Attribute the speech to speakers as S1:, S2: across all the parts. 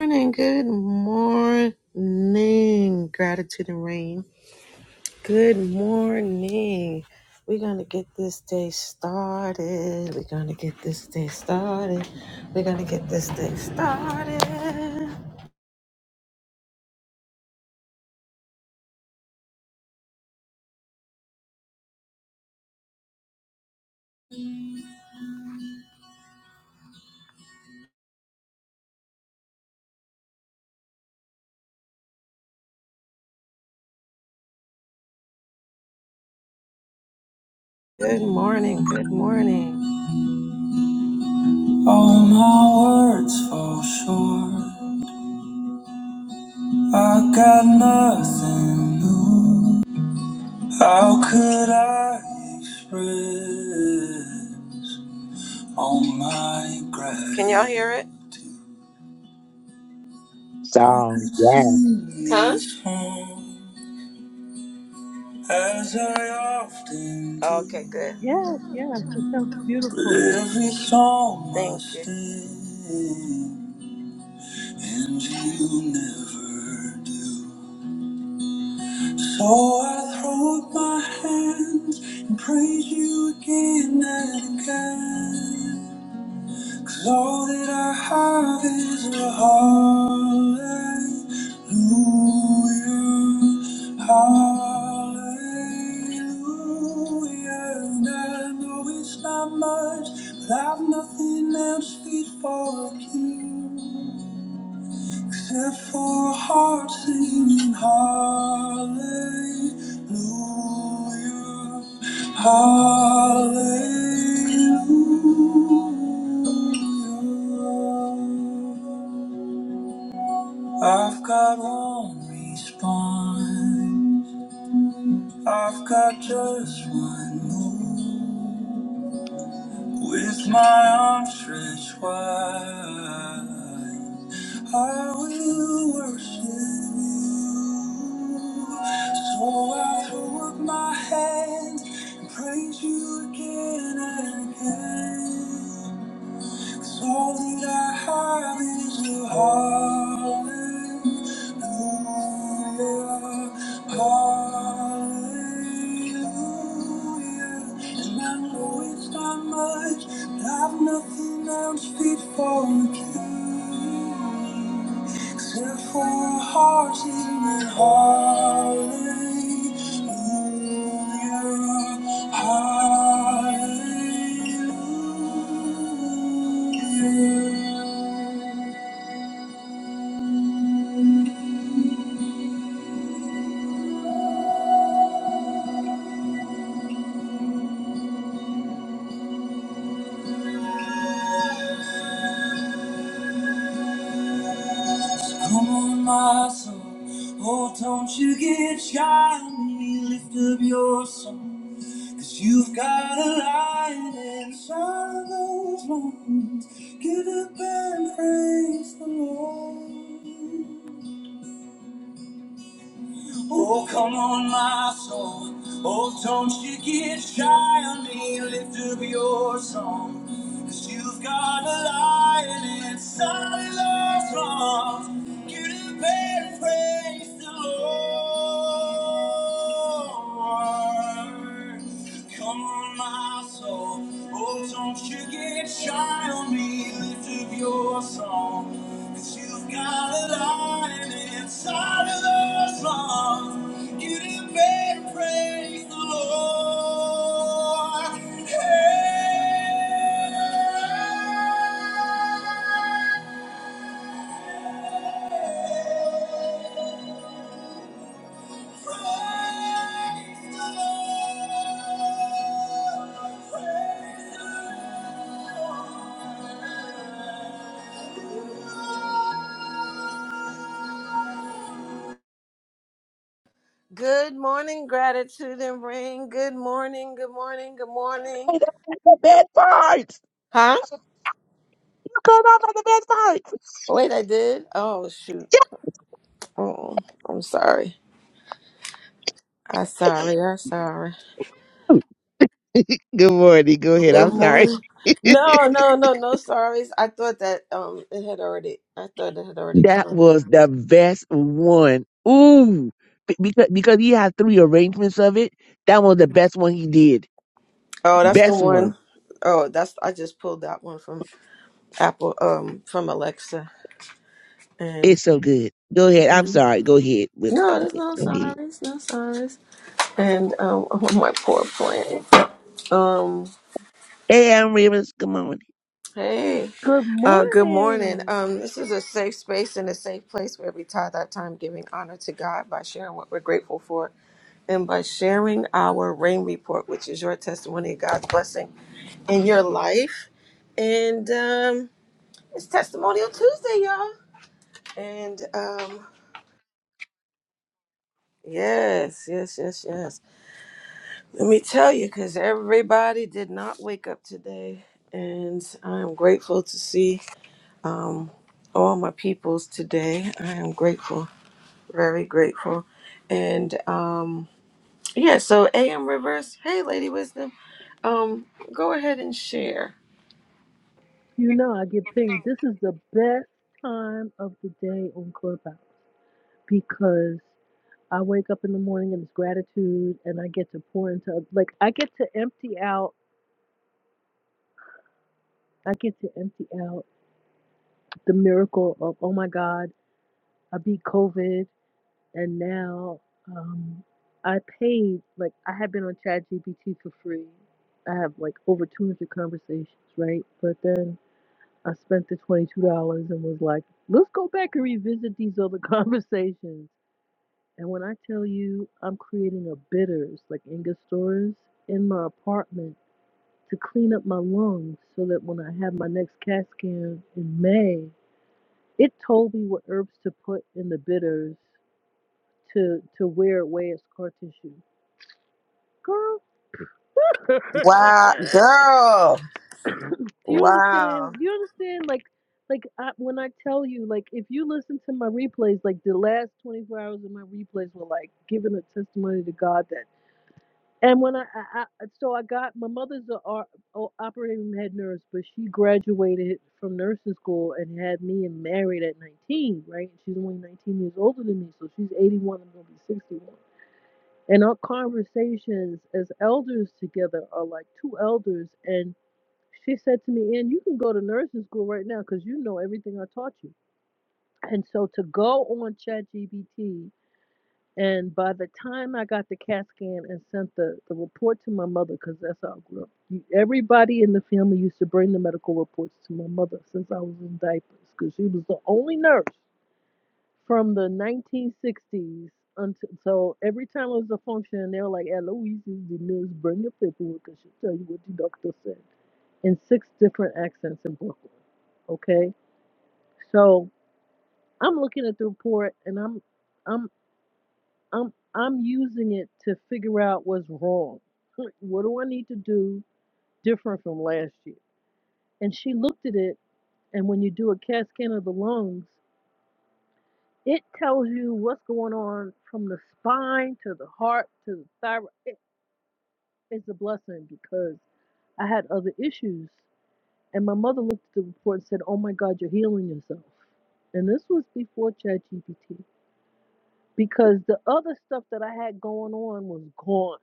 S1: morning, good morning, gratitude and rain. Good morning. We're gonna get this day started. We're gonna get this day started. We're gonna get this day started. Good morning, good morning. All my words fall short. I got nothing new. How could I express? All my gratitude. Can y'all hear it? I
S2: song.
S1: could
S2: Yeah.
S1: sing Huh? this song as I often do. Okay, good.
S3: Yes, yes, it sounds
S1: But
S3: beautiful.
S1: every song Thank must you. end, and you never do. So I throw up my hands and praise you again and again. 'Cause All that I have is a hallelujah, hallelujah. And I know it's not much, but I've nothing else fit for a king. Except for a heart singing hallelujah, hallelujah. I've got one response, I've got just one move. With my arms stretched wide, I will worship you. So I throw up my hands and praise you again and again. 'Cause all that I have is a hallelujah, hallelujah. And I know it's not much, but I've nothing else fit for the king. Therefore, hearken and hallelujah, hallelujah. Come on, my soul, oh, don't you get shy on me, lift up your song, you you've got a light inside of those lungs. Get up and praise the Lord. Oh, come on, my soul. Oh, don't you get shy on me. Lift up your song, you you've got a lion inside of those arms. Get up and praise the Lord. Come on, my soul. Oh, don't you get shy on me. Lift up your song, you you've got a lion inside of those lungs. You didn't better praise the Lord. Hey. Good morning, gratitude and rain. Good morning, good morning, good morning.
S2: Hey, that was the best part.
S1: Huh?
S2: Come on, that's the best part.
S1: Wait, I did? Oh, shoot. Oh, I'm sorry. I'm sorry. I'm sorry.
S2: Yeah. Good morning. Go ahead.
S1: Good
S2: I'm sorry.
S1: morning. No, no, no, no sorries. I thought that um it had already I thought it had already
S2: that
S1: come.
S2: was the best one. Ooh, Be- because because he had three arrangements of it. That was the best one he did.
S1: Oh, that's the
S2: Best one.
S1: one. Oh, that's I just pulled that one from Apple um from Alexa and
S2: It's so good. Go ahead. I'm
S1: Mhm.
S2: sorry. Go ahead with
S1: no, there's
S2: okay.
S1: no
S2: Go ahead.
S1: sorries, no sorries. And um on my poor plant. Um
S2: Hey, I'm Rivers. Come on.
S1: hey.
S3: Good
S1: Uh good morning.
S3: morning.
S1: Um this is a safe space and a safe place where we tithe our time giving honor to God by sharing what we're grateful for and by sharing our rain report, which is your testimony of God's blessing in your life. And um it's testimonial Tuesday, y'all. And um yes, yes, yes, yes. Let me tell you, because everybody did not wake up today, and I am grateful to see um, all my peoples today. I am grateful, very grateful, and um, yeah. So, AM Rivers, hey, Lady Wisdom, um, go ahead and share.
S3: You know, I get pinged. This is the best time of the day on Clubhouse because I wake up in the morning and it's gratitude and I get to pour into, like, I get to empty out, I get to empty out the miracle of, oh my God, I beat COVID and now um, I paid, like, I have been on ChatGPT for free. I have like over 200 conversations, right? But then I spent the $22 and was like, let's go back and revisit these other conversations. And when I tell you I'm creating a bitters, like Angostura, in my apartment to clean up my lungs so that when I have my next CAT scan in May, it told me what herbs to put in the bitters to, to wear away as scar tissue. Girl,
S1: Wow, girl.
S3: Do you understand?
S1: Wow.
S3: Do you understand? Like, like I, when I tell you, like, if you listen to my replays, like the last 24 hours of my replays were like giving a testimony to God that. And when I, I, I so I got my mother's a, o- o- operating room head nurse, but she graduated from nursing school and had me and married at 19, right? She's only 19 years older than me, so she's 81. I'm gonna be 61. And our conversations as elders together are like two elders, and she said to me, "And you can go to nursing school right now because you know everything I taught you." And so to go on ChatGPT, and by the time I got the CAT scan and sent the, the report to my mother, because that's how I grew up, you- everybody in the family used to bring the medical reports to my mother since I was in diapers, because she was the only nurse from the 1960s until. So every time it was a function, they were like, "Eloise is the nurse. Bring your paperwork, and she'll tell you what the doctor said." In six different accents in Brooklyn. Okay, so I'm looking at the report and I'm I'm I'm I'm using it to figure out what's wrong. What do I need to do different from last year? And she looked at it, and when you do a CAT scan of the lungs, it tells you what's going on from the spine to the heart to the thyroid. It, it's a blessing because I had other issues, and my mother looked at the report and said, "Oh my God, you're healing yourself." And this was before ChatGPT. because the other stuff that I had going on was gone.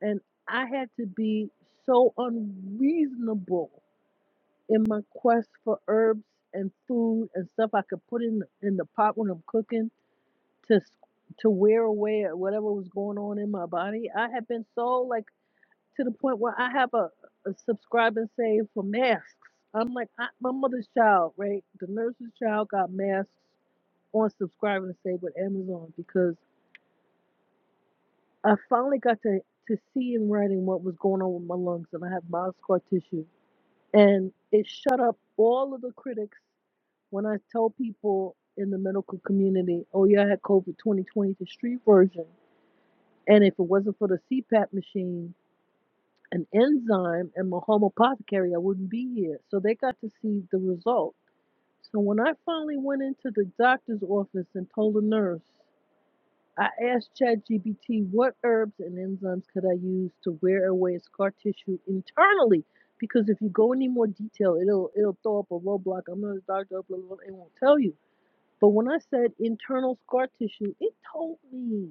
S3: And I had to be so unreasonable in my quest for herbs and food and stuff I could put in in the pot when I'm cooking to s- to wear away or whatever was going on in my body. I had been so like to the point where I have a, a subscribe and save for masks. I'm like I, my mother's child, right? The nurse's child got masks on subscribe and save with Amazon because I finally got to, to see in writing what was going on with my lungs, and I have mild scar tissue. And it shut up all of the critics when I tell people in the medical community, oh, yeah, I had COVID 2020, the street version. And if it wasn't for the CPAP machine, an enzyme, and my home apothecary, I wouldn't be here. So they got to see the result. So when I finally went into the doctor's office and told the nurse, I asked ChatGPT what herbs and enzymes could I use to wear away scar tissue internally? Because if you go any more detail, it'll it'll throw up a roadblock. I'm not a doctor, blah, blah, blah, it won't tell you. But when I said internal scar tissue, it told me.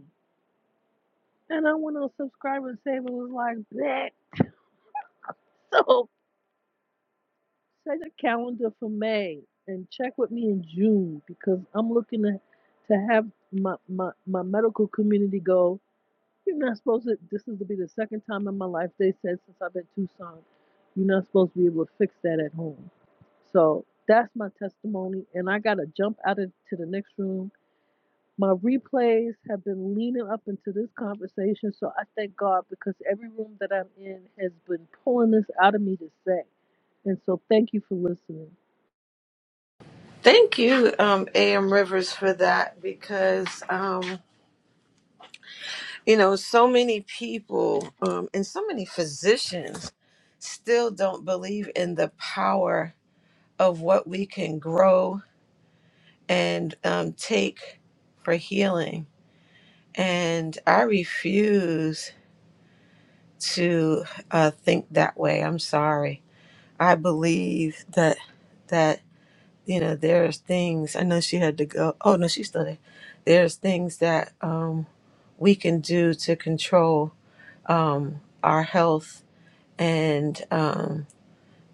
S3: And I went on subscribe and save and was like that. So set a calendar for May and check with me in June because I'm looking to to have my, my, my medical community go. You're not supposed to. This is to be the second time in my life they said since I've been in Tucson, you're not supposed to be able to fix that at home. So that's my testimony, and I gotta jump out into the next room. My replays have been leaning up into this conversation, so I thank God because every room that I'm in has been pulling this out of me to say. And so thank you for listening.
S1: Thank you, um, AM Rivers, for that because. um, you know so many people um, and so many physicians still don't believe in the power of what we can grow and um, take for healing and i refuse to uh, think that way i'm sorry i believe that that you know there's things i know she had to go oh no she's still there there's things that um, we can do to control um, our health and um,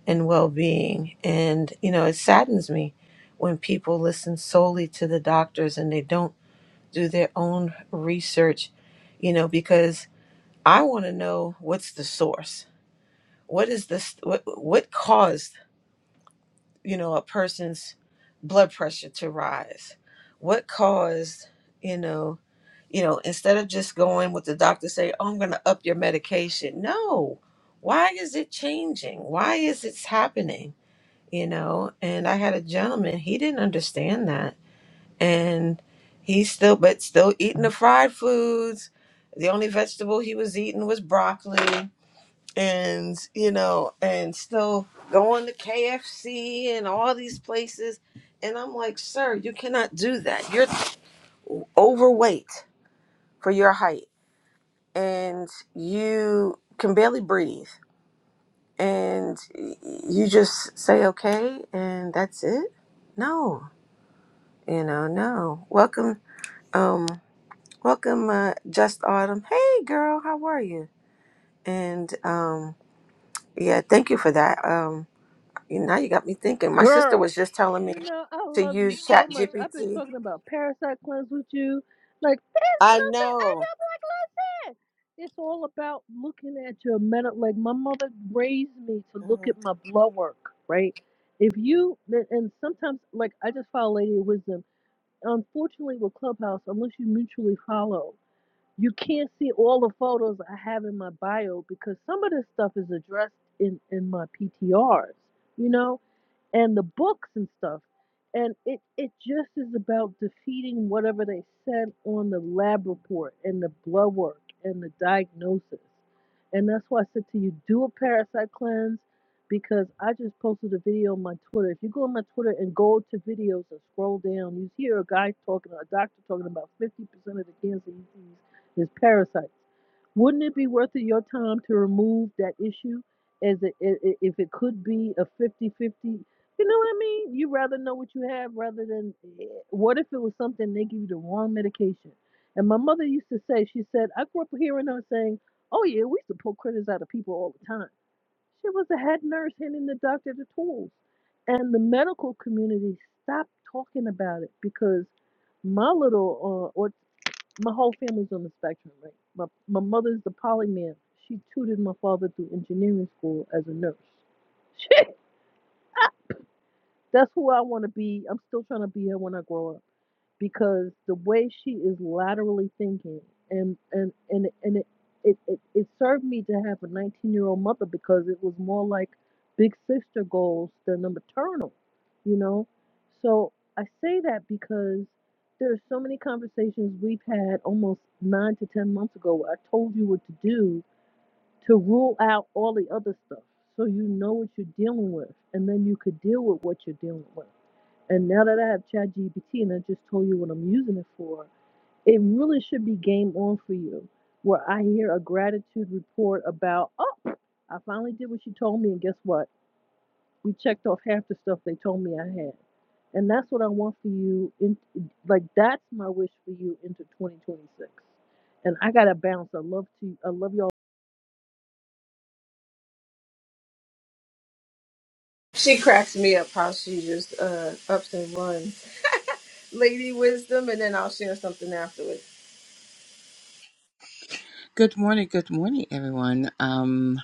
S1: and well-being. And you know, it saddens me when people listen solely to the doctors and they don't do their own research. You know, because I want to know what's the source. What is this? What what caused you know, a person's blood pressure to rise? What caused, you know, you know, instead of just going with the doctor say, "Oh, I'm going to up your medication." No. Why is it changing? Why is it happening? You know, and I had a gentleman, he didn't understand that. And he's still but still eating the fried foods. The only vegetable he was eating was broccoli and you know and still going to KFC and all these places and I'm like sir you cannot do that you're overweight for your height and you can barely breathe and y- you just say okay and that's it no you know no welcome um welcome uh, just autumn hey girl how are you and um yeah thank you for that Um, You now you got me thinking. My sister was
S3: Girl,
S1: just telling me
S3: you know, I
S1: to
S3: love you
S1: use
S3: so
S1: Chat
S3: much. I've been
S1: GPT.
S3: talking about Parasite Cleanse with you. Like, there's
S1: I
S3: nothing. I
S1: know.
S3: know, like, listen, it's all about looking at your mental. Like, my mother raised me to look
S1: hmm
S3: at my blood work, right? If you, and and sometimes, like, I just follow Lady of Wisdom. Unfortunately, with Clubhouse, unless you mutually follow, you can't see all the photos I have in my bio because some of this stuff is addressed in, in my PTRs, you know? and the books and stuff. And it, it just is about defeating whatever they said on the lab report and the blood work and the diagnosis. And that's why I said to you, do a parasite cleanse because I just posted a video on my Twitter. If you go on my Twitter and go to videos and scroll down, you hear a guy talking, a doctor talking about 50% of the cancer he sees is parasites. Wouldn't it be worth it your time to remove that issue as it, if it could be a 50 50 you know what I mean? You rather know what you have rather than eh, what if it was something they give you the wrong medication. And my mother used to say, she said, I grew up hearing her saying, "Oh yeah, we used to pull critters out of people all the time." She was the head nurse handing the doctor the tools, and the medical community stopped talking about it because my little uh, or my whole family's on the spectrum, right? My my mother's the polymath. She tutored my father through engineering school as a nurse. She, that's who I want to be. I'm still trying to be her when I grow up because the way she is laterally thinking and and and and it it, it, it served me to have a 19 year old mother because it was more like big sister goals than the maternal, you know. So I say that because there are so many conversations we've had almost nine to ten months ago where I told you what to do to rule out all the other stuff so you know what you're dealing with and then you could deal with what you're dealing with and now that I have ChatGPT and I just told you what I'm using it for, it really should be game on for you. Where I hear a gratitude report about, oh, I finally did what you told me, and guess what? We checked off half the stuff they told me I had. And that's what I want for you. In, like that's my wish for you into 2026. And I gotta bounce. I love to. I love y'all.
S1: She cracks me up how she just uh ups and runs. Lady Wisdom, and then I'll share something afterwards.
S4: Good morning, good morning, everyone. Um,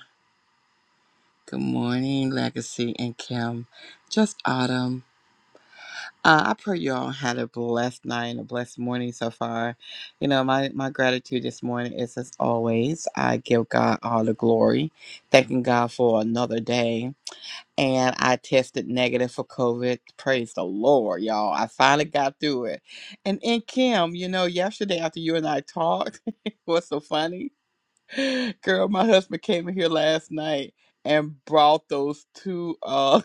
S4: good morning, Legacy and Kim. Just Autumn. Uh, I pray you all had a blessed night and a blessed morning so far. You know, my, my gratitude this morning is as always, I give God all the glory, thanking God for another day. And I tested negative for COVID. Praise the Lord, y'all. I finally got through it. And in Kim, you know, yesterday after you and I talked, what's so funny Girl, my husband came in here last night and brought those two. Uh,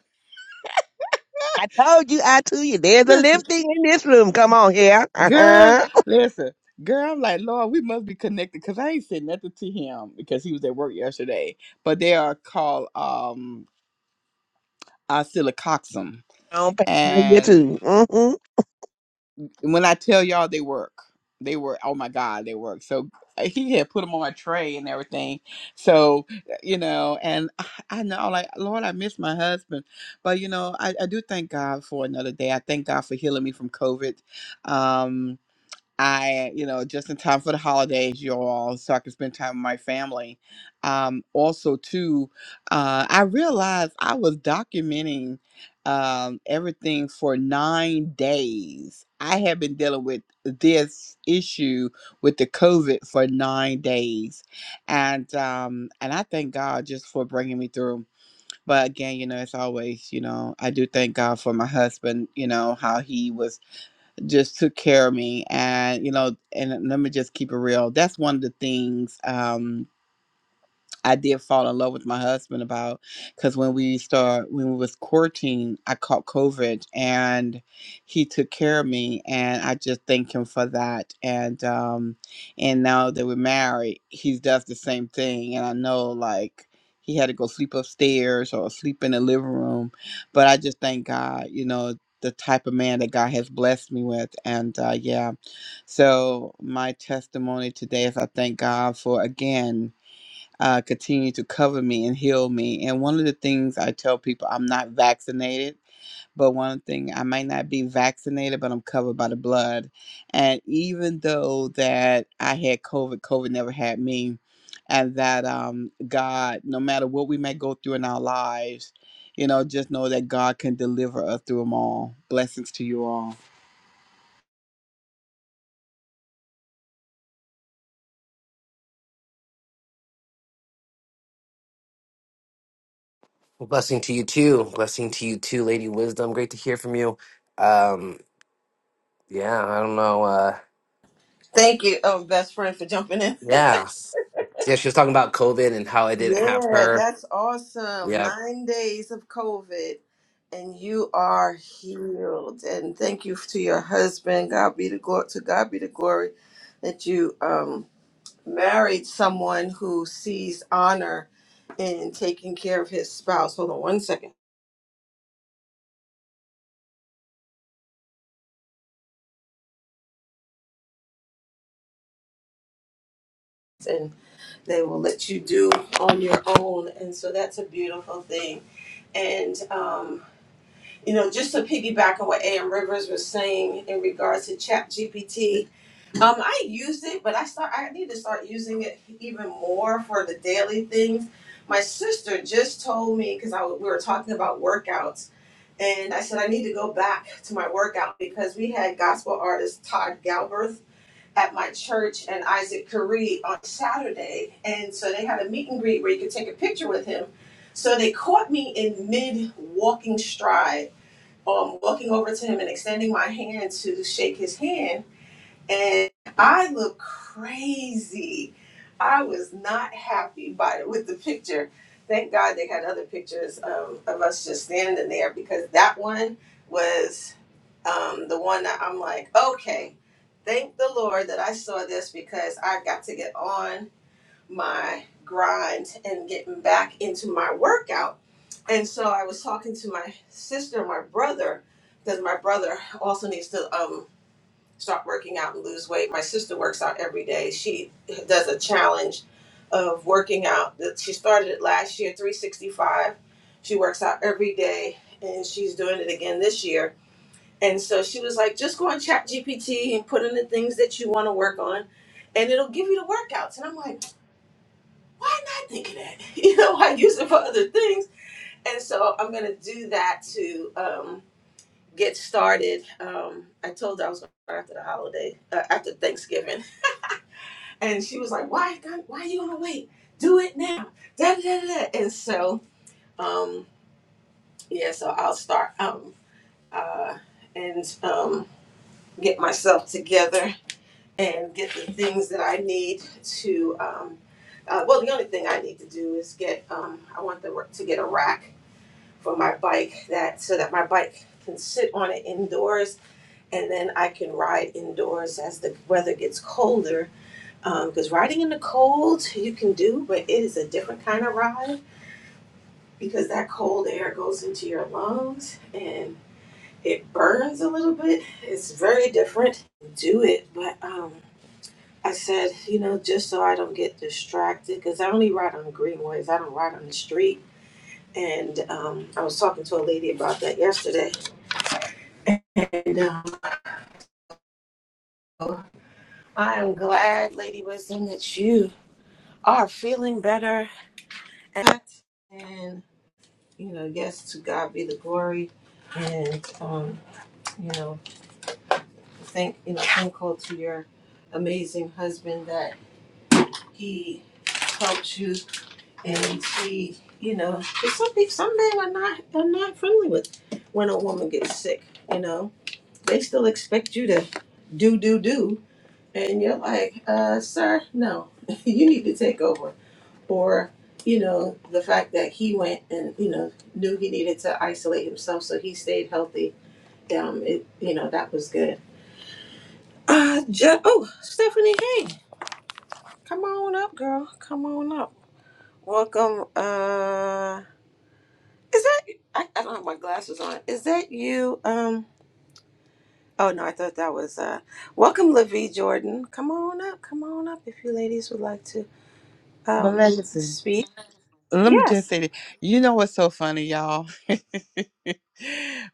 S2: I told you. I told you. There's a
S4: listen,
S2: lifting in this room. Come on here. Uh
S4: girl,
S2: huh.
S4: listen, girl. I'm like, Lord, we must be connected because I ain't said nothing to him because he was at work yesterday. But they are called um oscillococcyx,
S2: Don't pay my
S4: and
S2: too. Mm-hmm.
S4: And when I tell y'all they work, they work. Oh my God, they work. So uh, he had put them on a tray and everything. So uh, you know, and I I know, like Lord, I miss my husband, but you know, I, I do thank God for another day. I thank God for healing me from COVID. Um, I, you know, just in time for the holidays, y'all, so I can spend time with my family. Um, also, too, uh, I realized I was documenting um, everything for nine days. I have been dealing with this issue with the COVID for nine days, and um, and I thank God just for bringing me through. But again, you know, it's always, you know, I do thank God for my husband. You know how he was just took care of me and you know and let me just keep it real that's one of the things um I did fall in love with my husband about because when we start when we was courting, I caught COVID and he took care of me and I just thank him for that. And um and now that we're married, he does the same thing and I know like he had to go sleep upstairs or sleep in the living room. But I just thank God, you know, the type of man that God has blessed me with. And uh yeah. So my testimony today is I thank God for again uh, continue to cover me and heal me. And one of the things I tell people, I'm not vaccinated, but one thing I might not be vaccinated, but I'm covered by the blood. And even though that I had COVID, COVID never had me, and that um, God, no matter what we may go through in our lives, you know, just know that God can deliver us through them all. Blessings to you all.
S5: Well, blessing to you too. Blessing to you too, Lady Wisdom. Great to hear from you. Um, yeah, I don't know. Uh,
S1: Thank you, um, best friend, for jumping in.
S5: yeah, yeah. She was talking about COVID and how I didn't have
S1: Yeah,
S5: her.
S1: that's awesome.
S5: Yeah,
S1: Nine days of COVID, and you are healed. And thank you to your husband. God be the glory. To God be the glory that you um, married someone who sees honor in taking care of his spouse. Hold on one second. And they will let you do on your own. And so that's a beautiful thing. And um, You know, just to piggyback on what AM Rivers was saying in regards to Chat GPT, um, I used it, but I start I need to start using it even more for the daily things. My sister just told me because I w- we were talking about workouts, and I said I need to go back to my workout because we had gospel artist Todd Galbraith at my church and Isaac Curry on Saturday, and so they had a meet and greet where you could take a picture with him. So they caught me in mid walking stride um, walking over to him and extending my hand to shake his hand. And I looked crazy. I was not happy by the, with the picture. Thank God they had other pictures um, of us just standing there because that one was um, the one that I'm like, okay, thank the Lord that I saw this because I got to get on my grind and getting back into my workout. And so I was talking to my sister, and my brother, because my brother also needs to um, start working out and lose weight. My sister works out every day. She does a challenge of working out. She started it last year, 365. She works out every day and she's doing it again this year. And so she was like, just go on Chat GPT and put in the things that you want to work on and it'll give you the workouts. And I'm like, why not think of that? You know, I use it for other things. And so I'm going to do that to um, get started. Um, I told her I was going to after the holiday, uh, after Thanksgiving. And she was like, why, God, why are you going to wait? Do it now. Da, da, da, da. da. And so, um, yeah, so I'll start um, uh, and um, get myself together and get the things that I need to. Um, uh, well, the only thing I need to do is get, um, I want the, to get a rack for my bike that so that my bike can sit on it indoors and then I can ride indoors as the weather gets colder. Because um, riding in the cold you can do, but it is a different kind of ride because that cold air goes into your lungs and it burns a little bit. It's very different. Do it, but um, I said, you know, just so I don't get distracted, because I only ride on greenways. I don't ride on the street. And um, I was talking to a lady about that yesterday, and uh, I'm glad, Lady Wisdom, that you are feeling better. And, and, you know, yes, to God be the glory. And, um, you know, thank, you know, thankful to your amazing husband that he helped you and he, you know, 'cause some people, some men are not, are not friendly with when a woman gets sick, you know, they still expect you to do, do, do. And you're like, uh, sir, no, you need to take over or you know the fact that he went and you know knew he needed to isolate himself so he stayed healthy um it you know that was good uh Je- oh stephanie hey come on up girl come on up welcome uh is that I, I don't have my glasses on is that you um oh no i thought that was uh welcome Lavie jordan come on up come on up if you ladies would like to
S4: But
S1: um
S4: listen,
S1: speak
S4: let me just
S1: yes
S4: say that you know what's so funny, y'all.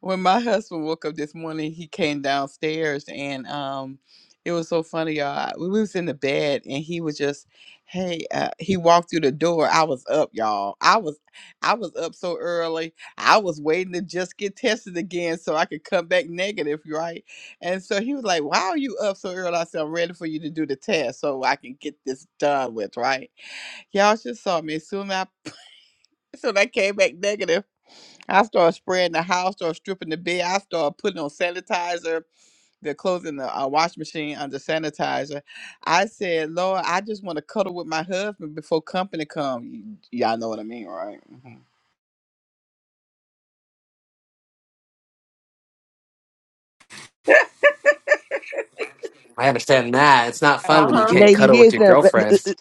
S4: when my husband woke up this morning, he came downstairs and um it was so funny, y'all. We was in the bed and he was just, hey, uh, he walked through the door. I was up, y'all. I was I was up so early. I was waiting to just get tested again so I could come back negative, right? And so he was like, Why are you up so early? I said, I'm ready for you to do the test so I can get this done with, right? Y'all just saw me as soon as I, soon I came back negative. I started spraying the house, started stripping the bed. I started putting on sanitizer. They're closing the uh, wash machine under sanitizer. I said, Lord, I just want to cuddle with my husband before company come. Y- y'all know what I mean, right? Mhm.
S5: I understand that. It's not
S2: Uh,
S5: fun when you can't
S2: Lady
S5: cuddle with your
S2: Wisdom, uh, uh,
S5: girlfriend.
S2: uh,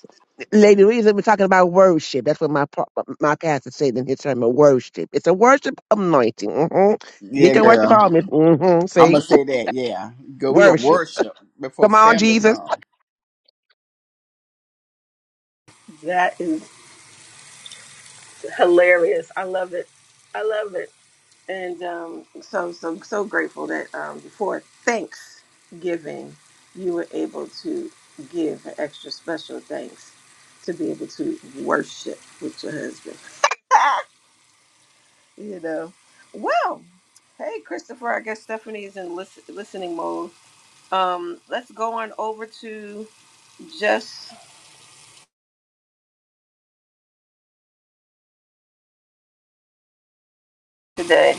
S2: Lady Wisdom, we're talking about worship. That's what my pa- my pastor said in his sermon. Worship. It's a worship anointing. hmm
S4: Yeah,
S2: Get your worship
S4: girl.
S2: on, Miss. hmm
S4: I'm
S2: See,
S4: gonna say that. Yeah, girl, we gonna
S2: worship.
S4: worship before
S2: Come on,
S4: family
S2: Jesus.
S4: come.
S1: That is. hilarious. I love it. I love it. And um, so, so, so grateful that um, before Thanksgiving, you were able to give an extra special thanks to be able to worship with your husband. You know, well, hey, Christopher, I guess Stephanie's in listen, listening mode. Um, let's go on over to just today.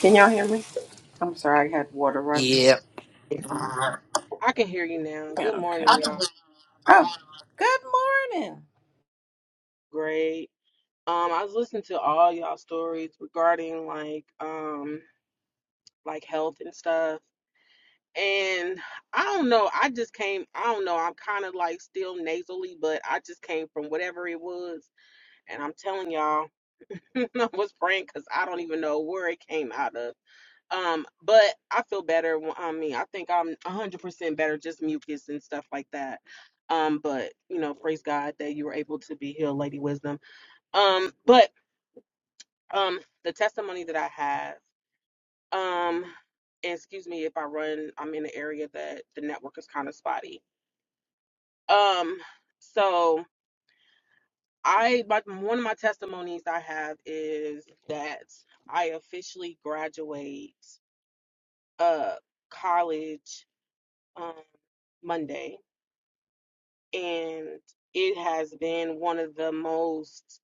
S1: Can y'all hear me? I'm sorry, I had water running.
S5: Yep,
S6: I can hear you now.
S1: Yeah,
S6: Good
S1: Okay.
S6: morning, y'all.
S1: Oh, good morning.
S6: Great. Um, I was listening to all y'all stories regarding like um like health and stuff. And I don't know, I just came, I don't know, I'm kind of like still nasally, but I just came from whatever it was. And I'm telling y'all, I was praying because I don't even know where it came out of. Um, but I feel better. when- I mean, I think I'm 100% better, just mucus and stuff like that. Um, but you know, praise God that you were able to be healed, Lady Wisdom. Um, but um, the testimony that I have, um, and excuse me if I run, I'm in an area that the network is kind of spotty. Um, so I, my, one of my testimonies I have is that I officially graduate uh college um Monday, and it has been one of the most,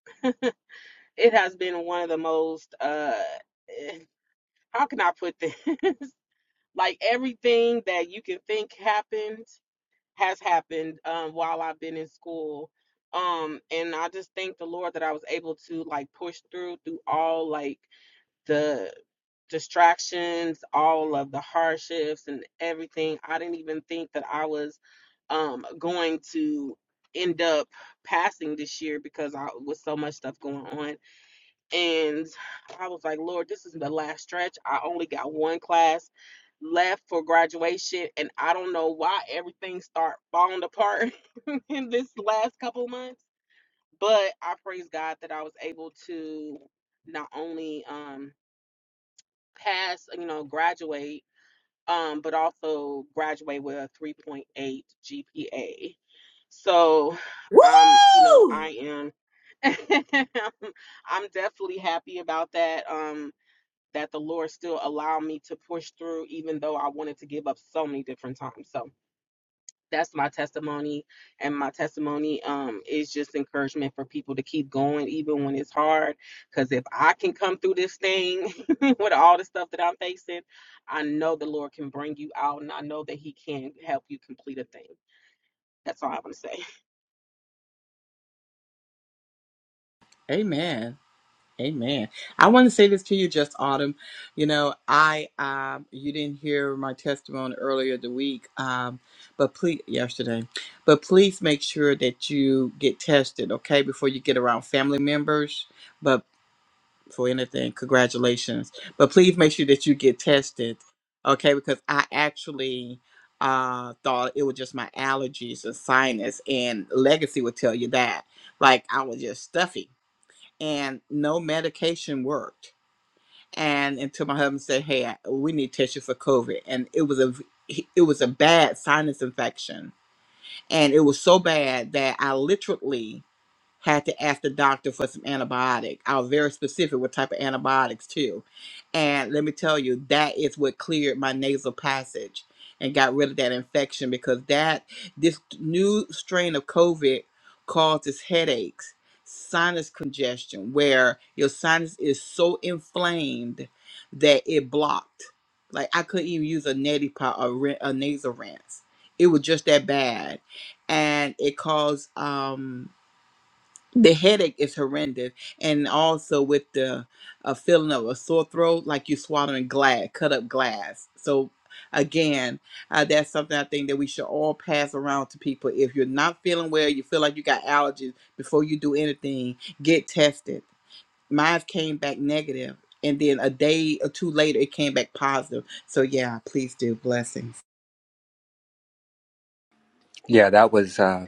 S6: it has been one of the most uh, how can I put this? Like everything that you can think happened has happened um, while I've been in school. Um, and I just thank the Lord that I was able to like push through through all like the distractions, all of the hardships and everything. I didn't even think that I was um going to end up passing this year because I was so much stuff going on and I was like, Lord, this is the last stretch. I only got one class left for graduation, and I don't know why everything start falling apart in this last couple months. But I praise God that I was able to not only um, pass, you know, graduate, um, but also graduate with a 3.8 GPA. So, um, you know,
S1: Woohoo!
S6: I am I'm definitely happy about that. Um, that the Lord still allowed me to push through, even though I wanted to give up so many different times. So that's my testimony, and my testimony um, is just encouragement for people to keep going, even when it's hard. Because if I can come through this thing with all the stuff that I'm facing, I know the Lord can bring you out, and I know that He can help you complete a thing. That's all I want to say.
S4: Amen. Amen. I want to say this to you, just Autumn. You know, I um, you didn't hear my testimony earlier the week, um, but please yesterday, but please make sure that you get tested, okay, before you get around family members. But for anything, congratulations. But please make sure that you get tested, okay, because I actually uh thought it was just my allergies and sinus and legacy would tell you that like i was just stuffy and no medication worked. And until my husband said, "Hey, I- we need to test you for COVID," and it was a, it was a bad sinus infection, and it was so bad that I literally had to ask the doctor for some antibiotic. I was very specific what type of antibiotics too. And let me tell you, that is what cleared my nasal passage and got rid of that infection because that this new strain of COVID causes headaches, sinus congestion, where your sinus is so inflamed that it blocked. Like I couldn't even use a neti pot or rin- a nasal rinse. It was just that bad, and it caused um the headache is horrendous and also with the a feeling of a sore throat like you're swallowing glass cut up glass so again uh, that's something i think that we should all pass around to people if you're not feeling well you feel like you got allergies before you do anything get tested mine came back negative and then a day or two later it came back positive so yeah please do blessings
S7: Yeah, that was uh,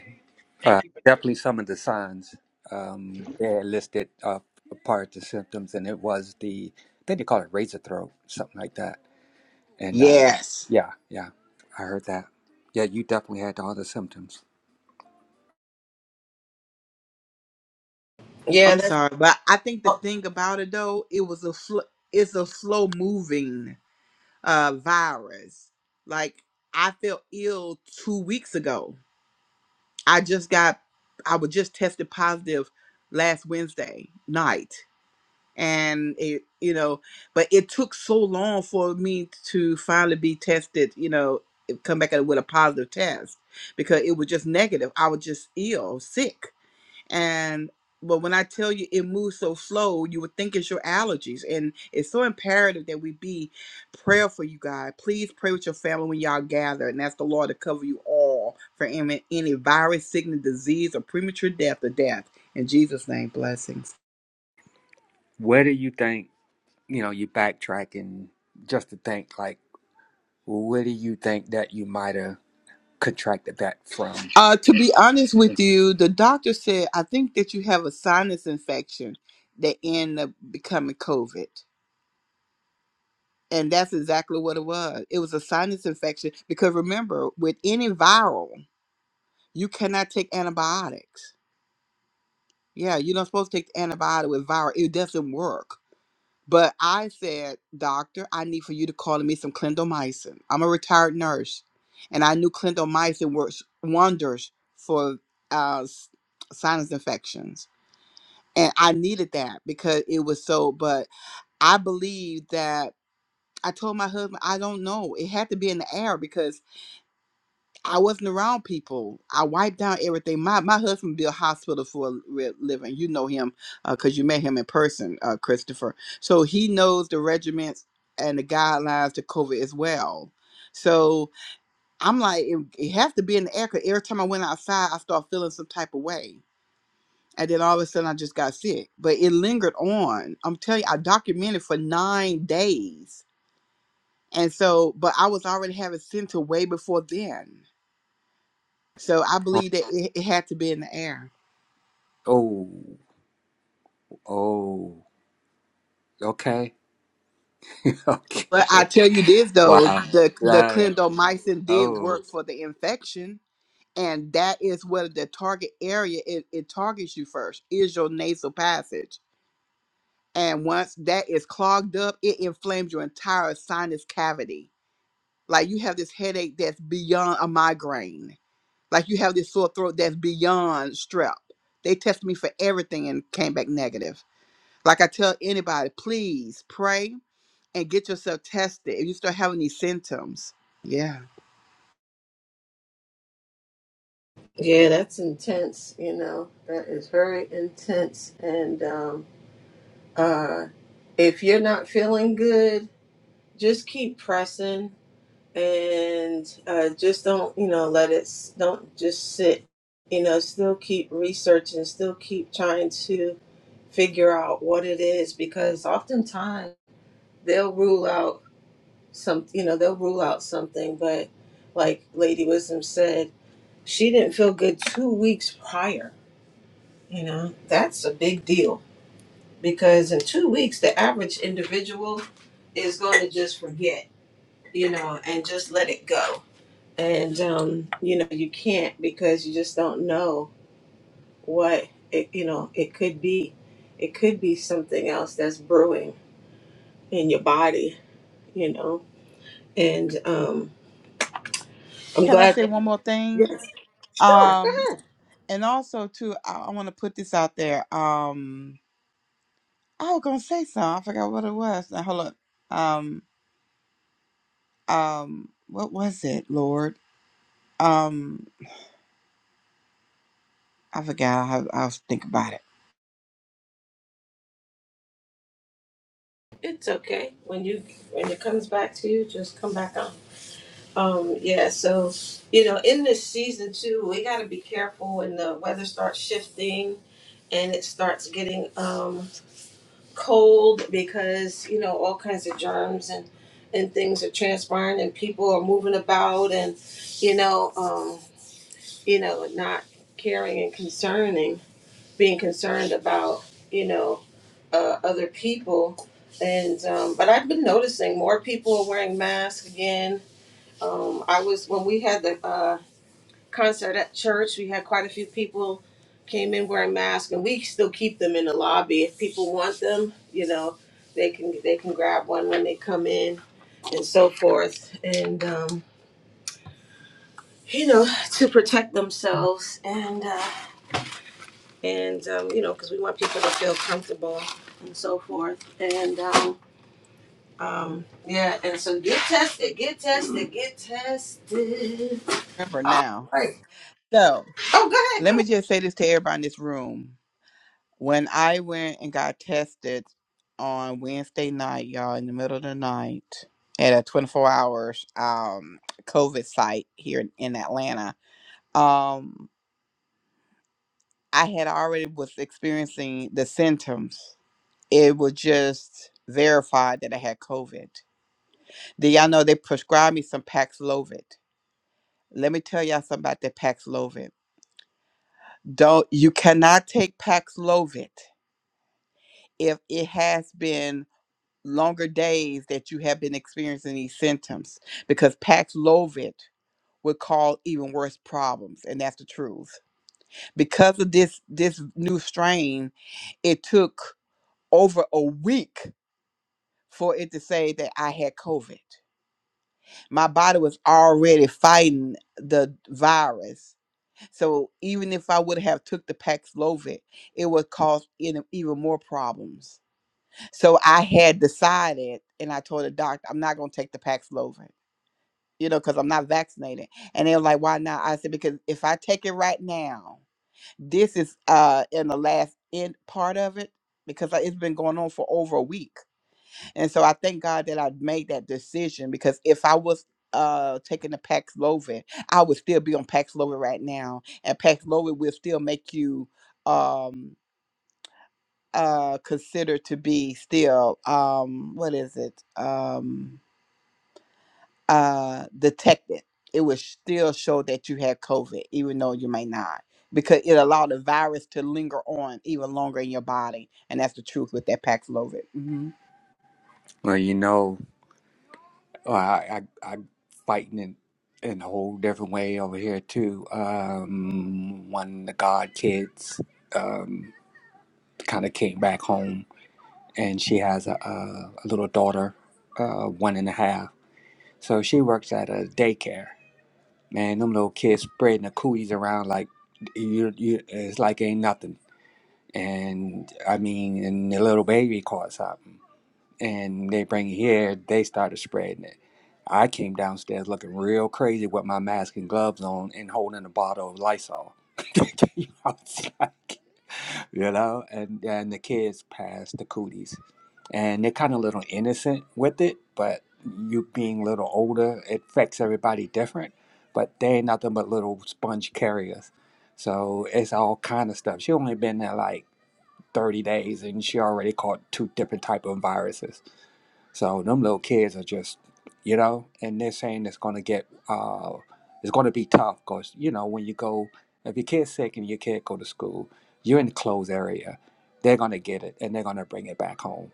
S6: Thank
S7: uh,
S6: you.
S7: definitely some of the signs. Um, they had listed uh, a part of the symptoms, and it was the, I think they call it razor throat, something like that. And uh,
S4: yes
S7: yeah, yeah, I heard that. Yeah, you definitely had all the symptoms.
S1: Yeah,
S4: i'm
S1: that's
S4: sorry but i think the
S1: oh,
S4: thing about it though it was a fl- it's a slow moving uh, virus. Like I felt ill two weeks ago. I just got, I was just tested positive last Wednesday night, and it, you know, but it took so long for me to finally be tested. You know, come back with a positive test because it was just negative. I was just ill, sick and but when I tell you it moves so slow, you would think it's your allergies. And it's so imperative that we be prayerful, you guys. Please pray with your family when y'all gather and ask the Lord to cover you all for any, any virus, sickness, disease, or premature death or death. In Jesus' name, blessings.
S7: Where do you think, you know, you backtrack and just to think, like, where do you think that you might have contracted that from?
S4: Uh, to be honest with you, the doctor said, I think that you have a sinus infection that ended up becoming COVID. And that's exactly what it was. It was a sinus infection because remember, with any viral, You cannot take antibiotics. Yeah, you're not supposed to take the antibiotic with viral. It doesn't work. But I said, doctor, I need for you to call me some clindamycin. I'm a retired nurse, and I knew clindamycin works wonders for uh, s- sinus infections. And I needed that because it was so. But I believe that I told my husband, I don't know. It had to be in the air because. I wasn't around people. I wiped down everything. My my husband built hospital for a re- living. You know him because you met him in person, uh, Christopher. So he knows the regiments and the guidelines to COVID as well. So I'm like, it, it has to be in the air. 'cause every time I went outside, I start feeling some type of way. And then all of a sudden, I just got sick. But it lingered on. I'm telling you, I documented for nine days. And so, but I was already having symptoms way before then. So I believe that it, it had to be in the air.
S7: Oh, oh, oh, okay,
S4: But I
S7: okay,
S4: tell you this though,
S7: wow.
S4: the the
S7: Yeah.
S4: clindamycin did
S7: Oh.
S4: work for the infection, and that is where the target area it, it targets you first is your nasal passage. And once that is clogged up, it inflames your entire sinus cavity. Like you have this headache that's beyond a migraine. Like you have this sore throat that's beyond strep. They tested me for everything and came back negative. Like I tell anybody, please pray and get yourself tested if you start having these symptoms. Yeah.
S1: yeah, that's intense. You know, that is very intense. And um, uh, if you're not feeling good, just keep pressing and uh, just don't you know let it s- don't just sit. You know, still keep researching, still keep trying to figure out what it is because oftentimes they'll rule out some. You know, they'll rule out something, but like Lady Wisdom said. she didn't feel good two weeks prior. You know, that's a big deal because in two weeks, the average individual is going to just forget, you know, and just let it go. And, um, you know, you can't because you just don't know what it, you know, it could be. It could be something else that's brewing in your body, you know. And um, I'm
S4: Can I
S1: glad
S4: say
S1: that,
S4: one more thing?
S1: yes, sure,
S4: Um,
S1: go ahead.
S4: and also too, I, I want to put this out there. Um, I was gonna say something. I forgot what it was. Now hold up. Um, um, what was it, Lord? Um, I forgot. I, I'll think about it.
S1: It's okay. When you, when it comes back to you, just come back on. Um, yeah, so you know, in this season too, we gotta be careful when the weather starts shifting and it starts getting um cold because, you know, all kinds of germs and and things are transpiring and people are moving about and you know, um, you know, not caring and concerning being concerned about, you know, uh, other people. And um, but I've been noticing more people are wearing masks again. Um, I was when we had the uh concert at church. We had quite a few people came in wearing masks, and we still keep them in the lobby if people want them. You know, they can they can grab one when they come in, and so forth, and um, you know to protect themselves and uh, and um, you know because we want people to feel comfortable and so forth, and um, um, yeah, and so get tested, get tested, get tested.
S4: Remember
S1: All
S4: now.
S1: right.
S4: So
S1: Oh, go ahead, go
S4: let me
S1: ahead.
S4: just say this to everybody in this room. When I went and got tested on Wednesday night, y'all, in the middle of the night at a 24 hours um COVID site here in, in Atlanta, um, I had already was experiencing the symptoms. It was just verified that I had COVID. Did y'all know they prescribed me some Paxlovid? Let me tell y'all something about that Paxlovid. Don't you cannot take Paxlovid if it has been longer days that you have been experiencing these symptoms because Paxlovid would cause even worse problems, and that's the truth. Because of this this new strain, it took over a week for it to say that I had COVID. My body was already fighting the virus. So even if I would have took the Paxlovid, it would cause even even more problems. So I had decided, and I told the doctor, I'm not going to take the Paxlovid you know, because I'm not vaccinated. And they were like, why not? I said, because if I take it right now, this is uh in the last end part of it because uh, it's been going on for over a week. And so I thank God that I made that decision because if I was uh taking the Paxlovid, I would still be on Paxlovid right now. And Paxlovid will still make you um uh considered to be still um what is it? Um uh, detected, it would still show that you had COVID, even though you may not, because it allowed the virus to linger on even longer in your body. And that's the truth with that Paxlovid. hmm
S7: Well, you know, well, I, I I'm fighting in in a whole different way over here too. Um, one of the god kids um, kind of came back home, and she has a a, a little daughter, uh, one and a half. So she works at a daycare. Man, them little kids spreading the cooties around like you you it's like ain't nothing. And I mean, and the little baby caught something. and they bring it here. They started spreading it. I came downstairs looking real crazy with my mask and gloves on and holding a bottle of Lysol. I was like, you know, and and the kids passed the cooties, and they're kind of a little innocent with it, but you being a little older, it affects everybody different. But they ain't nothing but little sponge carriers, so it's all kind of stuff. She only been there like thirty days, and she already caught two different type of viruses so them little kids are just, you know, and they're saying it's gonna get, uh, it's gonna be tough because you know when you go, if your kid's sick and your kid go to school, you're in the closed area, they're gonna get it and they're gonna bring it back home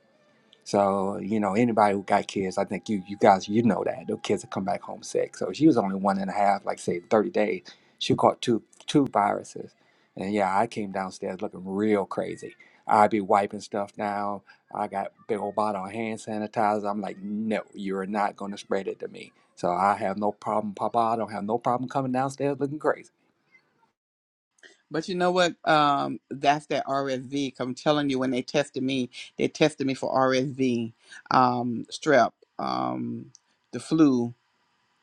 S7: so, you know, anybody who got kids, I think you you guys you know that. The kids will come back home sick. So she was only one and a half, like say thirty days. She caught two two viruses. And yeah, I came downstairs looking real crazy. I'd be wiping stuff down. I got big old bottle of hand sanitizer. I'm like, no, you're not gonna spread it to me. So I have no problem, Papa. I don't have no problem coming downstairs looking crazy.
S4: But you know what? Um, that's that RSV. 'cause I'm telling you, when they tested me, they tested me for RSV, um, strep, um, the flu,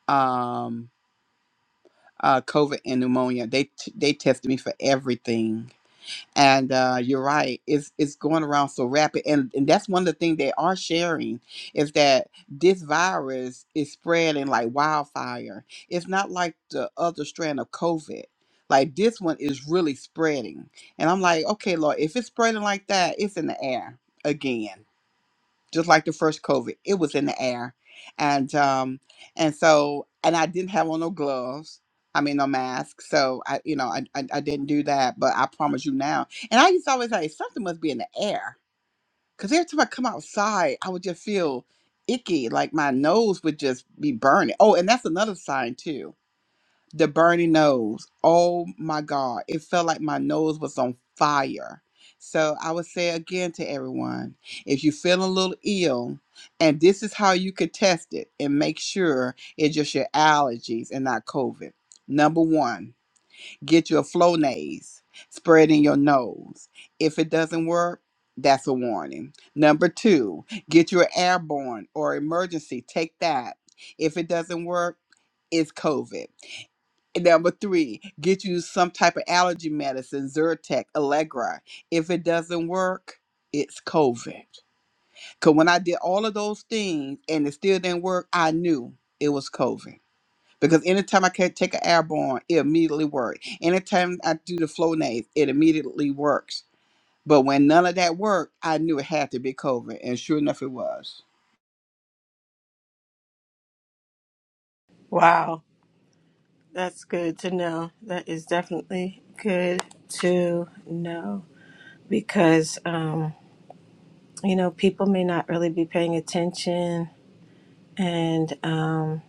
S4: um, uh, COVID, and pneumonia. They t- they tested me for everything And uh, you're right. It's it's going around so rapid, and and that's one of the things they are sharing is that this virus is spreading like wildfire. It's not like the other strand of COVID. Like this one is really spreading, and I'm like, okay, Lord, if it's spreading like that, it's in the air again just like the first COVID. It was in the air, and um, and so and I didn't have on no gloves. I mean, no mask. So I, you know, I, I I didn't do that. But I promise you now. And I used to always say "Hey, something must be in the air because every time I come outside, I would just feel icky, like my nose would just be burning. Oh, and that's another sign too the burning nose. Oh my God. It felt like my nose was on fire. So I would say again to everyone if you feel a little ill, and this is how you could test it and make sure it's just your allergies and not COVID. Number one, get you a Flonase, spray it in your nose. If it doesn't work, that's a warning. Number two, get you an airborne or emergency. Take that. If it doesn't work, it's COVID. And Number three, get you some type of allergy medicine, Zyrtec, Allegra. If it doesn't work, it's COVID. Because when I did all of those things and it still didn't work, I knew it was COVID. Because anytime I could take an airborne, it immediately worked. Anytime I do the Flonase, it immediately works. But when none of that worked, I knew it had to be COVID. And sure enough, it was.
S1: Wow. That's good to know. That is definitely good to know because, um, you know, people may not really be paying attention and, um,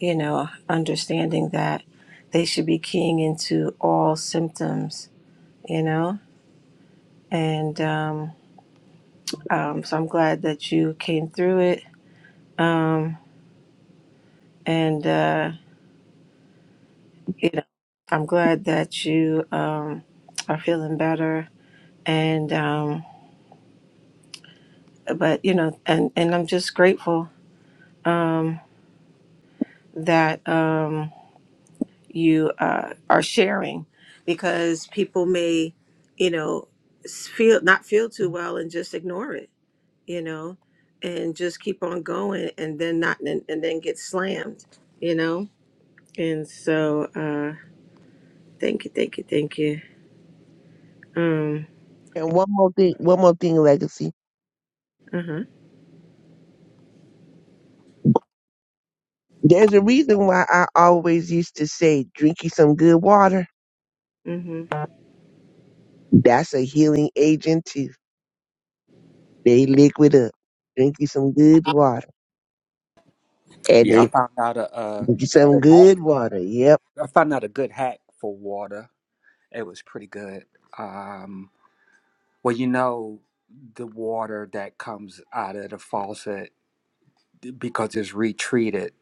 S1: you know, understanding that they should be keying into all symptoms, you know? And um, um, so I'm glad that you came through it. Um, and, uh, you know, I'm glad that you um, are feeling better. And, um, but you know and and i'm just grateful um that um you uh are sharing because people may you know s- feel not feel too well and just ignore it you know and just keep on going and then not and, and then get slammed you know and so uh thank you thank you thank you um
S2: And one more thing, one more thing, legacy.
S1: uh-huh
S2: There's a reason why I always used to say, drink you some good water.
S1: mm-hmm
S2: That's a healing agent too. They liquid up. Drink you some good water. And
S7: Yeah, I
S2: if
S7: found out a,
S2: you
S7: uh,
S2: drink you
S7: a
S2: some
S7: good
S2: good
S7: hack.
S2: water, yep
S7: I found out a good hack for water. It was pretty good. Um, Well, you know, the water that comes out of the faucet eh, because it's retreated,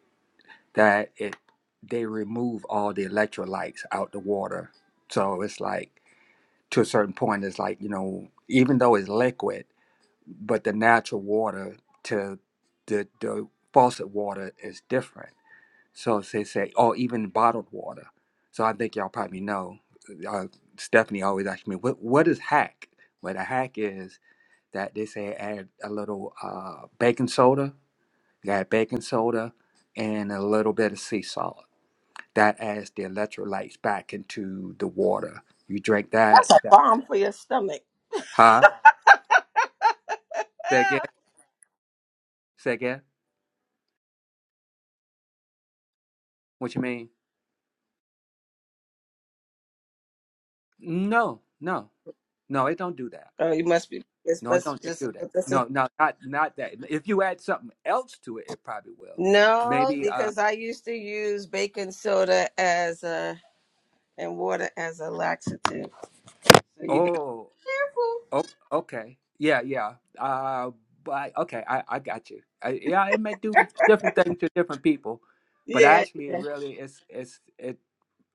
S7: that it they remove all the electrolytes out the water. So it's like to a certain point, it's like you know, even though it's liquid, but the natural water to the the faucet water is different. So they say, or even bottled water. So I think y'all probably know. Uh, Stephanie always asks me, "What what is hack?" Well, the hack is that they say add a little uh, baking soda. You add baking soda and a little bit of sea salt. That adds the electrolytes back into the water. You drink that.
S1: That's a
S7: that
S1: bomb for your stomach.
S7: huh? Say again. Say again. What you mean? No, no, no. It don't do that.
S1: Oh, you must be. This
S7: No, it
S1: must
S7: don't it do that.
S1: just.
S7: No, no, not not that. If you add something else to it, it probably will.
S1: No,
S7: Maybe. Uh,
S1: because I used to use baking soda as a and water as a laxative. So you got
S7: oh.
S1: careful.
S7: Oh, okay. Yeah, yeah. Uh, but okay, I, I got you. I, yeah, it may do different things to different people, but
S1: Yeah,
S7: actually, it
S1: yeah,
S7: really is it's it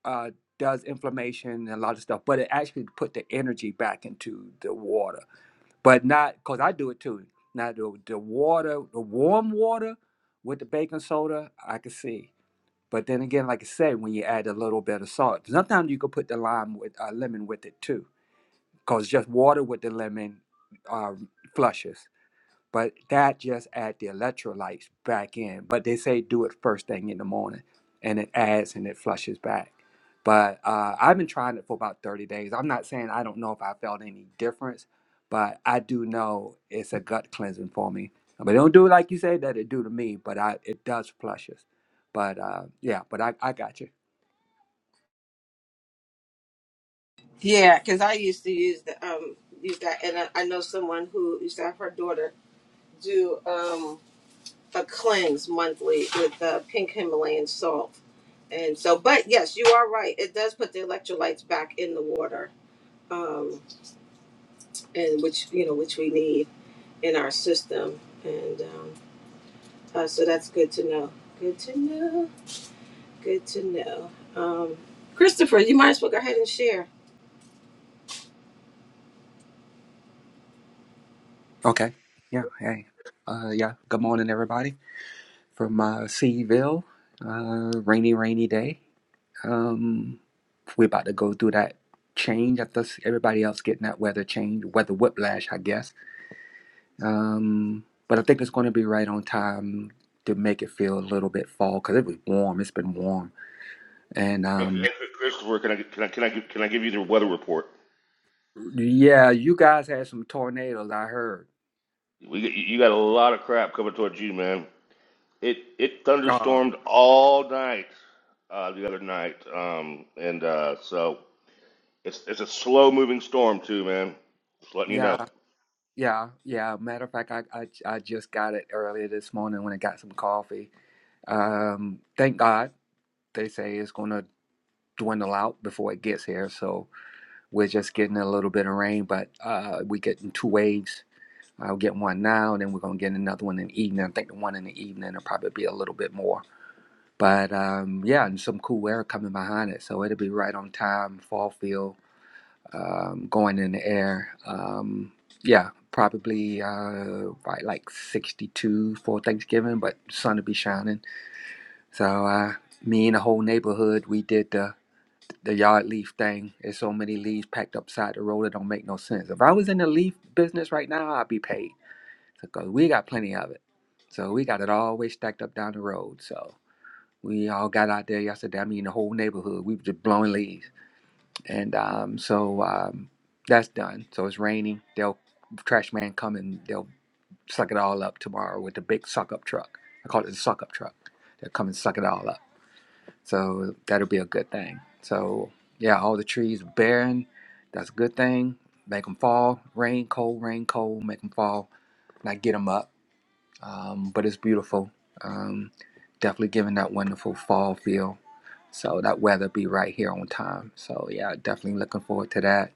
S7: uh does inflammation and a lot of stuff. But it actually put the energy back into the water, but not because I do it too. Now the the water, the warm water with the baking soda, I can see. But then again, like I said, when you add a little bit of salt, sometimes you can put the lime with uh, lemon with it too because just water with the lemon uh, flushes. But that just adds the electrolytes back in. But they say do it first thing in the morning, and it adds and it flushes back. But uh, I've been trying it for about 30 days. I'm not saying I don't know if I felt any difference, but I do know it's a gut cleansing for me. But it don't do like you say that it do to me, but I it does flushes. But uh, yeah, but I, I got you.
S1: yeah. Because I used to use the um use that, and I, I know someone who used to have her daughter do um a cleanse monthly with uh, pink Himalayan salt, and so. But yes, you are right. It does put the electrolytes back in the water, um, and which you know which we need in our system, and. Um, Uh, so that's good to know. Good to know. Good to know. Um, Christopher, you might as well go ahead and share.
S7: Okay. Yeah. Hey. Uh, yeah. Good morning, everybody. from uh, Seaville. Uh, rainy, rainy day. Um, we're about to go through that change. I guess everybody else getting that weather change, weather whiplash, I guess. Um, but I think it's going to be right on time to make it feel a little bit fall because it was warm. It's been warm, and
S8: Hey, Chris-
S7: um,
S8: hey, Christopher, can I can I can I give, can I give you the weather report?
S7: yeah, you guys had some tornadoes. I heard.
S8: We got- you got a lot of crap coming towards you, man. It it
S7: Uh,
S8: thunderstormed all night uh, the other night, um, and uh, so it's it's a slow moving storm too, man. Just letting you
S7: yeah,
S8: know,
S7: yeah, yeah. Matter of fact, I, I I just got it earlier this morning when I got some coffee. Um, thank God they say it's going to dwindle out before it gets here. So we're just getting a little bit of rain, but uh, we getting two waves. I'll get one now, and then we're going to get another one in the evening. I think the one in the evening will probably be a little bit more. But um, yeah, and some cool air coming behind it. So it'll be right on time, fall feel um, going in the air. Um, yeah, probably uh, right like 62 for Thanksgiving, but sun will be shining. So uh, me and the whole neighborhood, we did. the uh, the yard leaf thing. There's so many leaves packed upside the road. It don't make no sense. If I was in the leaf business right now, I'd be paid because we got plenty of it. So we got it always stacked up down the road. So we all got out there yesterday. I mean, the whole neighborhood. We were just blowing leaves, and um, so um, that's done. So it's raining. They'll trash man come and they'll suck it all up tomorrow with the big suck up truck. I call it the suck up truck. They'll come and suck it all up. So that'll be a good thing. So yeah, all the trees barren. That's a good thing. Make them fall. Rain, cold, rain, cold. Make them fall. Not get them up. Um, but it's beautiful. Um, definitely giving that wonderful fall feel. So that weather be right here on time. So yeah, definitely looking forward to that.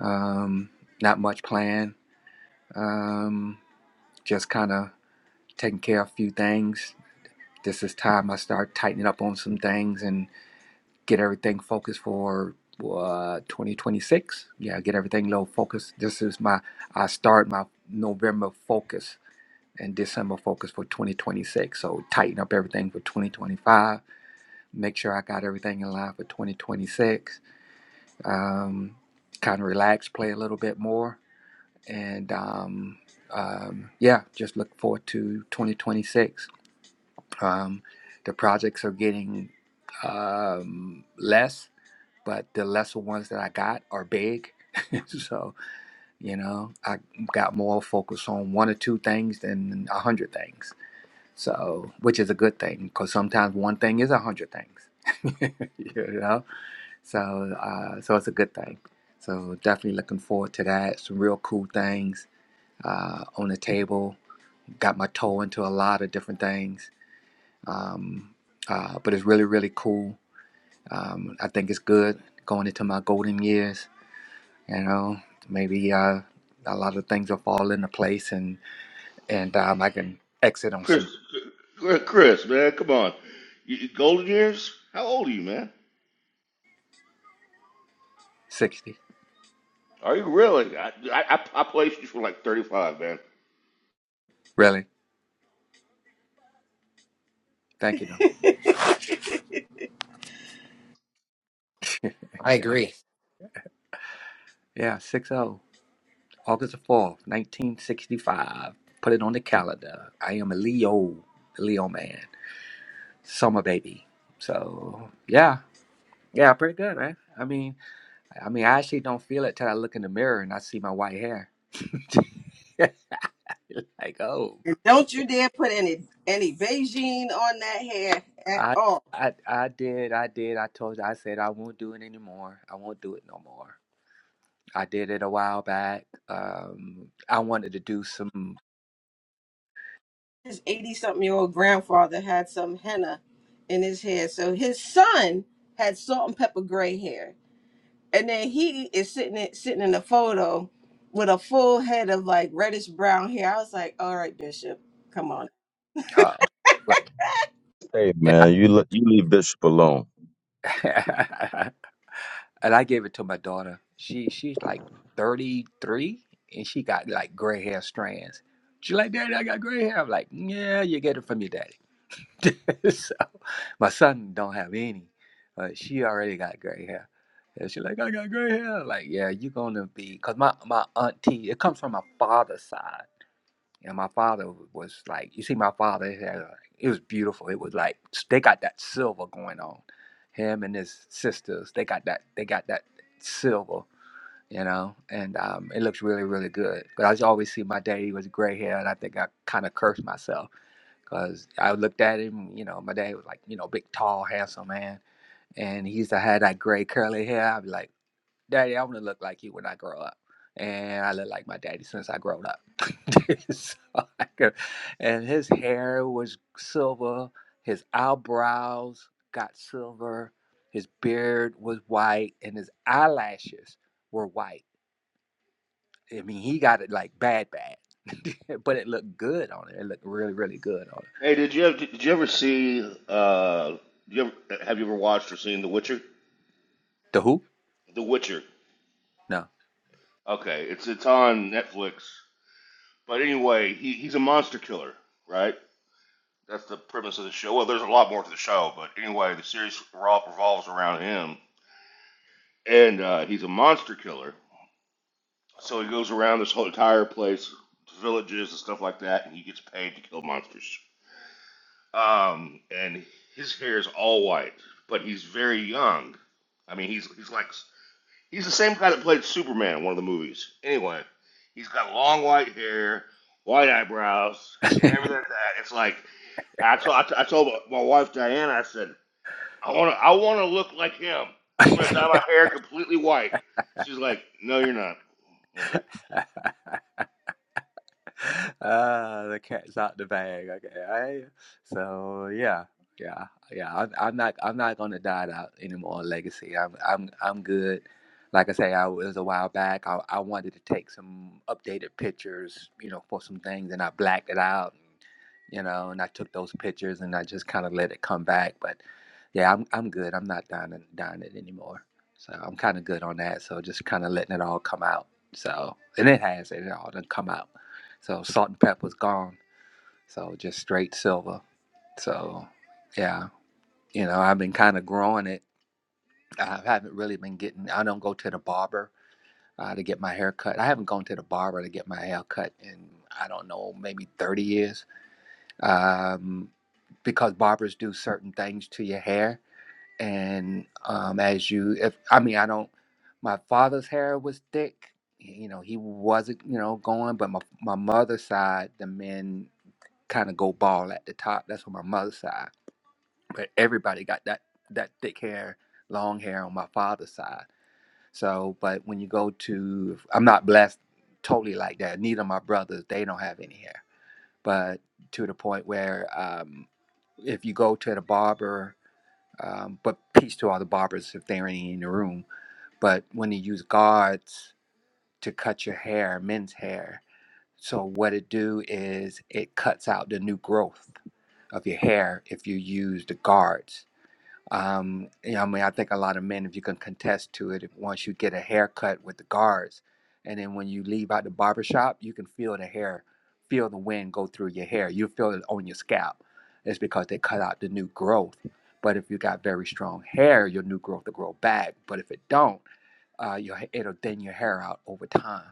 S7: Um, not much plan. Um, just kind of taking care of a few things. This is time I start tightening up on some things and. get everything focused for uh 2026 yeah get everything low focus this is my i start my november focus and december focus for 2026 so tighten up everything for 2025 make sure i got everything in line for 2026 um kind of relax play a little bit more and um um yeah just look forward to 2026 um the projects are getting um less but the lesser ones that I got are big. so, you know, I got more focus on one or two things than a hundred things. So, which is a good thing because sometimes one thing is a hundred things, you know? So, uh, so it's a good thing. So, definitely looking forward to that. Some real cool things uh, on the table. Got my toe into a lot of different things. Um, uh, but it's really, really cool. Um, I think it's good going into my golden years you know maybe uh, a lot of things will fall into place and and um, i can exit on
S8: Chris,
S7: some
S8: Chris, Chris, man, come on, you, you- golden years. How old are you, man?
S7: 60
S8: Are you really? I I, I I placed you for like thirty five, man.
S7: really thank you though
S5: I agree.
S7: yeah 60 august the 4th 1965 put it on the calendar i am a leo a leo man summer baby so yeah yeah pretty good man i mean i mean i actually don't feel it till i look in the mirror and i see my white hair like oh
S1: And don't you dare put any any Beijing on that hair at
S7: I
S1: all.
S7: I I did, I did. I told you I said I won't do it anymore. I won't do it no more. I did it a while back. Um, I wanted to do some
S1: His 80 something year old grandfather had some henna in his hair. So his son had salt and pepper gray hair. And then he is sitting in, sitting in a photo with a full head of like reddish brown hair. I was like, all right, Bishop, come on.
S7: uh like-
S9: Hey
S7: and I,
S9: man, you le- you leave Bishop alone.
S7: and I gave it to my daughter. She she's like 33 and she got like gray hair strands. She like, "Daddy, I got gray hair." I'm like, "Yeah, you get it from your dad." so my son don't have any, but she already got gray hair. And she's like, I got gray hair. Like, yeah, you're gonna be, cause my my auntie, it comes from my father's side, and my father was like, you see, my father his hair, like, it was beautiful. It was like they got that silver going on. Him and his sisters, they got that, they got that silver, you know, and um, it looks really, really good. But I just always see my daddy was gray hair, and I think I kind of cursed myself Cause I looked at him, you know, my dad was like, you know, big, tall, handsome man, and he used to have that gray curly hair. I'd be like, Daddy, I want to look like you when I grow up, and I look like my daddy since I grown up. so I could, and his hair was silver, his eyebrows got silver, his beard was white, and his eyelashes were white. I mean, he got it like bad, bad, but it looked good on it. It looked really, really good on it.
S8: Hey, did you did you ever see? Uh, did you ever, have you ever watched or seen The Witcher?
S7: The who?
S8: The Witcher.
S7: No.
S8: Okay, it's it's on Netflix. But anyway, he, he's a monster killer, right? That's the premise of the show. Well, there's a lot more to the show, but anyway, the series revol- revolves around him, and uh, he's a monster killer. So he goes around this whole entire place, villages and stuff like that, and he gets paid to kill monsters. Um, and his hair is all white, but he's very young. I mean, he's he's like He's the same guy that played Superman in one of the movies. Anyway, he's got long white hair, white eyebrows, and everything like that. It's like I told I, t- I told my wife Diana. I said I want to I want to look like him. I'm gonna dye my hair completely white. She's like, No, you're not. Okay.
S7: yeah Uh, the cat's out the bag. Okay, right? So yeah, yeah, yeah. I'm, I'm not, I'm not gonna die out anymore. on Legacy. I'm, I'm, I'm good. Like I say, I was a while back. I, I wanted to take some updated pictures, you know, for some things, and I blacked it out, you know, and I took those pictures and I just kind of let it come back. But yeah, I'm, I'm good. I'm not dying, dying it anymore. So I'm kind of good on that. So just kind of letting it all come out. So and it has, it all done come out. So salt and pepper's gone. So just straight silver. So yeah, you know, I've been kind of growing it. I haven't really been getting. I don't go to the barber uh, to get my hair cut. I haven't gone to the barber to get my hair cut in I don't know maybe thirty years. Um, because barbers do certain things to your hair, and um, as you, if I mean, I don't. My father's hair was thick. You know, he wasn't, you know, going, but my my mother's side, the men kind of go bald at the top. That's on my mother's side. But everybody got that that thick hair, long hair on my father's side. So, but when you go to, I'm not blessed totally like that. Neither of my brothers, they don't have any hair. But to the point where, um, if you go to the barber, um, but peace to all the barbers if they're any in the room. But when they use guards to cut your hair, men's hair. So what it do is it cuts out the new growth of your hair if you use the guards. Um, you know, I mean, I think a lot of men, if you can contest to it, if once you get a haircut with the guards, and then when you leave out the barber shop, you can feel the hair, feel the wind go through your hair. You feel it on your scalp. It's because they cut out the new growth. But if you got very strong hair, your new growth will grow back. But if it don't, uh, your, it'll thin your hair out over time.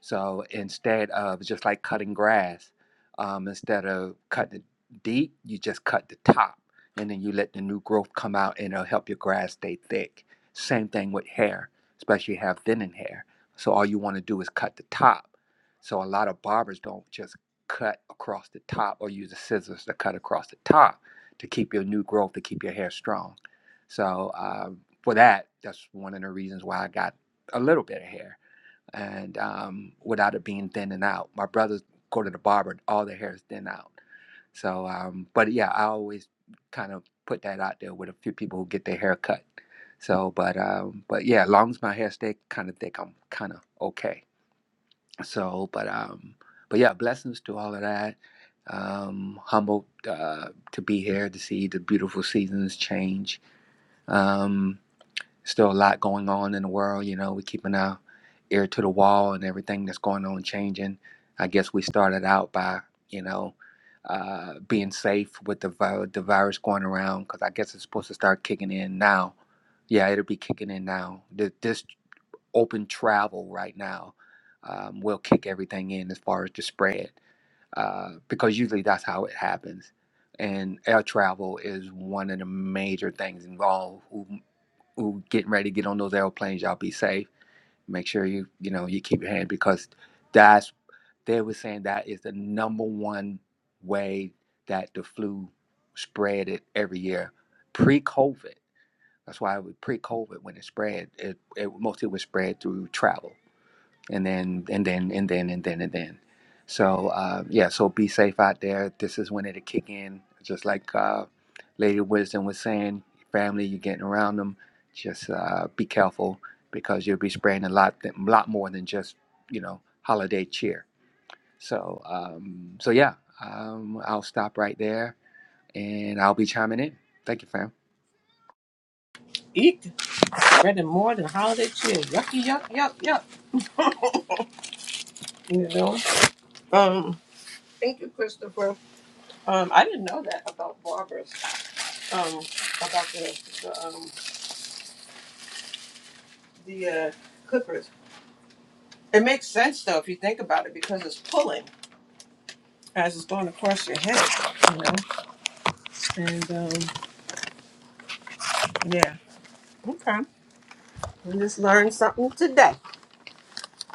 S7: So instead of just like cutting grass, um, instead of cutting deep, you just cut the top and then you let the new growth come out and it'll help your grass stay thick. Same thing with hair, especially if you have thinning hair. So all you want to do is cut the top. So a lot of barbers don't just cut across the top or use the scissors to cut across the top to keep your new growth, to keep your hair strong. So um, for that, that's one of the reasons why I got a little bit of hair and um, without it being thinning out. My brothers go to the barber, and all their hair is thin out. So, um, but yeah, I always kind of put that out there with a few people who get their hair cut. So, but um, but yeah, as long as my hair stay kind of thick, I'm kind of okay. So, but um, but yeah, blessings to all of that. Um, humbled uh, to be here to see the beautiful seasons change. Um, Still a lot going on in the world. You know, we're keeping our ear to the wall and everything that's going on changing. I guess we started out by, you know, uh, being safe with the, vi- the virus going around because I guess it's supposed to start kicking in now. Yeah, it'll be kicking in now. Th- This open travel right now um, will kick everything in as far as the spread uh, because usually that's how it happens. And air travel is one of the major things involved who getting ready to get on those airplanes, y'all be safe. Make sure you you know you keep your hand because that's they were saying that is the number one way that the flu spread it every year pre COVID. That's why it was pre COVID when it spread. It, it mostly was spread through travel and then and then and then and then and then. So uh, yeah, so be safe out there. This is when it'll kick in. Just like uh, Lady Wisdom was saying, family, you're getting around them. Just uh, be careful because you'll be spraying a lot, th- lot more than just you know holiday cheer. So um, so yeah, um, I'll stop right there, and I'll be chiming in. Thank you, fam.
S1: Eat bread and more than holiday cheer. Yucky, yuck, yuck, yuck. You know? Um, thank you, Christopher. Um, I didn't know that about barbers. Um, about the the, um, the uh, clippers. It makes sense though if you think about it because it's pulling as it's going across your head. You know. And um, yeah. Okay. We just learned something today.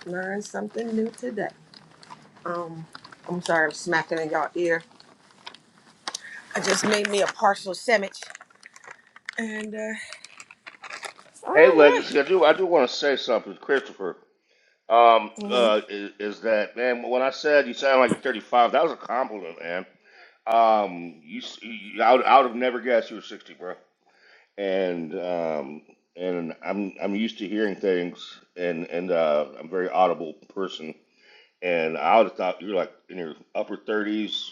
S1: Learned something new today. Um, I'm sorry, I'm smacking in y'all ear. I just made me a partial sandwich. And uh, all
S8: Hey,
S1: right.
S8: Legacy. I do I do want to say something, Christopher. Um, uh, is, is that man? When I said you sound like you're 35, that was a compliment, man. Um, you, you I, would, I would have never guessed you were 60, bro. and um, and I'm I'm used to hearing things, and and uh, I'm a very audible person, and I would have thought you're like in your upper 30s,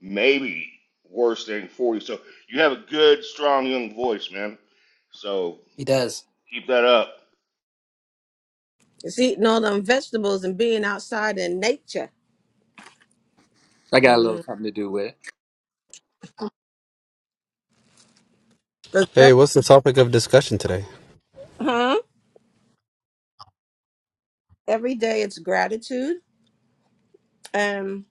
S8: maybe worse than 40. So you have a good, strong young voice, man. So
S5: He does.
S8: keep that up.
S1: It's eating all them vegetables and being outside in nature.
S7: I got a little
S1: Mm.
S7: something to do with it.
S1: 'Cause
S10: Hey,
S1: that-
S10: what's the topic of discussion today?
S1: huh? Every day it's gratitude and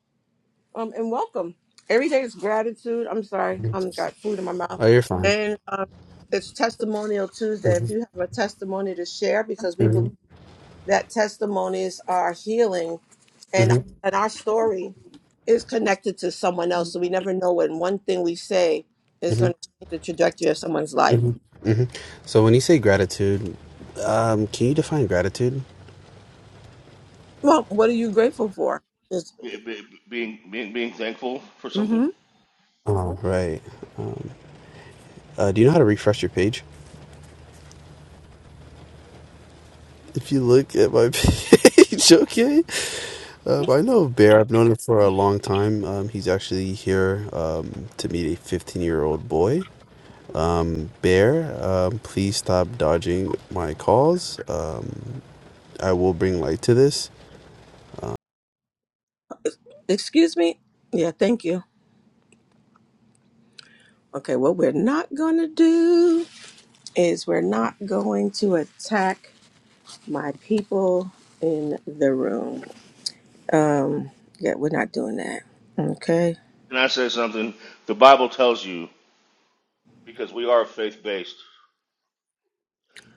S1: um and welcome. Every day it's gratitude. I'm sorry,
S10: Mhm.
S1: I'm got food in my mouth.
S10: Oh, you're fine.
S1: And um, it's testimonial Tuesday. If
S10: hmm
S1: you have a testimony to share, because we
S10: hmm
S1: believe that testimonies are healing, and
S10: hmm
S1: and our story is connected to someone else. So we never know when one thing we say is
S10: hmm
S1: going to change the trajectory of someone's life.
S10: hmm hmm So, when you say gratitude, um, can you define gratitude?
S1: Well, what are you grateful for? Just,
S8: Be- be- Being being being thankful for something.
S1: mm-hmm.
S10: Oh, right. Uh, do you know how to refresh your page? If you look at my page, okay. Um, I know Bear. I've known him for a long time. Um, he's actually here um, to meet a 15 year old boy. Um, Bear, um, please stop dodging my calls. Um, I will bring light to this.
S1: Excuse me? Yeah, thank you. Okay, what we're not going to do is we're not going to attack my people in the room. Um, yeah, we're not doing that. Okay.
S8: Can I say something? The Bible tells you because we are faith based.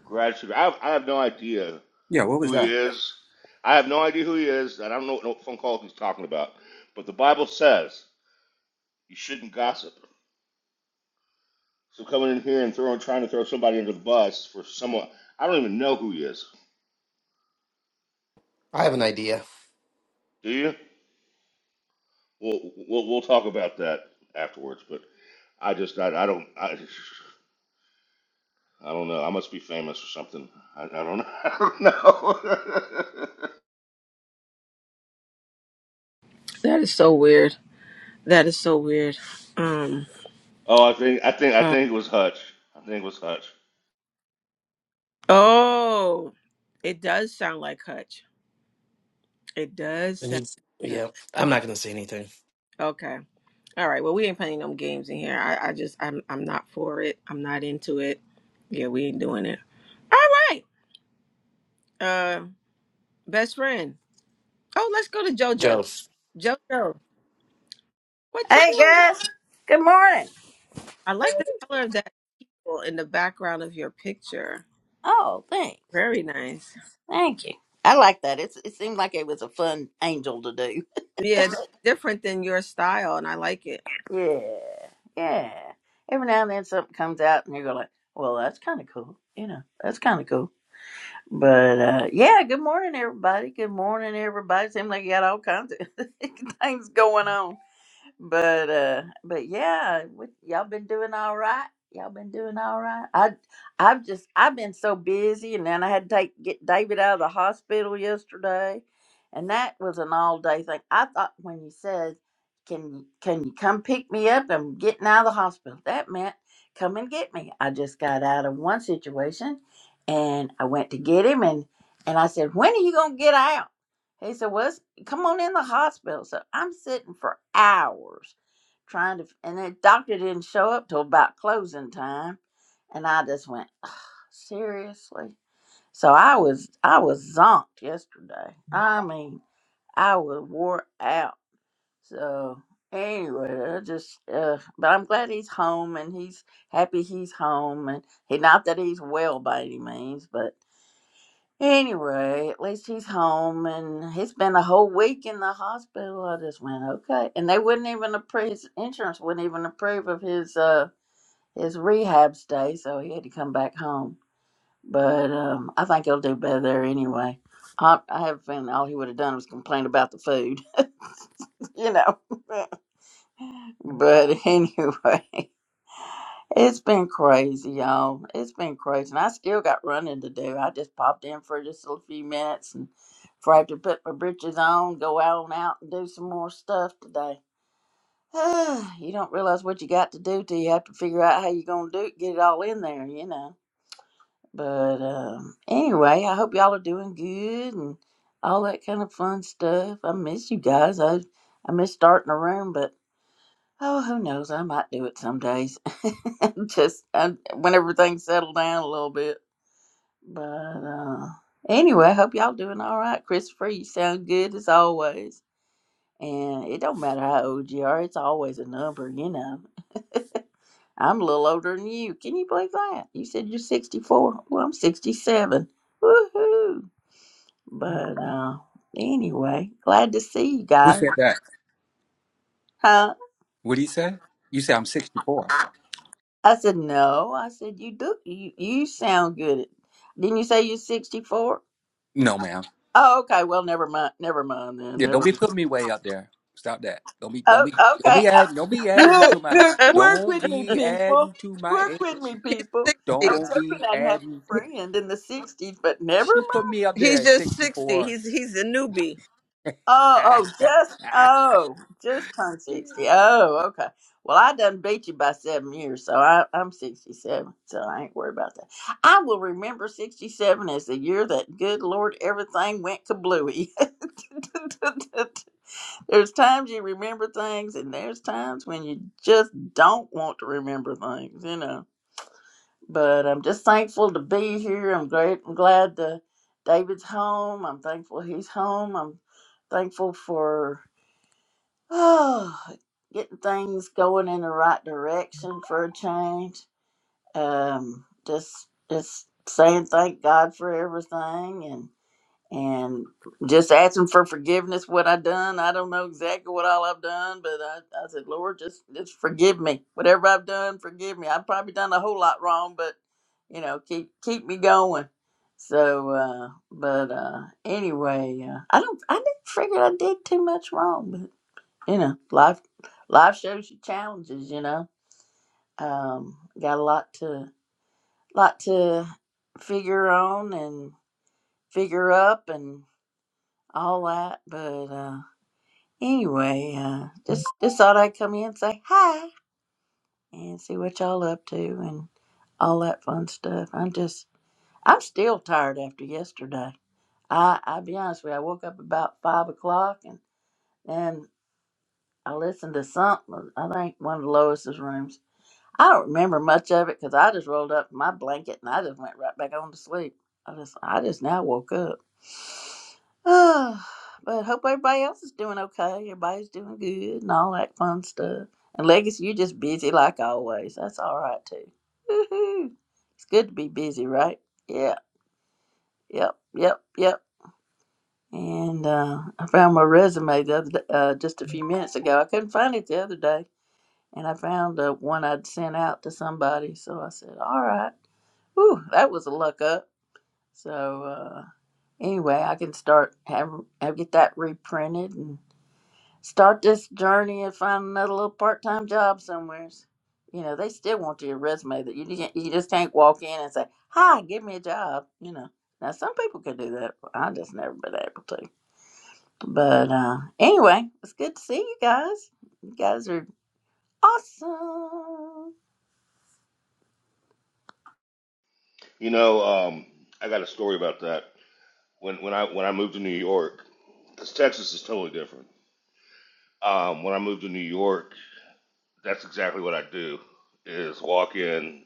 S8: Gratitude. I have, I have no idea
S7: Yeah, what was
S8: who he
S7: that?
S8: is. I have no idea who he is, and I don't know what no phone call he's talking about. But the Bible says you shouldn't gossip. So coming in here and throwing, trying to throw somebody under the bus for someone I don't even know who he is.
S5: I have an idea.
S8: Do you? We'll we'll, we'll talk about that afterwards. But I just I, I don't I, I don't know. I must be famous or something. I, I don't I don't know.
S1: That is so weird. That is so weird. Um,
S8: oh, I think I think I
S1: uh,
S8: think it was Hutch. I think it was Hutch.
S1: oh, it does sound like Hutch. It does
S5: And
S1: sound
S5: he,
S1: like Hutch.
S5: yeah, I'm not gonna say anything.
S1: Okay. All right. Well, we ain't playing no games in here. I, I just, I'm, I'm not for it. I'm not into it. Yeah, we ain't doing it. All right. Uh, best friend. Oh, let's go to JoJo.
S5: Joe.
S1: JoJo, what you
S11: Hey
S1: doing? girl?
S11: guys, good morning.
S1: I like the color of that teal in the background of your picture.
S11: Oh, thanks,
S1: Very nice.
S11: thank you. I like that. It's, it seemed like it was a fun angel to do.
S1: Yeah, that's different than your style, and I like it.
S11: Yeah, yeah. Every now and then something comes out, and you go like, "Well, that's kind of cool." You know, that's kind of cool. But uh, yeah, good morning, everybody. Good morning, everybody. Seems like you got all kinds of things going on. but uh but yeah what, y'all been doing all right y'all been doing all right i i've just i've been so busy and then i had to take get david out of the hospital yesterday and that was an all day thing i thought when you said can you can you come pick me up i'm getting out of the hospital that meant come and get me i just got out of one situation and i went to get him and and i said when are you gonna get out he said well come on in the hospital. So I'm sitting for hours trying to, and the doctor didn't show up till about closing time, and I just went "Ugh, seriously. So I was I was zonked yesterday. I mean, I was wore out. So anyway, I just uh, but I'm glad he's home and he's happy he's home and he not that he's well by any means, but. Anyway, at least he's home and he's been a whole week in the hospital. I just went, okay. And they wouldn't even approve his insurance wouldn't even approve of his uh his rehab stay, so he had to come back home. But um I think he'll do better there anyway. I, I have a feeling all he would have done was complain about the food, you know. but anyway. It's been crazy, y'all. It's been crazy. And I still got running to do. I just popped in for just a few minutes and before I have to put my britches on, go out and out and do some more stuff today. you don't realize what you got to do till you have to figure out how you're going to do it, get it all in there, you know. But um, anyway, I hope y'all are doing good and all that kind of fun stuff. I miss you guys. I, I miss starting a room, but Oh, who knows? I might do it some days. Just uh, whenever things settle down a little bit. But uh, anyway, I hope y'all doing all right. Christopher, you sound good as always. And it don't matter how old you are, it's always a number, you know. I'm a little older than you. Can you believe that? You said you're 64. Well, I'm 67. Woohoo! But uh, anyway, glad to see you
S7: Who
S11: guys.
S7: said that?
S11: Huh?
S7: What did he say? You say I'm 64.
S11: I said, no. I said, you do. You, you sound good. Didn't you say you're 64?
S7: No, ma'am.
S11: Oh, okay. Well, never mind. Never mind then.
S7: Yeah,
S11: Never
S7: don't be
S11: mind.
S7: putting me way up there. Stop that. Don't be don't
S11: Oh,
S7: be don't
S11: okay.
S7: be
S11: Uh,
S7: adding don't be adding to
S11: Look,
S7: my
S11: look, work
S7: don't
S11: with me,
S7: be
S11: people.
S7: adding to my
S11: Work with
S7: age.
S11: me,
S1: He's
S11: people. I
S1: sixty.
S11: was
S7: Don't be
S11: hoping I'd have
S7: adding.
S11: a friend in the 60s, but never
S7: She put
S11: mind.
S7: me up there
S1: He's
S7: at
S1: just
S7: sixty
S1: sixty.
S7: four.
S1: He's he's a newbie.
S11: Oh, oh, just
S7: What's
S11: oh, just turned sixty. Oh, okay. Well, I done beat you by seven years, so I, I'm sixty-seven. So I ain't worried about that. I will remember sixty-seven as the year that good Lord everything went kablooey. there's times you remember things, and there's times when you just don't want to remember things, you know. But I'm just thankful to be here. I'm great. I'm glad that David's home. I'm thankful he's home. I'm thankful for Oh, getting things going in the right direction for a change. Um, just just saying thank God for everything and and just asking for forgiveness what I done. I don't know exactly what all I've done, but I, I said, Lord, just just forgive me. Whatever I've done, forgive me. I've probably done a whole lot wrong, but you know, keep keep me going. So, uh, but uh, anyway, uh, I don't. I didn't figure I did too much wrong, but you know, life life shows you challenges, you know. Um, got a lot to lot to figure on and figure up and all that. But uh anyway, uh just just thought I'd come in and say hi and see what y'all up to and all that fun stuff. I'm just I'm still tired after yesterday. I I'll be honest with you, I woke up about five o'clock and then I listened to something I think one of Lois's rooms I don't remember much of it because I just rolled up in my blanket and I just went right back on to sleep. I just I just now woke up. but hope everybody else is doing okay. Everybody's doing good and all that fun stuff. And Legacy, you're just busy like always. That's all right too. Woohoo! It's good to be busy, right? Yeah. Yep. Yep. Yep. And uh, I found my resume the other day, uh, just a few minutes ago. I couldn't find it the other day and I found uh, one I'd sent out to somebody. So I said, "All right, ooh, that was a luck up." So uh, anyway, I can start have, have get that reprinted and start this journey and find another little part time job somewhere. You know, they still want your resume. That you can't- you just can't walk in and say, "Hi, give me a job." You know. Now some people can do that. I just never been able to. But uh, anyway, it's good to see you guys. You guys are awesome.
S8: You know, um, I got a story about that. when when I when I moved to New York, because Texas is totally different. Um, when I moved to New York, that's exactly what I do: is walk in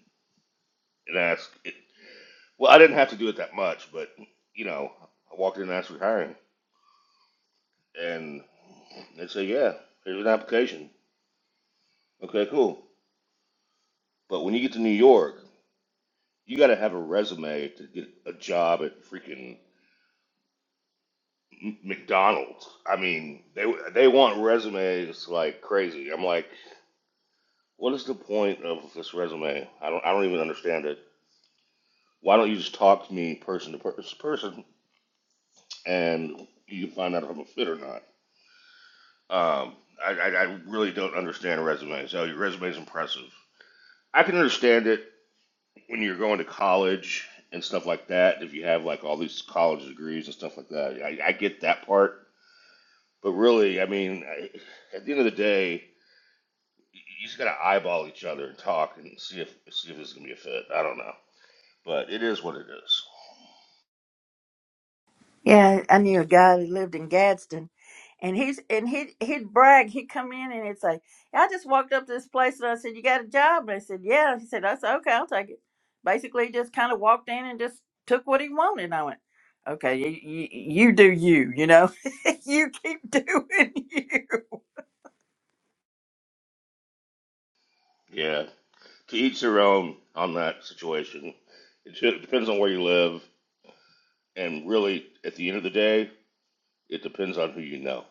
S8: and ask. It, well, I didn't have to do it that much, but you know, I walked in and asked for hiring, and they say, "Yeah, here's an application." Okay, cool. But when you get to New York, you got to have a resume to get a job at freaking McDonald's. I mean, they they want resumes like crazy. I'm like. What is the point of this resume? I don't. I don't even understand it. Why don't you just talk to me person to per- person, and you can find out if I'm a fit or not? Um, I, I, I really don't understand resumes. So your resume is impressive. I can understand it when you're going to college and stuff like that. If you have like all these college degrees and stuff like that, I, I get that part. But really, I mean, I, at the end of the day, you just gotta eyeball each other and talk and see if see if this is gonna be a fit. I don't know, but it is what it is.
S11: Yeah, I knew a guy that lived in Gadsden, and he's and he he'd brag. He'd come in and he'd say, "I just walked up to this place and I said, you got a job?" And I said, "Yeah." He said, "I said okay, I'll take it." Basically, he just kind of walked in and just took what he wanted. And I went, "Okay, you, you, you do you, you know, you keep doing you."
S8: Yeah, to each their own on that situation. It ju- depends on where you live, and really, at the end of the day, it depends on who you know.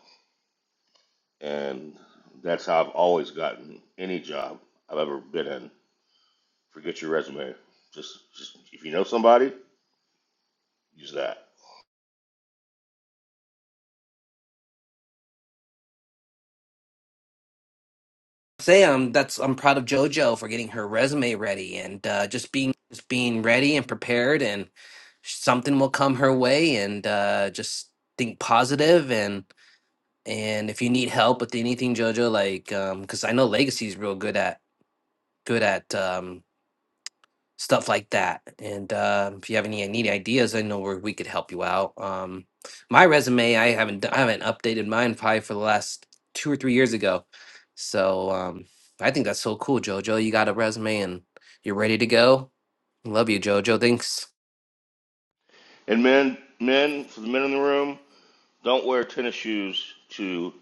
S8: And that's how I've always gotten any job I've ever been in. Forget your resume. Just, just if you know somebody, use that.
S5: say I'm that's I'm proud of JoJo for getting her resume ready and uh, just being just being ready and prepared and something will come her way and uh, just think positive and and if you need help with anything JoJo like because I know Legacy's real good at good at um, stuff like that. And uh, if you have any any ideas, I know where we could help you out. Um, my resume, I haven't d- I haven't updated mine probably for the last two or three years ago. So um, I think that's so cool, Jojo. You got a resume and you're ready to go. Love you, Jojo. Thanks.
S8: And men, men, for the men in the room, don't wear tennis shoes to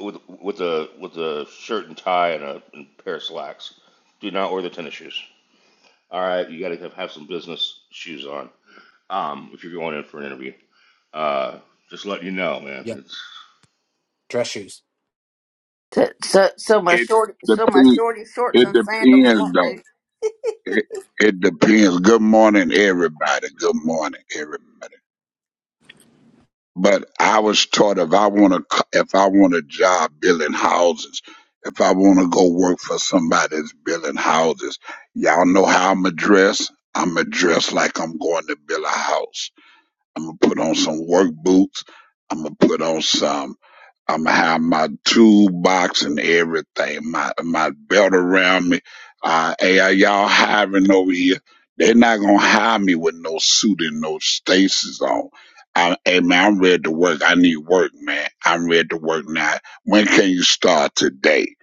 S8: with with a with a shirt and tie and a, and a pair of slacks. Do not wear the tennis shoes. All right, you got to have, have some business shoes on. Um, if you're going in for an interview, uh, just let you know, man.
S5: Yep.
S8: It's
S5: Dress shoes.
S11: So so so my
S12: It
S11: short so my
S12: depends.
S11: shorty shorts
S12: It
S11: and sandals
S12: depends,
S11: won't
S12: though.
S11: do.
S12: It, it depends. Good morning, everybody. Good morning, everybody. But I was taught if I want to, if I want a job building houses, if I want to go work for somebody that's building houses, y'all know how I'm a dress. I'm a dress like I'm going to build a house. I'm gonna put on some work boots. I'm gonna put on some. I'm gonna have my toolbox and everything, my my belt around me. Uh, AI, y'all hiring over here? They're not gonna hire me with no suit and no stasis on. I, hey man, I'm ready to work. I need work, man. I'm ready to work now. When can you start today?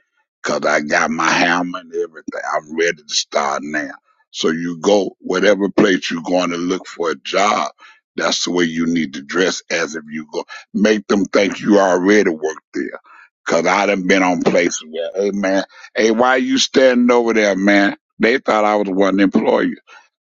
S12: Cause I got my hammer and everything. I'm ready to start now. So you go whatever place you're going to look for a job that's the way you need to dress as if you go. Make them think you already work there. Cause I done been on places where, hey man, hey, why you standing over there, man? They thought I was one employee.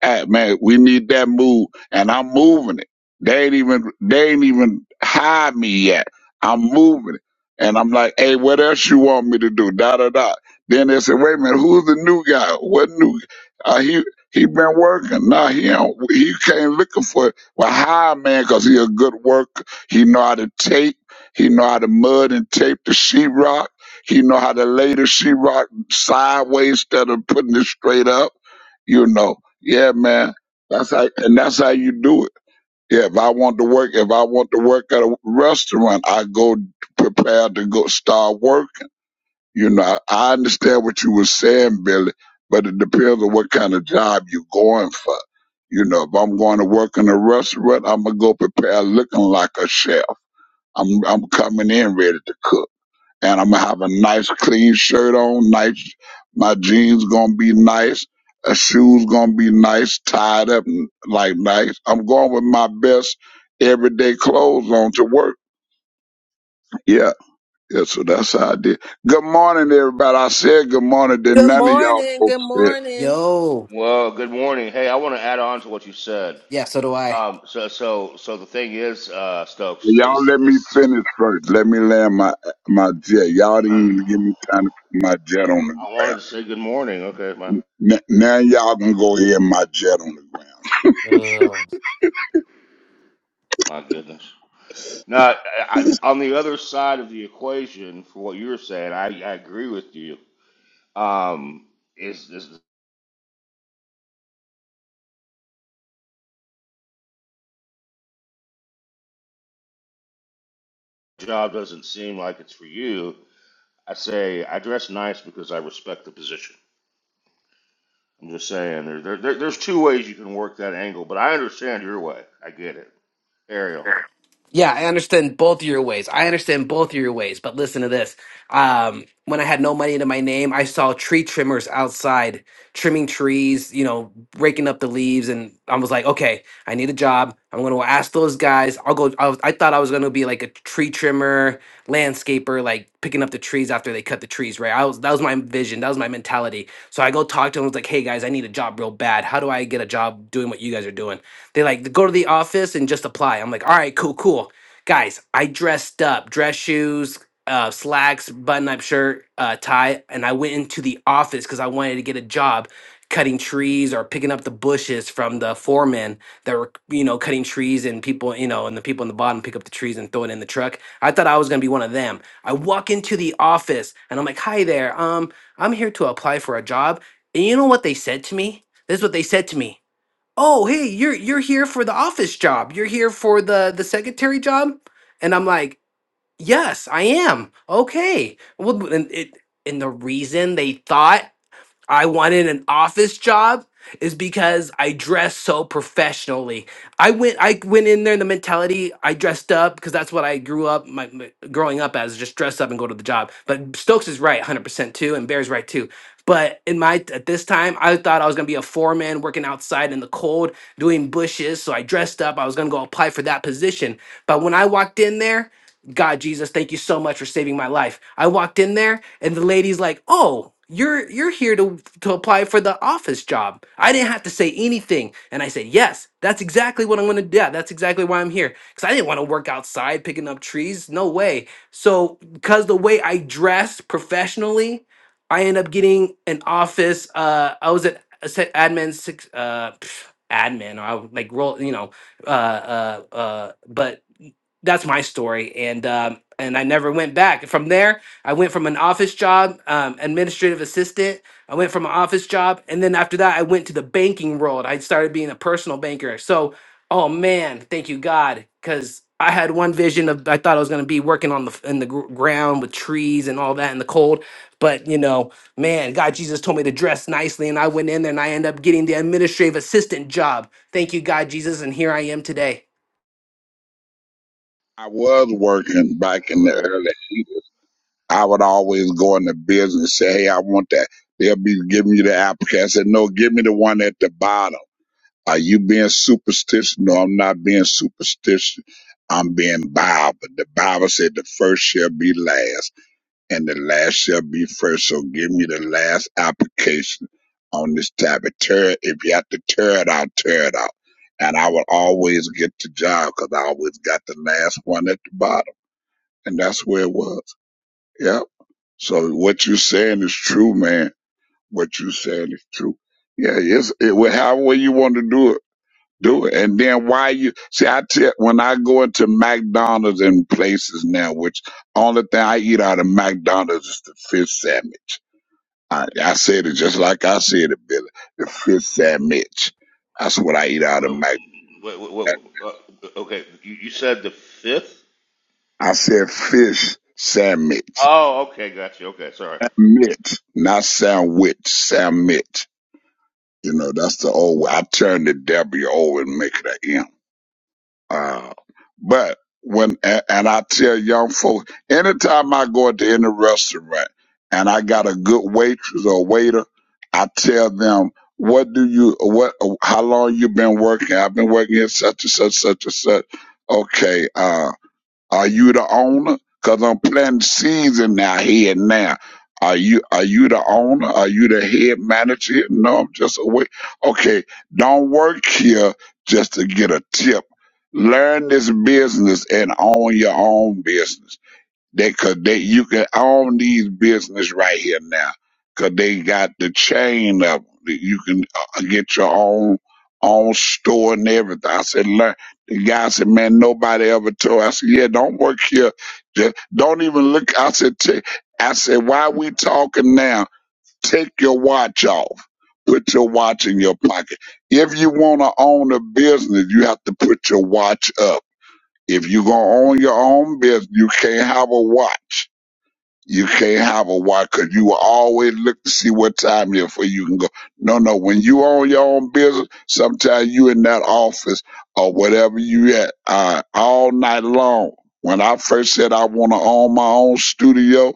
S12: Hey man, we need that move, and I'm moving it. They ain't even, they ain't even hired me yet. I'm moving it, and I'm like, hey, what else you want me to do? Da da da. Then they said, wait a minute, who's the new guy? What new? Uh, he he been working. Nah, he don't. He came looking for it. Well, hire a man, cause he a good worker. He know how to take. He know how to mud and tape the sheetrock. He know how to lay the sheetrock sideways instead of putting it straight up. You know, yeah, man. That's how, and that's how you do it. Yeah, if I want to work, if I want to work at a restaurant, I go prepared to go start working. You know, I, I understand what you were saying, Billy, but it depends on what kind of job you're going for. You know, if I'm going to work in a restaurant, I'm gonna go prepare looking like a chef. I'm I'm coming in ready to cook and I'm gonna have a nice clean shirt on, nice my jeans gonna be nice, a shoes gonna be nice, tied up and like nice. I'm going with my best everyday clothes on to work. Yeah. Yeah, so that's how I did. Good morning everybody. I said good morning, then
S1: Good
S12: none of y'all
S1: morning. Good
S12: folks said
S1: morning.
S5: Yo.
S8: well. Good morning. Hey, I want to add on to what you said.
S5: Yeah, so do
S8: Um, so, so, so the thing is, uh, Stokes
S12: y'all
S8: is,
S12: let me
S8: is
S12: finish first. Let me land my my jet. Y'all didn't
S8: uh,
S12: even give me time to put my jet on the
S8: I wanted
S12: ground.
S8: to say good morning. Okay, my
S12: N- now y'all can go ahead and my jet on the ground.
S5: I.
S8: my goodness. Now, I, I, on the other side of the equation, for what you were saying, I, I agree with you. Um, is, is the job doesn't seem like it's for you? I say I dress nice because I respect the position. I'm just saying, there, there, there- there's two ways you can work that angle, but I understand your way. I get it. Ariel.
S5: Yeah, I understand both of your ways. I understand both of your ways, but listen to this. Um, when I had no money into my name, I saw tree trimmers outside trimming trees, you know, raking up the leaves, and I was like, okay, I need a job. I'm gonna ask those guys. I'll go. I, was, I thought I was gonna be like a tree trimmer, landscaper, like picking up the trees after they cut the trees. Right? I was that was my vision. That was my mentality. So I go talk to them. I was like, hey guys, I need a job real bad. How do I get a job doing what you guys are doing? They like go to the office and just apply. I'm like, all right, cool, cool. Guys, I dressed up, dress shoes, uh, slacks, button up shirt, uh, tie, and I went into the office because I wanted to get a job cutting trees or picking up the bushes from the foremen that were, you know, cutting trees and people, you know, and the people in the bottom pick up the trees and throw it in the truck. I thought I was gonna be one of them. I walk into the office and I'm like, hi there, um, I'm here to apply for a job. And you know what they said to me? This is what they said to me oh hey you're you're here for the office job you're here for the the secretary job and i'm like yes i am okay well and it and the reason they thought I wanted an office job is because I dress so professionally. I went I went in there in the mentality I dressed up because that's what I grew up my, my- growing up as just dress up and go to the job. But Stokes is right 100% too and Bear's right too. But in my at this time I thought I was going to be a foreman working outside in the cold doing bushes so I dressed up. I was going to go apply for that position. But when I walked in there God, Jesus, thank you so much for saving my life. I walked in there and the lady's like, "Oh, you're you're here to to apply for the office job." I didn't have to say anything, and I said, "Yes, that's exactly what I'm going to do. Yeah, that's exactly why I'm here cuz I didn't want to work outside picking up trees. No way." So, cuz the way I dressed professionally, I end up getting an office uh I was at I said admin six uh pff, admin or I would, like roll, you know, uh uh uh but that's my story and um and i never went back from there i went from an office job um, administrative assistant i went from an office job and then after that i went to the banking world i started being a personal banker so oh man thank you god because i had one vision of i thought i was going to be working on the f- in the gr- ground with trees and all that in the cold but you know man god jesus told me to dress nicely and i went in there and i ended up getting the administrative assistant job thank you god jesus and here i am today
S12: I was working back
S8: That's
S12: in the
S8: hilarious.
S12: early. eighties. I would always go into business and say, "Hey, I want that." They'll be giving you the application. I said, "No, give me the one at the bottom." Are you being superstitious? No, I'm not being superstitious. I'm being Bible. The Bible said the first shall be last, and the last shall be first. So give me the last application on this tab. It Tear if you have to tear it out, tear it out. And I would always get the job because I always got the last one at the bottom. And that's where it was. Yep. So what you saying is true, man. What you saying is true. Yeah, it's it well, however you want to do it, do it. And then why you see I tell when I go into McDonald's and places now, which only thing I eat out of McDonald's is the fish sandwich. I, I said it just like I said it, Billy. The fish sandwich. That's what I eat out of
S8: Well,
S12: McDonald's.
S8: wait, wait, wait, uh, okay, you, you said the fifth?
S12: I said fish sandwich.
S8: Oh, okay, gotcha. Okay, sorry.
S12: Sandwich. Not sandwich, sandwich. You know, that's the old way. I turned the W over and make it an M. Uh, but when, and, and I tell young folks, anytime I go into any restaurant and I got a good waitress or waiter, I tell them, what do you, what, how long you been working? I've been working here such and such, such and such. Okay. Uh, are you the owner? Because I'm planting seeds in their head now. Are you are you the owner? Are you the head manager? No, I'm just a wait. Okay, don't work here just to get a tip. Learn this business and own your own business. They could they you can own these business right here now, 'cause they got the chain of 'em. that You can uh, get your own own store and everything. I said, learn. The guy said, man, nobody ever told. I said, yeah, don't work here. Just don't even look. I said, "Ta- I said, why we talking now? Take your watch off. Put your watch in your pocket. If you want to own a business, you have to put your watch up. If you gonna own your own business, you can't have a watch. You can't have a watch because you will always look to see what time it is before you can go. No, no. When you own your own business, sometimes you in that office or whatever you at uh, all night long. When I first said I want to own my own studio,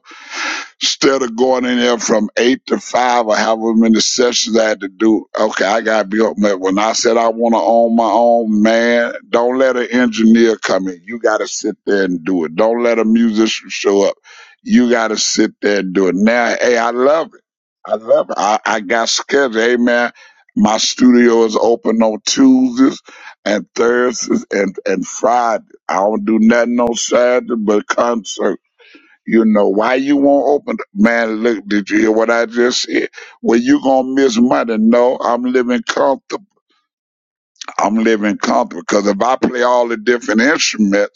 S12: Instead of going in there from eight to five or however many sessions I had to do, okay, I gotta be up. Man, when I said I want to own my own, man, don't let an engineer come in. You gotta sit there and do it. Don't let a musician show up. You gotta sit there and do it. Now, hey, I love it. I love it. I, I got scheduled. Hey, man, my studio is open on Tuesdays and Thursdays and and Fridays. I don't do nothing on Saturday but concert. You know why you won't open? Man, look, did you hear what I just said? Well, you gonna miss money. No, I'm living comfortable. I'm living comfortable because if I play all the different instruments.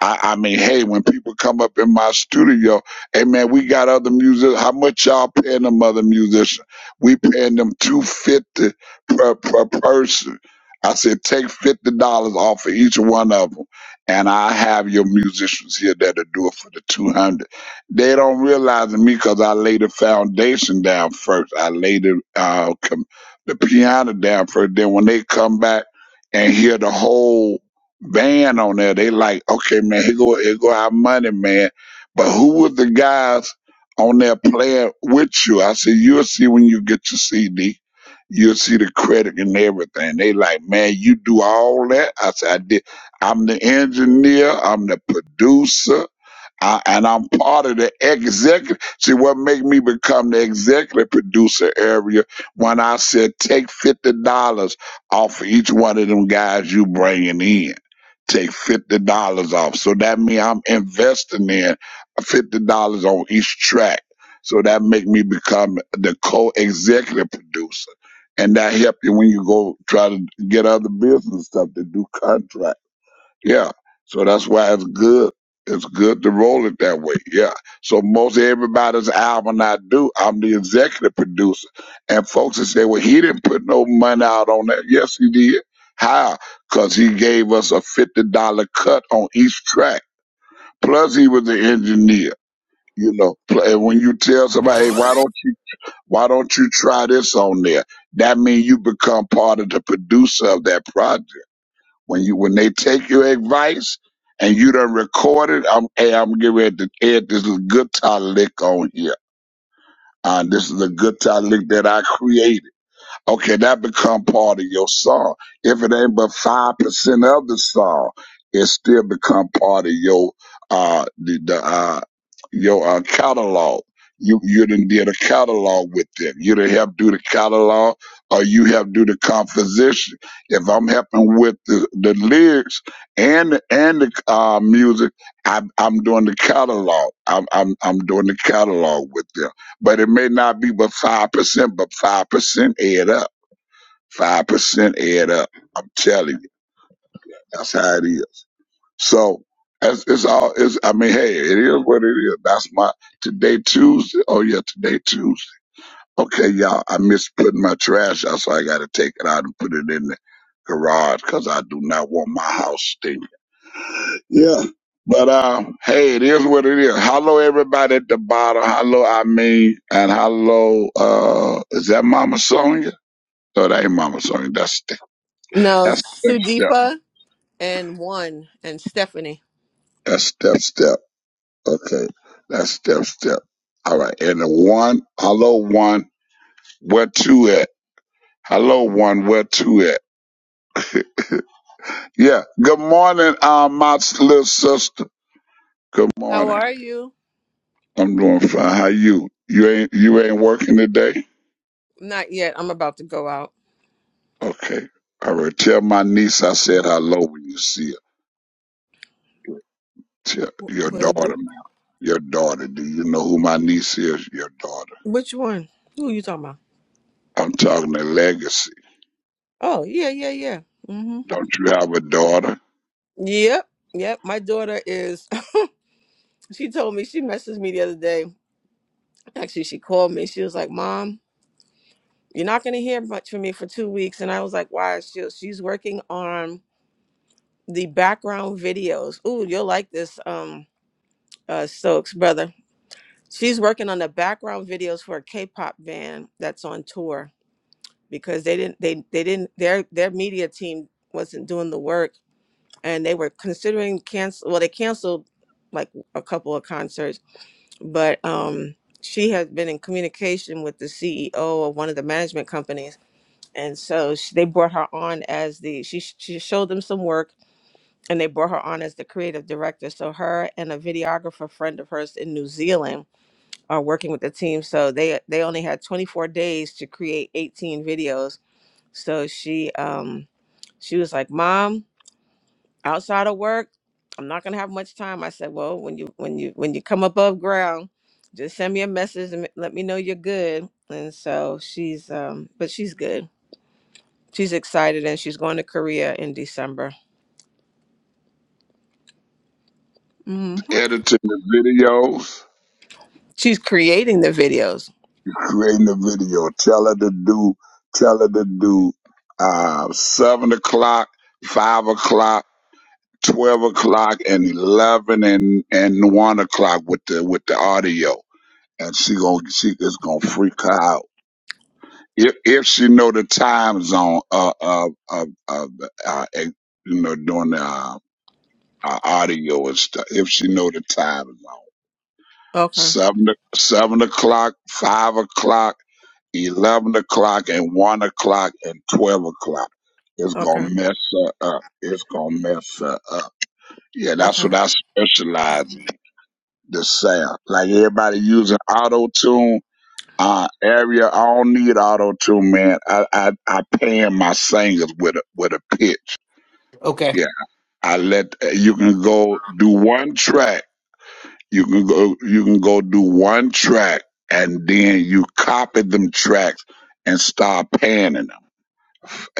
S12: I, I mean, hey, when people come up in my studio, hey man, we got other music. How much y'all paying them other musicians? We paying them two fifty per per person. I said, take fifty dollars off of each one of them, and I have your musicians here that'll do it for the two hundred. They don't realize it me because I laid the foundation down first. I laid the uh, com- the piano down first. Then when they come back and hear the whole band on there. They like, okay, man, here go here go our money, man. But who was the guys on there playing with you? I said, you'll see when you get your CD. You'll see the credit and everything. They like, man, you do all that. I said, I did. I'm the engineer. I'm the producer. I, and I'm part of the executive. See, what make me become the executive producer area when I said take fifty dollars off of each one of them guys you bringing in. Take fifty dollars off. So that means I'm investing in fifty dollars on each track. So that make me become the co-executive producer. And that help you when you go try to get other business stuff to do contracts. Yeah. So that's why it's good. It's good to roll it that way. Yeah. So most everybody's album I do, I'm the executive producer. And folks that say, well, he didn't put no money out on that. Yes, he did. How? Because he gave us a $50 cut on each track. Plus he was the engineer. You know, Pl- and when you tell somebody, hey, why don't you, why don't you try this on there? That means you become part of the producer of that project when you when they take your advice and you done recorded, I'm hey, I'm getting ready to add this is a guitar lick on here. Uh, this is a guitar lick that I created. Okay, that become part of your song. If it ain't but five percent of the song, it still become part of your uh the, the uh your uh, catalog. You you done did a catalog with them. You done help do the catalog, or you help do the composition. If I'm helping with the, the lyrics and and the uh, music, I'm I'm doing the catalog. I'm I'm I'm doing the catalog with them but it may not be but five percent, but five percent add up. Five percent add up. I'm telling you, that's how it is. So it's, it's all. It's, I mean, hey, it is what it is. That's my today Tuesday. Oh yeah, today Tuesday. Okay, y'all. I miss putting my trash out, so I got to take it out and put it in the garage because I do not want my house stinking. Yeah. But um, hey, it is what it is. Hello, everybody at the bottom. Hello, I mean, and hello. Uh, is that Mama Sonia? No, that ain't Mama Sonia. That's Ste-
S1: No,
S12: that's step step.
S1: Sudipa. and one and Stephanie.
S12: That's step step. Okay, that's step step. All right, and the one. Hello, one. Where two at? Hello, one. Where two at? Yeah. Good morning, uh, my s- little sister. Good
S1: How
S12: morning.
S1: are you?
S12: I'm doing fine. How you? You ain't you ain't working today?
S1: Not yet. I'm about to go out.
S12: Okay. All right. Tell my niece I said hello when you see her. Tell
S1: W-
S12: your
S1: Will
S12: daughter,
S1: do.
S12: man. Your daughter. Do you know who my niece is? Your daughter.
S1: Which one? Who are you talking about?
S12: I'm talking to legacy.
S1: Oh yeah, yeah, yeah. Mm-hmm.
S12: Don't you have a daughter?
S1: Yep, yep. My daughter is. She told me she messaged me the other day. Actually, she called me. She was like, "Mom, you're not gonna hear much from me for two weeks." And I was like, "Why?" She she's working on the background videos. Ooh, you'll like this, um, uh, Stokes brother. She's working on the background videos for a K-pop band that's on tour because they didn't they they didn't their their media team wasn't doing the work and they were considering cancel well they canceled like a couple of concerts but um she has been in communication with the CEO of one of the management companies and so she, they brought her on as the she she showed them some work and they brought her on as the creative director so her and a videographer friend of hers in New Zealand are working with the team so they they only had 24 days to create 18 videos so she um she was like, "Mom, outside of work, I'm not gonna have much time." I said, "Well, when you when you when you come above ground, just send me a message and let me know you're good." And so she's um, but she's good. She's excited and she's going to Korea in December. hmm
S12: Editing the videos,
S1: She's creating the videos.
S12: creating the video. Tell her to do. Tell her to do. Uh, seven o'clock, five o'clock, twelve o'clock, and eleven and and one o'clock with the with the audio. And she gonna she is gonna freak her out. if if she know the time zone of of of, of uh, uh, eh, you know doing the uh, uh, audio and stuff, if she know the time zone,
S1: Okay.
S12: seven o- seven o'clock, five o'clock, eleven o'clock, and one o'clock and twelve o'clock, it's
S1: Okay.
S12: gonna mess her up. It's gonna mess her up. Yeah, that's
S1: Okay.
S12: what I specialize in. The sound, like everybody using auto tune. Uh, area, I don't need auto tune, man. I, I, I pan my singers with a, with a pitch.
S5: Okay.
S12: Yeah. I let, uh, you can go do one track. You can go, you can go do one track and then you copy them tracks and start panning them.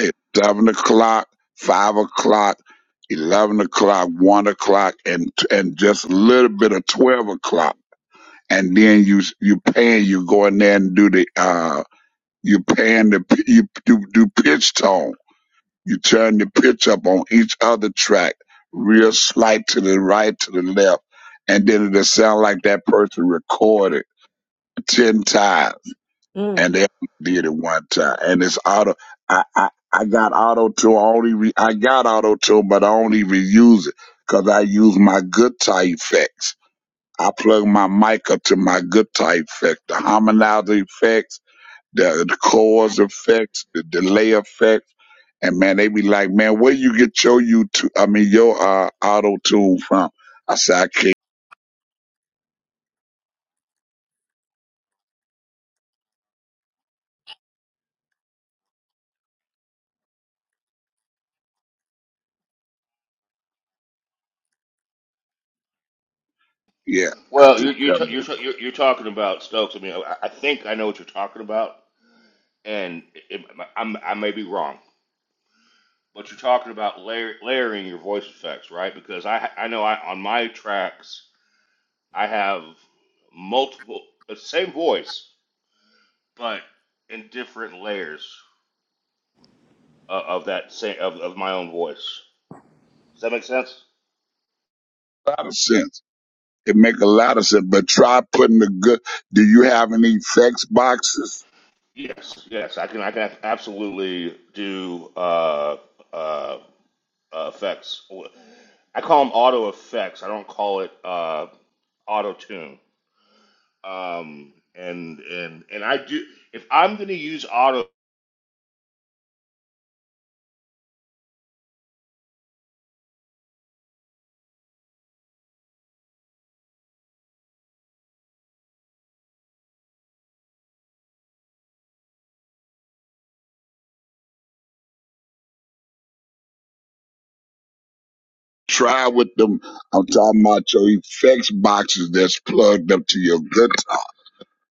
S12: At seven o'clock, five o'clock, 11 o'clock, one o'clock, and, and just a little bit of 12 o'clock. And then you, you pan, you go in there and do the, uh. You pan the pi- you do, do pitch tone. You turn the pitch up on each other track, real slight to the right, to the left, and then it'll sound like that person recorded ten times,
S1: Mm.
S12: and they only did it one time. And it's auto. I I, I got auto tune. I only re, I got auto tune, but I only reuse it because I use my guitar effects. I plug my mic up to my guitar effects, the harmonizer effects the, the cause effects, the delay effects, and man, they be like, man, where you get your YouTube, I mean, your uh, auto tune from? I say, I can't. Yeah, I
S8: Well, you're
S12: just
S8: you're
S12: tell
S8: ta-
S12: you
S8: you're, ta- you're, you're talking about Stokes. I mean, I, I think I know what you're talking about, and it, I'm, I may be wrong, but you're talking about layer, layering your voice effects, right? Because I I know I on my tracks I have multiple the same voice but in different layers of, of that same of, of my own voice. Does that make sense?
S12: a lot of sense. It make a lot of sense, but try putting the good. Do you have any effects boxes?
S8: Yes, yes, I can I can absolutely do uh, uh, uh, effects. I call them auto effects. I don't call it uh, auto tune. Um, and and and I do if I'm going to use auto.
S12: Try with them. I'm talking about your effects boxes that's plugged up to your guitar.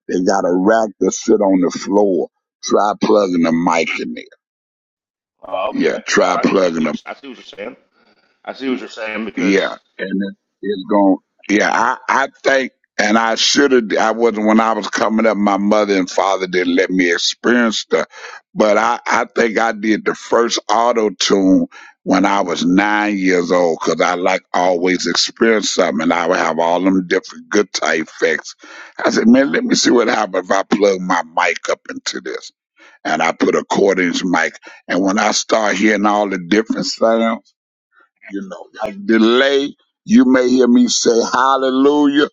S12: They got a rack that sit on the floor. Try plugging the mic in there.
S8: Oh, okay.
S12: Yeah, try
S8: All right. I
S12: plugging a
S8: see, I see what you're saying. I see what you're saying because
S12: Yeah, and it, it's going. Yeah, I, I think, and I should have. I wasn't when I was coming up. My mother and father didn't let me experience stuff, but I, I think I did the first auto tune when I was nine years old because I like always experience something, and I would have all them different guitar effects. I said, man, let me see what happens if I plug my mic up into this, and I put a quarter inch mic, and when I start hearing all the different sounds. You know, a delay, you may hear me say hallelujah,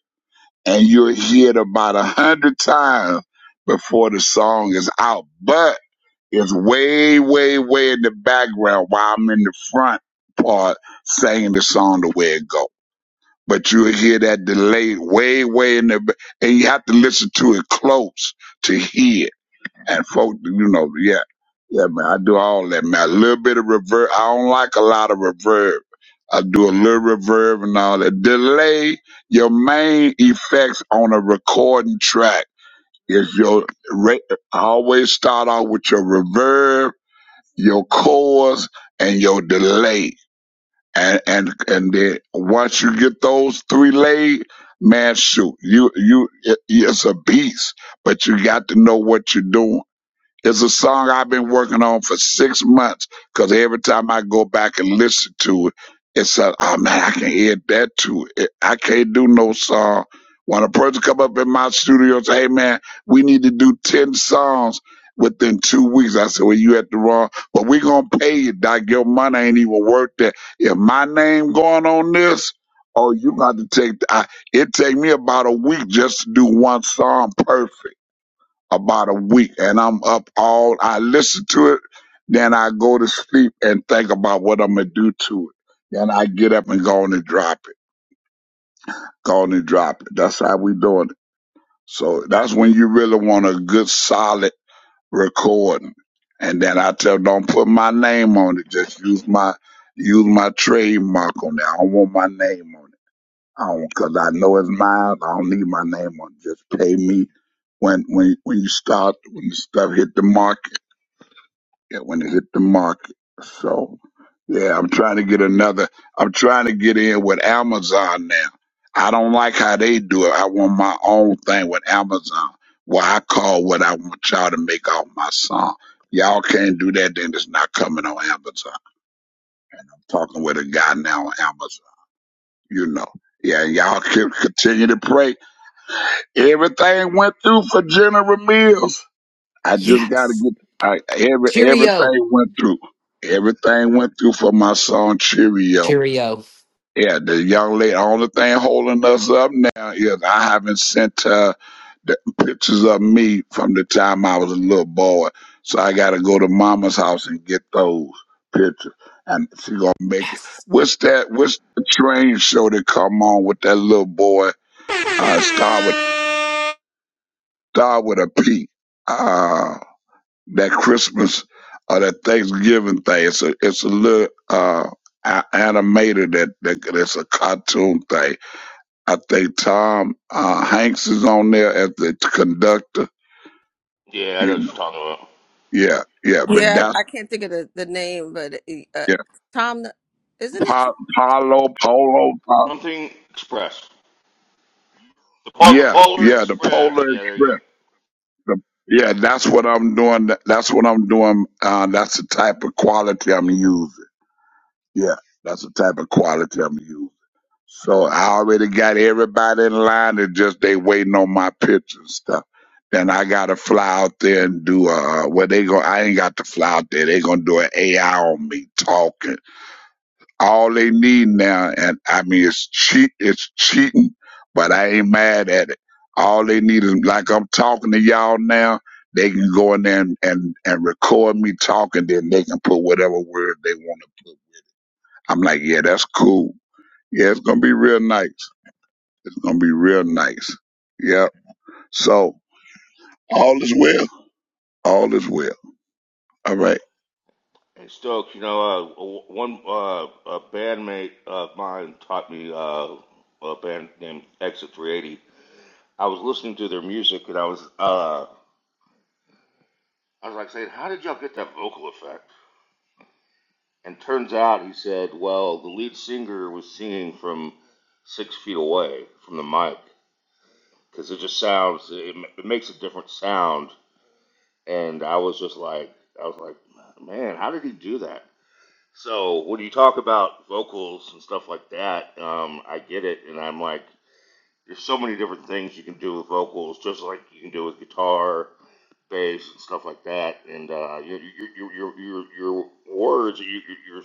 S12: and you'll hear it about a hundred times before the song is out. But it's way, way, way in the background while I'm in the front part singing the song the way it go. But you'll hear that delay way, way in the, ba- and you have to listen to it close to hear and folk, you know, yeah, yeah, man, I do all that, man. A little bit of reverb. I don't like a lot of reverb. I do a little reverb and all that. Delay your main effects on a recording track is your. Ra- I always start off with your reverb, your chorus, and your delay. And and and then once you get those three laid, man, shoot, you you it, it's a beast. But you got to know what you're doing it's a song I've been working on for six months because every time I go back and listen to it, it's like, oh man, I can hear that too. It- I can't do no song. When a person come up in my studio and say, hey man, we need to do 10 songs within two weeks, I said, well, you at the wrong, but we going to pay you, Doc. Your money ain't even worth that. If my name going on this, oh, you got to take, I, it take me about a week just to do one song perfect about a week and I'm up all I listen to it, then I go to sleep and think about what I'm gonna do to it. Then I get up and go on and drop it. Go on and drop it. That's how we doing it. So that's when you really want a good solid recording. And then I tell don't put my name on it. Just use my use my trademark on it. I don't want my name on it. I don't cause I know it's mine. I don't need my name on it. Just pay me when when when you start when the stuff hit the market yeah, when it hit the market. So, yeah, I'm trying to get another. I'm trying to get in with Amazon now. I don't like how they do it. I want my own thing with Amazon, where I call what I want y'all to make off my song. Y'all can't do that, then it's not coming on Amazon. I'm talking with a guy now on Amazon, you know. Yeah, y'all can continue to pray. Everything went through for General Mills. I just got to
S5: yes
S12: get I, every
S5: Cheerio.
S12: everything went through. Everything went through for my son Cheerio.
S5: Cheerio.
S12: Yeah, the young lady. Only thing holding us up now is I haven't sent her the pictures of me from the time I was a little boy. So I got to go to Mama's house and get those pictures. And she gonna make it.
S5: Yes.
S12: What's that? What's the train show that come on with that little boy? Uh, start with start with a P. Uh, that Christmas or that Thanksgiving thing. It's a it's a little uh, a- animated that, that that's a cartoon thing. I think Tom uh, Hanks is on there as the conductor.
S8: yeah, I know
S12: You
S8: what
S12: know,
S8: you're talking about.
S12: yeah, yeah. But
S1: Yeah,
S12: that's
S1: I can't think of the, the name, but uh,
S12: yeah,
S1: Tom, isn't it?
S12: pa- Paulo Polo. Pa-
S8: Something expressed. The, Pol- the
S12: yeah,
S8: Polar
S12: yeah. The Polar
S8: Express. Yeah, there you go.
S12: Express. The, yeah, that's what I'm doing. That- That's what I'm doing. Uh, that's the type of quality I'm using. Yeah, that's the type of quality I'm using. So I already got everybody in line and just they waiting on my picture and stuff. Then I gotta fly out there and do uh uh, well they go I ain't got to fly out there. They gonna do an AI on me talking. All they need now and I mean it's cheat it's cheating, but I ain't mad at it. All they need is like I'm talking to y'all now, they can go in there and, and, and record me talking, then they can put whatever word they wanna put. I'm like, yeah, that's cool. Yeah, it's gonna be real nice. Gonna be real nice. Yep. So all is well. All is well. All right.
S8: Hey, Stokes, you know, uh, one uh, a bandmate of mine taught me uh, a band named Exit 380. I was listening to their music and I was, uh, I was like saying, how did y'all get that vocal effect? And turns out he said, well, the lead singer was singing from six feet away from the mic because it just sounds, it, it makes a different sound. And I was just like, I was like, man, how did he do that? So when you talk about vocals and stuff like that, um, I get it, and I'm like, there's so many different things you can do with vocals, just like you can do with guitar, bass, and stuff like that. And uh, your your your your your words, your your your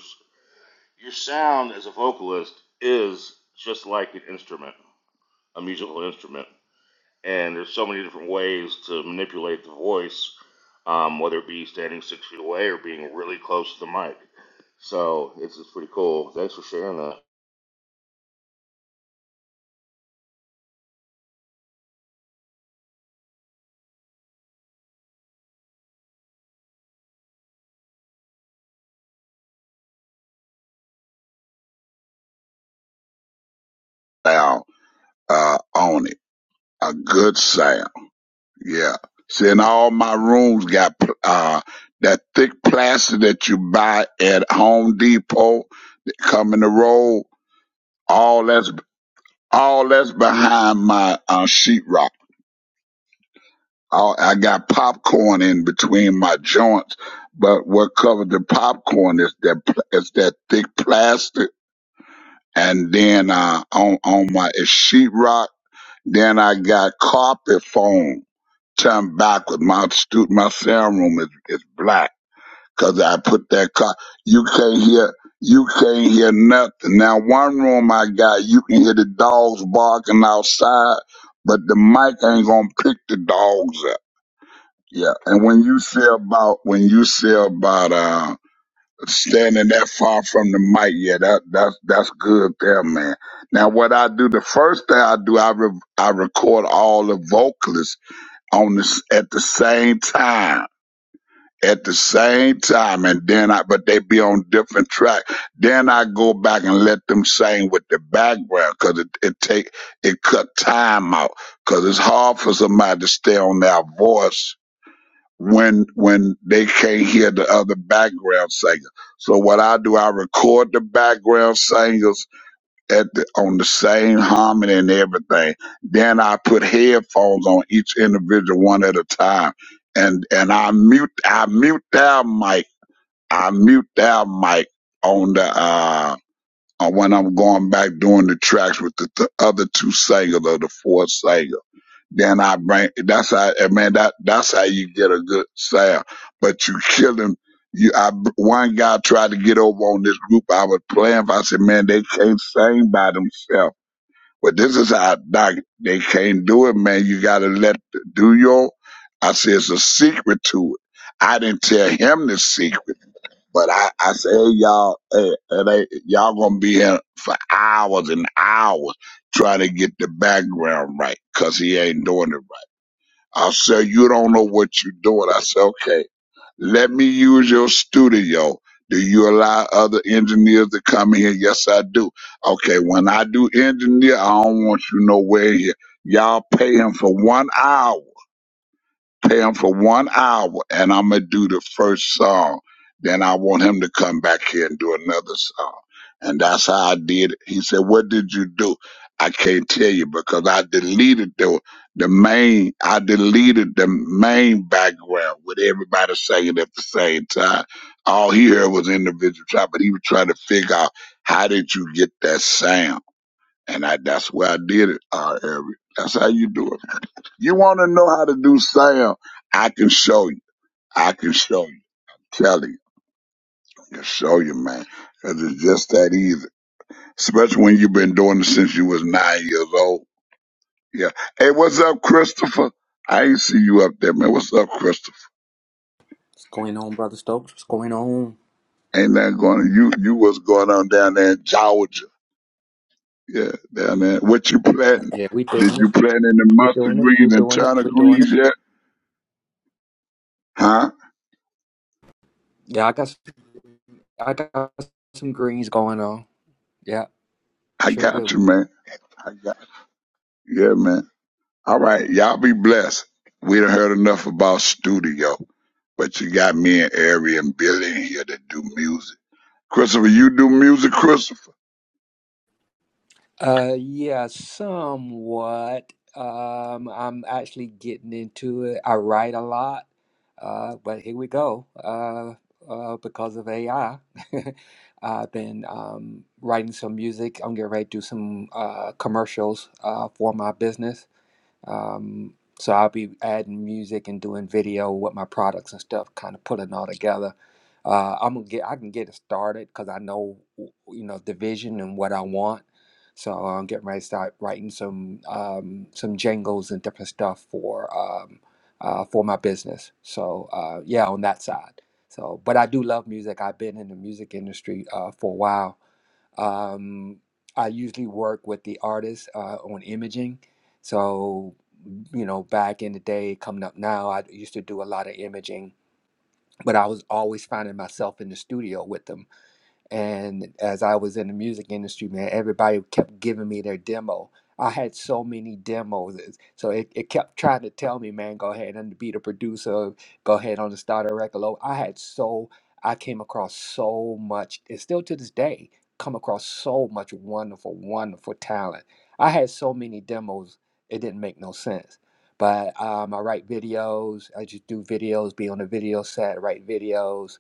S8: your sound as a vocalist is just like an instrument, a musical instrument and there's so many different ways to manipulate the voice, um, whether it be standing six feet away or being really close to the mic. So it's, it's pretty cool. Thanks for sharing that.
S12: Now, uh, on it. A good sound. Yeah. See, and all my rooms got, pl- uh, that thick plaster that you buy at Home Depot, that come in the roll. All that's, all that's behind my, uh, sheetrock. All, I got popcorn in between my joints, but what covered the popcorn is that, pl- is that thick plaster and then uh, on on my it's sheetrock. Then I got carpet foam turned back with my stu My sound room is, is black because I put that car. You can't hear. You can't hear nothing. Now one room I got, you can hear the dogs barking outside, but the mic ain't gonna pick the dogs up. Yeah, and when you say about when you say about uh standing that far from the mic. Yeah, that that's that's good there, man. Now, what I do, the first thing I do, I re- I record all the vocalists on this at the same time. At the same time, and then I, but they be on different track. Then I go back and let them sing with the background, cause it, it take, it cut time out, cause it's hard for somebody to stay on their voice when when they can't hear the other background singer. So what I do, I record the background singers at the, on the same harmony and everything. Then I put headphones on each individual one at a time, and and I mute I mute their mic. I mute their mic on the uh on when I'm going back doing the tracks with the, the other two singers or the four singers. Then I bring. That's how eh, man. That that's how you get a good sound. But you kill him. You, I one guy tried to get over on this group I was playing. For. I said, man, they can't sing by themselves. But this is how doc, they can't do it, man. You gotta let the- do your. I said it's a secret to it. I didn't tell him the secret, but I I said, hey y'all, hey, it ain't- y'all gonna be here for hours and hours trying to get the background right because he ain't doing it I said, you don't know what you're doing. I said, okay, let me use your studio. Do you allow other engineers to come in here? Yes, I do. Okay, when I do engineer, I don't want you nowhere here. Y'all pay him for one hour pay him for one hour and I'm gonna do the first song. Then I want him to come back here and do another song. And that's how I did it. He said, What did you do? I can't tell you because I deleted the the main I deleted the main background with everybody singing at the same time. All he heard was individual trap, but he was trying to figure out how did you get that sound? And I that's where I did it, uh, Eric. That's how you do it. You want to know how to do sound? I can show you. I can show you. Tell you. I can show you, man. 'Cause it's just that easy. Especially when you've been doing it since you was nine years old. Yeah. Hey, what's up, Christopher? I ain't see you up there, man. What's up, Christopher?
S7: going on, brother Stokes? What's going on?
S12: Ain't that going on? You, you what's going on down there in Georgia? Yeah, down there. What you planting?
S7: yeah, we
S12: Did
S7: doing
S12: you
S7: it.
S12: plant in the
S7: We
S12: mustard
S7: doing it. We
S12: greens and
S7: doing it.
S12: turnip
S7: We doing
S12: greens
S7: it.
S12: yet? Huh?
S7: Yeah, I got s- I got some greens going on. Yeah,
S12: I
S7: sure do.
S12: got you, man. I got you. Yeah, man. All right, y'all be blessed. We done heard enough about studio, but you got me and Ari and Billy in here to do music. Christopher, you do music, Christopher?
S7: Uh, yeah, somewhat. Um, I'm actually getting into it. I write a lot, uh, but here we go. Uh, uh, because of AI, I've been um, writing some music. I'm getting ready to do some uh, commercials uh, for my business. Um, so I'll be adding music and doing video with my products and stuff, kind of putting it all together. Uh, I'm gonna get I can get it started because I know you know the vision and what I want. So uh, I'm getting ready to start writing some um, some jingles and different stuff for um, uh, for my business. So uh, yeah, on that side. So, but I do love music. I've been in the music industry uh, for a while um, I usually work with the artist uh, on imaging. So, you know, back in the day, coming up now, I used to do a lot of imaging, but I was always finding myself in the studio with them and as I was in the music industry, man, everybody kept giving me their demo. I had so many demos. So it, it kept trying to tell me, man, go ahead and be the producer, go ahead on the start a record label. I had so, I came across so much, and still to this day, come across so much wonderful, wonderful talent. I had so many demos, it didn't make no sense. But um, I write videos, I just do videos, be on the video set, write videos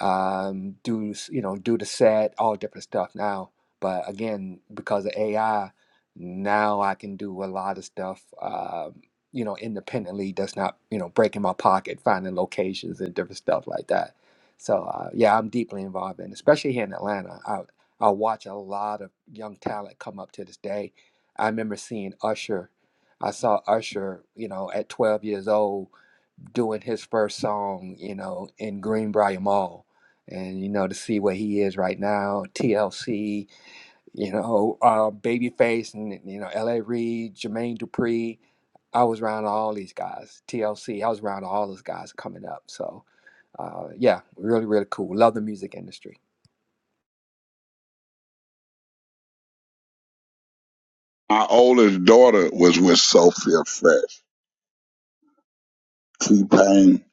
S7: um, do you know do the set, all different stuff now. But again, because of AI, now I can do a lot of stuff. Um, you know, independently that's not, you know, breaking my pocket, finding locations and different stuff like that. So, uh, yeah, I'm deeply involved in, especially here in Atlanta. I, I watch a lot of young talent come up to this day. I remember seeing Usher. I saw Usher, you know, at 12 years old doing his first song, you know, in Greenbrier Mall. And, you know, to see where he is right now, TLC, you know, uh, Babyface and, you know, L.A. Reid, Jermaine Dupri. I was around all these guys, TLC. I was around all those guys coming up. So, uh, yeah, really, really cool. Love the music industry.
S12: My oldest daughter was with Sophia Fresh. T-Pain,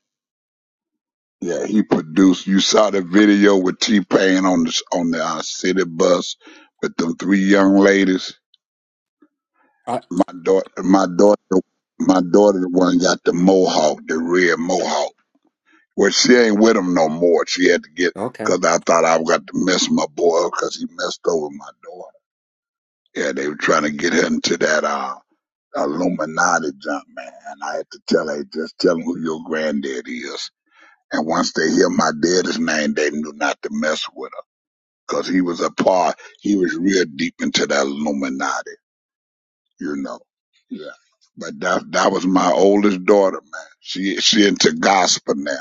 S12: yeah, he produced. You saw the video with T-Pain on the, on the uh, city bus with them three young ladies.
S7: I,
S12: My daughter, my daughter, my daughter, the one got the mohawk, the red mohawk. Well, she ain't with him no more. She had to get,
S7: Okay.
S12: because I thought I got to mess my boy up because he messed over my daughter. Yeah, they were trying to get him to that uh, Illuminati jump, man. And I had to tell her, just tell him who your granddad is. And once they hear my daddy's name, they knew not to mess with her because he was a part, he was real deep into that Illuminati, you know. Yeah. But that that was my oldest daughter, man. She she into gospel now.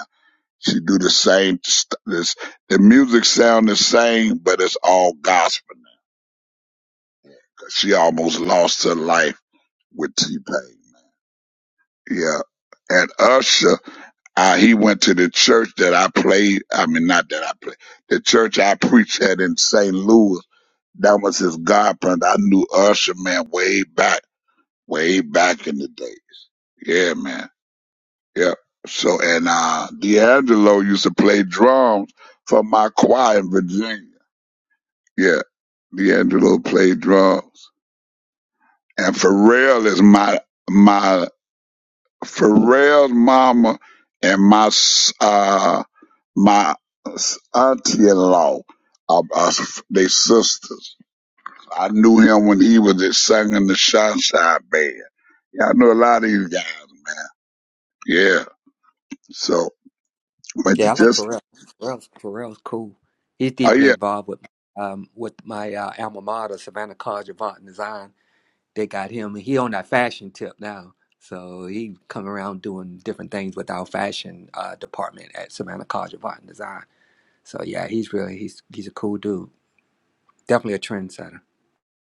S12: She do the same. St- this, the music sound the same, but it's all gospel. now. 'Cause She almost lost her life with T Pain. Yeah, and Usher, uh, he went to the church that I played. I mean, not that I played. The church I preached at in St. Louis. That was his godparent. I knew Usher man way back, way back in the day. Yeah, man. Yeah. So and uh D'Angelo used to play drums for my choir in Virginia. Yeah, D'Angelo played drums, and Pharrell is my my Pharrell's mama and my s- uh my auntie-in-law. are uh, they sisters. I knew him when he was just singing the Sunshine Band. Yeah, I know a lot of these guys, man. Yeah. So, but you
S7: Yeah, I like
S12: just
S7: Pharrell. Pharrell's, Pharrell's cool. He's
S12: oh
S7: deeply
S12: yeah,
S7: involved with um, with my uh, alma mater, Savannah College of Art and Design they got him. He on that fashion tip now, so he come around doing different things with our fashion uh, department at Savannah College of Art and Design. So yeah, he's really he's he's a cool dude. Definitely a trendsetter.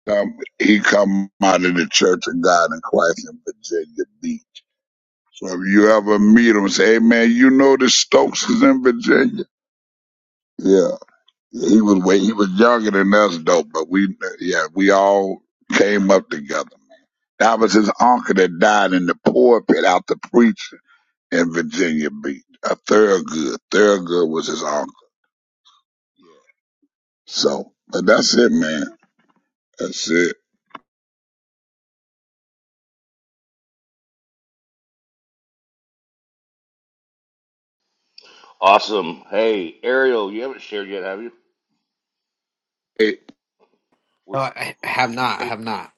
S12: um, he come out of the Church of God in Christ in Virginia Beach. So if you ever meet him, say, hey man, you know the Stokes is in Virginia. Yeah. He was way, he was younger than us though, but we, yeah, we all came up together. man. That was his uncle that died in the pulpit out the preaching in Virginia Beach. A Thurgood. Thurgood was his uncle. So, but that's it, man. That's it.
S8: Awesome. Hey, Ariel, you haven't shared yet, have you?
S12: Hey,
S8: We,
S5: Ah,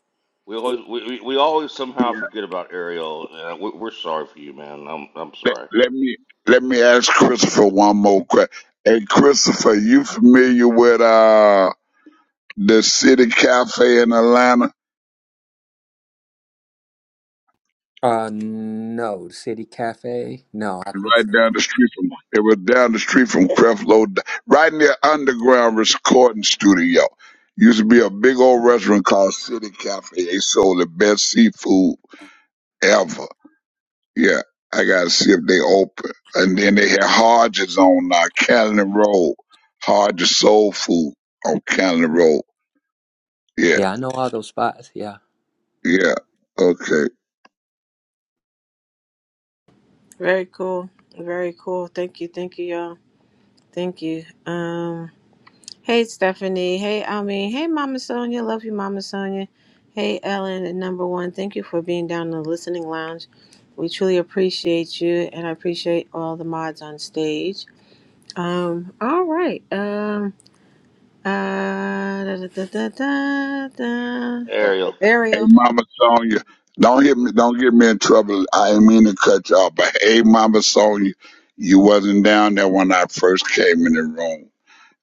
S8: we always we, we we always somehow forget about Ariel. Uh, we, we're sorry for you, man. I'm I'm
S12: let,
S8: sorry,
S12: let me, let me ask Christopher one more question. Hey, Christopher, you familiar with, uh, the City Cafe in Atlanta,
S7: Uh, no, the City Cafe. No, I think
S12: right
S7: so.
S12: down the street from it was down the street from Creflo, right near underground recording studio. Used to be a big old restaurant called City Cafe. They sold the best seafood ever. Yeah, I gotta see if they open. And then they had Hodges on uh, Cannon Road, Hodges Soul Food on Cannon Road. Yeah,
S7: Yeah, I know all those spots. Yeah.
S12: yeah, okay.
S1: Very cool. Very cool. Thank you. Thank you, y'all. Thank you. Um. Hey, Stephanie. Hey, Almeen. Hey, Mama Sonia. Love you, Mama Sonia. Hey, Ellen. And number one, thank you for being down in the listening lounge. We truly appreciate you, and I appreciate all the mods on stage. Um. All right. Um. Uh. Da, da, da, da, da, da.
S12: Uh,
S8: Ariel.
S12: Hey,
S1: Ariel.
S12: Mama Sonia, don't hit me. Don't get me in trouble. I didn't mean to cut you off, but hey, Mama Sonia, you wasn't down there when I first came in the room.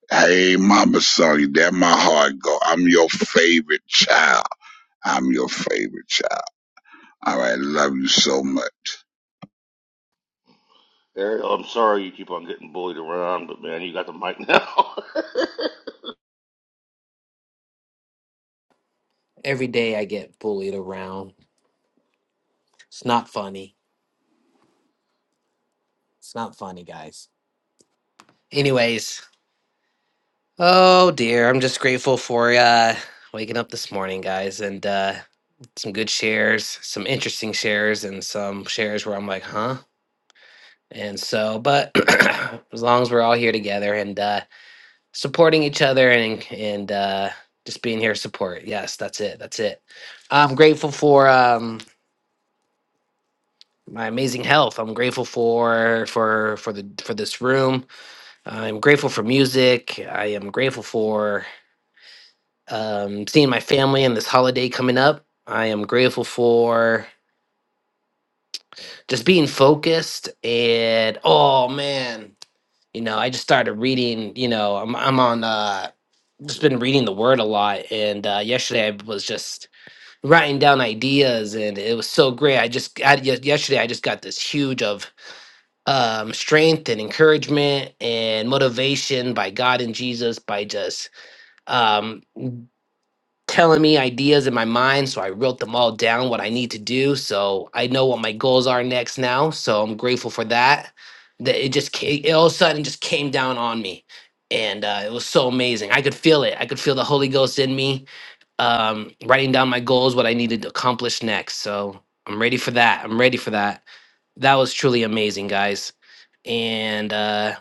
S12: Hey, Mama Sonia, there my heart go. I'm your favorite child. I'm your favorite child. All right, love you so much.
S8: Ariel, I'm sorry you keep on getting bullied around, but man, you got the mic now.
S5: every day I get bullied around. It's not funny. It's not funny, guys. Anyways, oh dear, I'm just grateful for uh waking up this morning, guys, and uh some good shares, some interesting shares and some shares where I'm like, "Huh?" And so, but as long as we're all here together and uh supporting each other and and uh just being here to support. Yes, that's it. That's it. I'm grateful for um, my amazing health. I'm grateful for for for the for this room. I'm grateful for music. I am grateful for um, seeing my family and this holiday coming up. I am grateful for just being focused and oh man, you know, I just started reading. You know, I'm I'm on uh, just been reading the Word a lot, and uh, yesterday I was just writing down ideas, and it was so great. I just I, yes- yesterday I just got this huge of um, strength and encouragement and motivation by God and Jesus by just um, telling me ideas in my mind. So I wrote them all down, what I need to do. So I know what my goals are next now. So I'm grateful for that. That it just came, it all of a sudden just came down on me. And uh, it was so amazing. I could feel it. I could feel the Holy Ghost in me, um, writing down my goals, what I needed to accomplish next. So I'm ready for that. I'm ready for that. That was truly amazing, guys and uh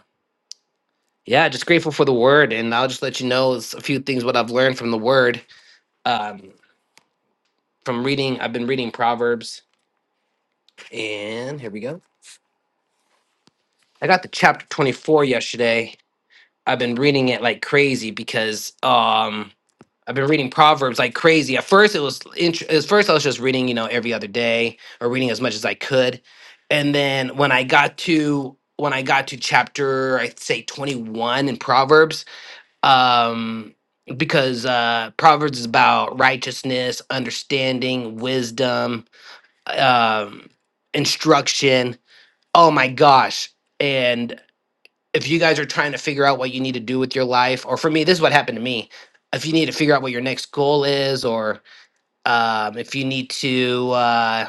S5: Yeah, just grateful for the word, and I'll just let you know s- a few things what I've learned from the word. Um, from reading, I've been reading Proverbs, and here we go. I got the chapter twenty four yesterday. I've been reading it like crazy because um, I've been reading Proverbs like crazy. At first, it was int- at first I was just reading, you know, every other day or reading as much as I could, and then when I got to when I got to chapter, I'd say twenty one in Proverbs um because uh proverbs is about righteousness understanding wisdom um instruction oh my gosh and if you guys are trying to figure out what you need to do with your life or for me this is what happened to me if you need to figure out what your next goal is or um, if you need to uh,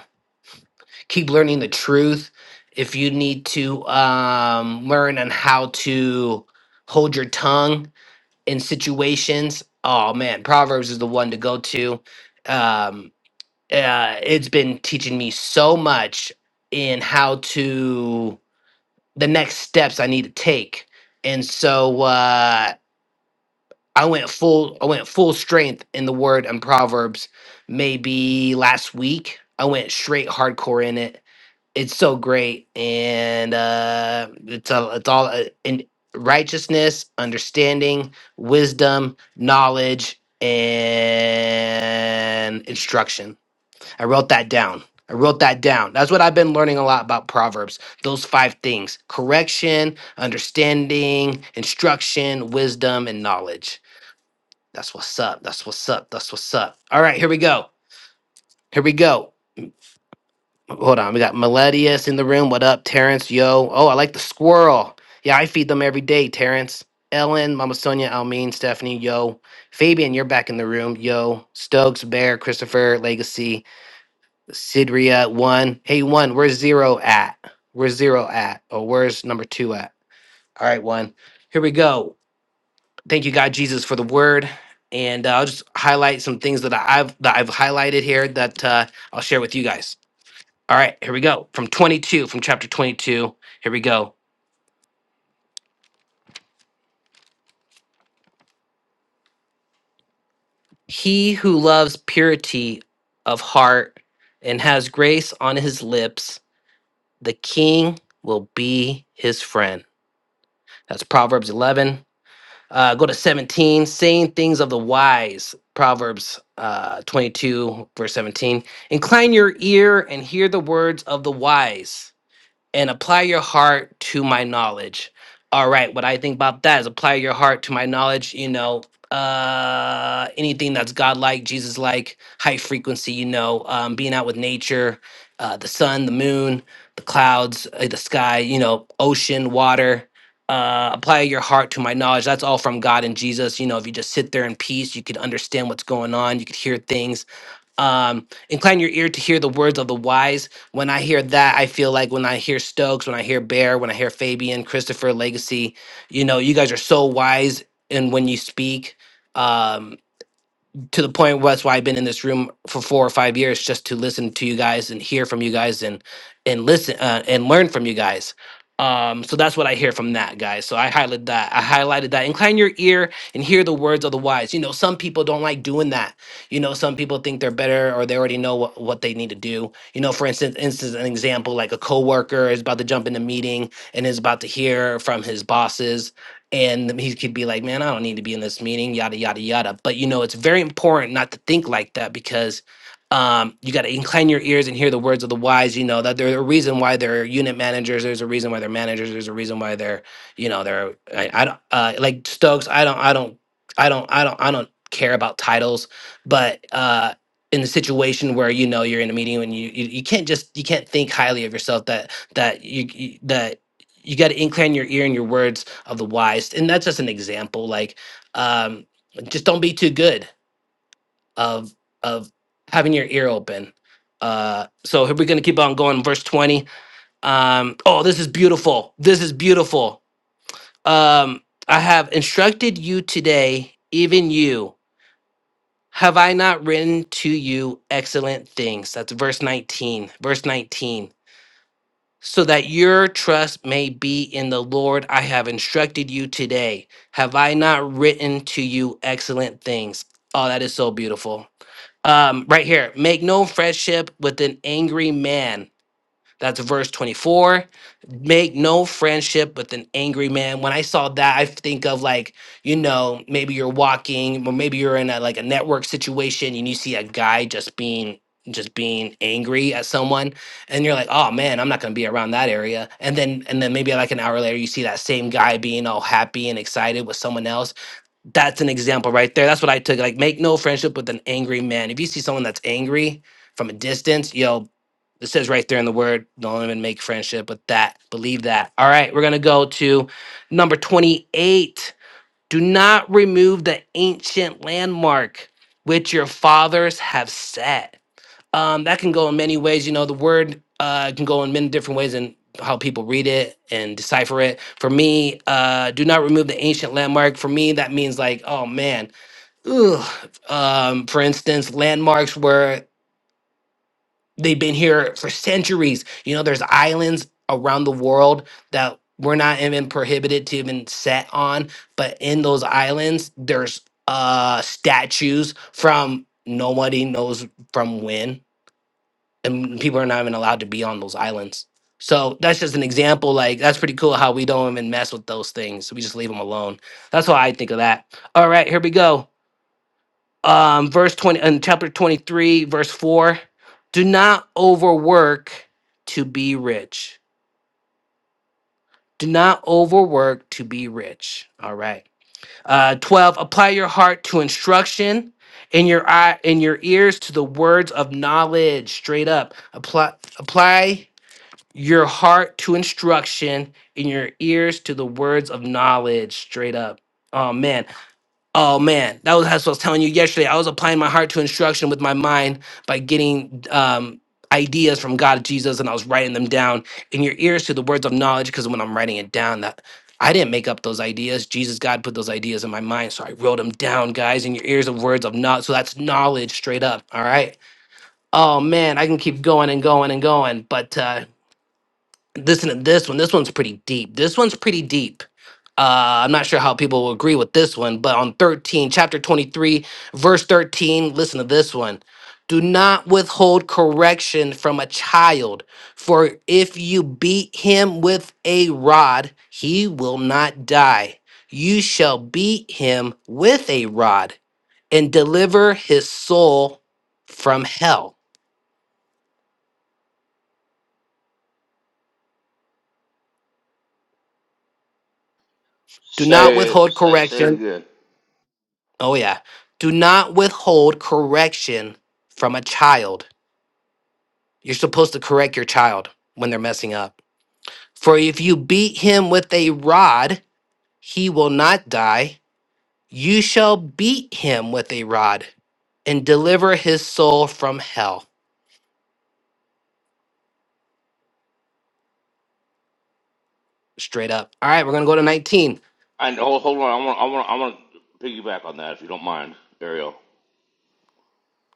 S5: keep learning the truth if you need to um, learn on how to hold your tongue in situations. Oh man, Proverbs is the one to go to. Um, uh, it's been teaching me so much in how to the next steps I need to take, and so uh, I went full I went full strength in the Word and Proverbs. Maybe last week I went straight hardcore in it it's so great and uh it's a, it's all uh, in righteousness understanding wisdom knowledge and instruction i wrote that down i wrote that down that's what i've been learning a lot about proverbs those five things correction understanding instruction wisdom and knowledge that's what's up that's what's up that's what's up all right here we go here we go Hold on, we got Miletius in the room. What up, Terrence? Yo, oh, I like the squirrel. Yeah, I feed them every day, Terrence. Ellen, Mama Sonia, Almeen, Stephanie, yo. Fabian, you're back in the room, yo. Stokes, Bear, Christopher, Legacy, Sidria, one. Hey, one, where's zero at? Where's zero at? Or where's number two at? All right, one. Here we go. Thank you, God, Jesus, for the word. And uh, I'll just highlight some things that I've that I've highlighted here that uh, I'll share with you guys. All right, here we go. From 22, from chapter 22. Here we go. He who loves purity of heart and has grace on his lips, the king will be his friend. That's Proverbs 11. Uh, go to 17, saying things of the wise. Proverbs uh, 22, verse 17. Incline your ear and hear the words of the wise and apply your heart to my knowledge. All right, what I think about that is apply your heart to my knowledge, you know, uh anything that's God-like, Jesus like, high frequency, you know, um being out with nature, uh the sun, the moon, the clouds, uh, the sky, you know, ocean, water. Uh, apply your heart to my knowledge. That's all from God and Jesus. You know, if you just sit there in peace, you could understand what's going on. You could hear things um, incline your ear to hear the words of the wise. When I hear that, I feel like when I hear Stokes, when I hear Bear, when I hear Fabian, Christopher, Legacy, you know, you guys are so wise and when you speak. um, to the point where that's why I've been in this room for four or five years just to listen to you guys and hear from you guys and and listen uh, and learn from you guys. Um, so that's what I hear from that, guys. So I highlighted that. I highlighted that. Incline your ear and hear the words of the wise. You know, some people don't like doing that. You know, some people think they're better or they already know what, what they need to do. You know, for instance, instance, an example like a coworker is about to jump in a meeting and is about to hear from his bosses and he could be like, "Man, I don't need to be in this meeting," yada yada yada. But you know, it's very important not to think like that because um, you got to incline your ears and hear the words of the wise. You know that there's a reason why they're unit managers. There's a reason why they're managers. There's a reason why they're, you know, they're I, I don't uh, like Stokes. I don't, I don't, I don't, I don't, I don't care about titles, but uh, in the situation where you know you're in a meeting and you you, you can't just you can't think highly of yourself that that you, you that you got to incline your ear and your words of the wise and that's just an example like um just don't be too good of of having your ear open uh so here we're gonna keep on going verse 20 um oh this is beautiful this is beautiful um i have instructed you today even you have i not written to you excellent things that's verse 19 verse 19 so that your trust may be in the Lord. I have instructed you today. Have I not written to you excellent things? Oh, that is so beautiful. Um, right here, make no friendship with an angry man that's verse 24. Make no friendship with an angry man. When I saw that, I think of like, you know, maybe you're walking or maybe you're in a like a network situation and you see a guy just being just being angry at someone and you're like, "Oh man, I'm not going to be around that area." And then and then maybe like an hour later you see that same guy being all happy and excited with someone else. That's an example right there. That's what I took like make no friendship with an angry man. If you see someone that's angry, from a distance, yo, it says right there in the word, don't even make friendship with that. Believe that. All right, we're going to go to number 28. Do not remove the ancient landmark which your fathers have set. Um, that can go in many ways. You know, the word uh, can go in many different ways and how people read it and decipher it. For me, uh, do not remove the ancient landmark. For me, that means like, oh man, ugh. Um, for instance, landmarks were They've been here for centuries. You know, there's islands around the world that we're not even prohibited to even set on, but in those islands, there's uh statues from nobody knows from when, and people are not even allowed to be on those islands. So that's just an example. Like that's pretty cool how we don't even mess with those things. We just leave them alone. That's why I think of that. All right, here we go um, verse 20 in chapter 23 verse 4 do not overwork to be rich do not overwork to be rich all right uh, 12 apply your heart to instruction and your eye and your ears to the words of knowledge straight up apply apply your heart to instruction and your ears to the words of knowledge straight up Amen. Oh man, that was that's what I was telling you yesterday. I was applying my heart to instruction with my mind by getting um, ideas from God, Jesus, and I was writing them down in your ears to the words of knowledge. Because when I'm writing it down, that I didn't make up those ideas. Jesus, God put those ideas in my mind, so I wrote them down, guys, in your ears of words of knowledge. So that's knowledge straight up. All right. Oh man, I can keep going and going and going, but uh, listen to this one. This one's pretty deep. This one's pretty deep. Uh, I'm not sure how people will agree with this one, but on 13, chapter 23, verse 13, listen to this one. Do not withhold correction from a child, for if you beat him with a rod, he will not die. You shall beat him with a rod and deliver his soul from hell. Do not
S8: say it,
S5: withhold
S8: say say it
S5: correction.
S8: again.
S5: Oh, yeah. Do not withhold correction from a child You're supposed to correct your child when they're messing up. For if you beat him with a rod, he will not die. You shall beat him with a rod and deliver his soul from hell. Straight up. All right, we're going to go to 19.
S8: And hold, hold on, I want, I want, I want to piggyback on that if you don't mind, Ariel.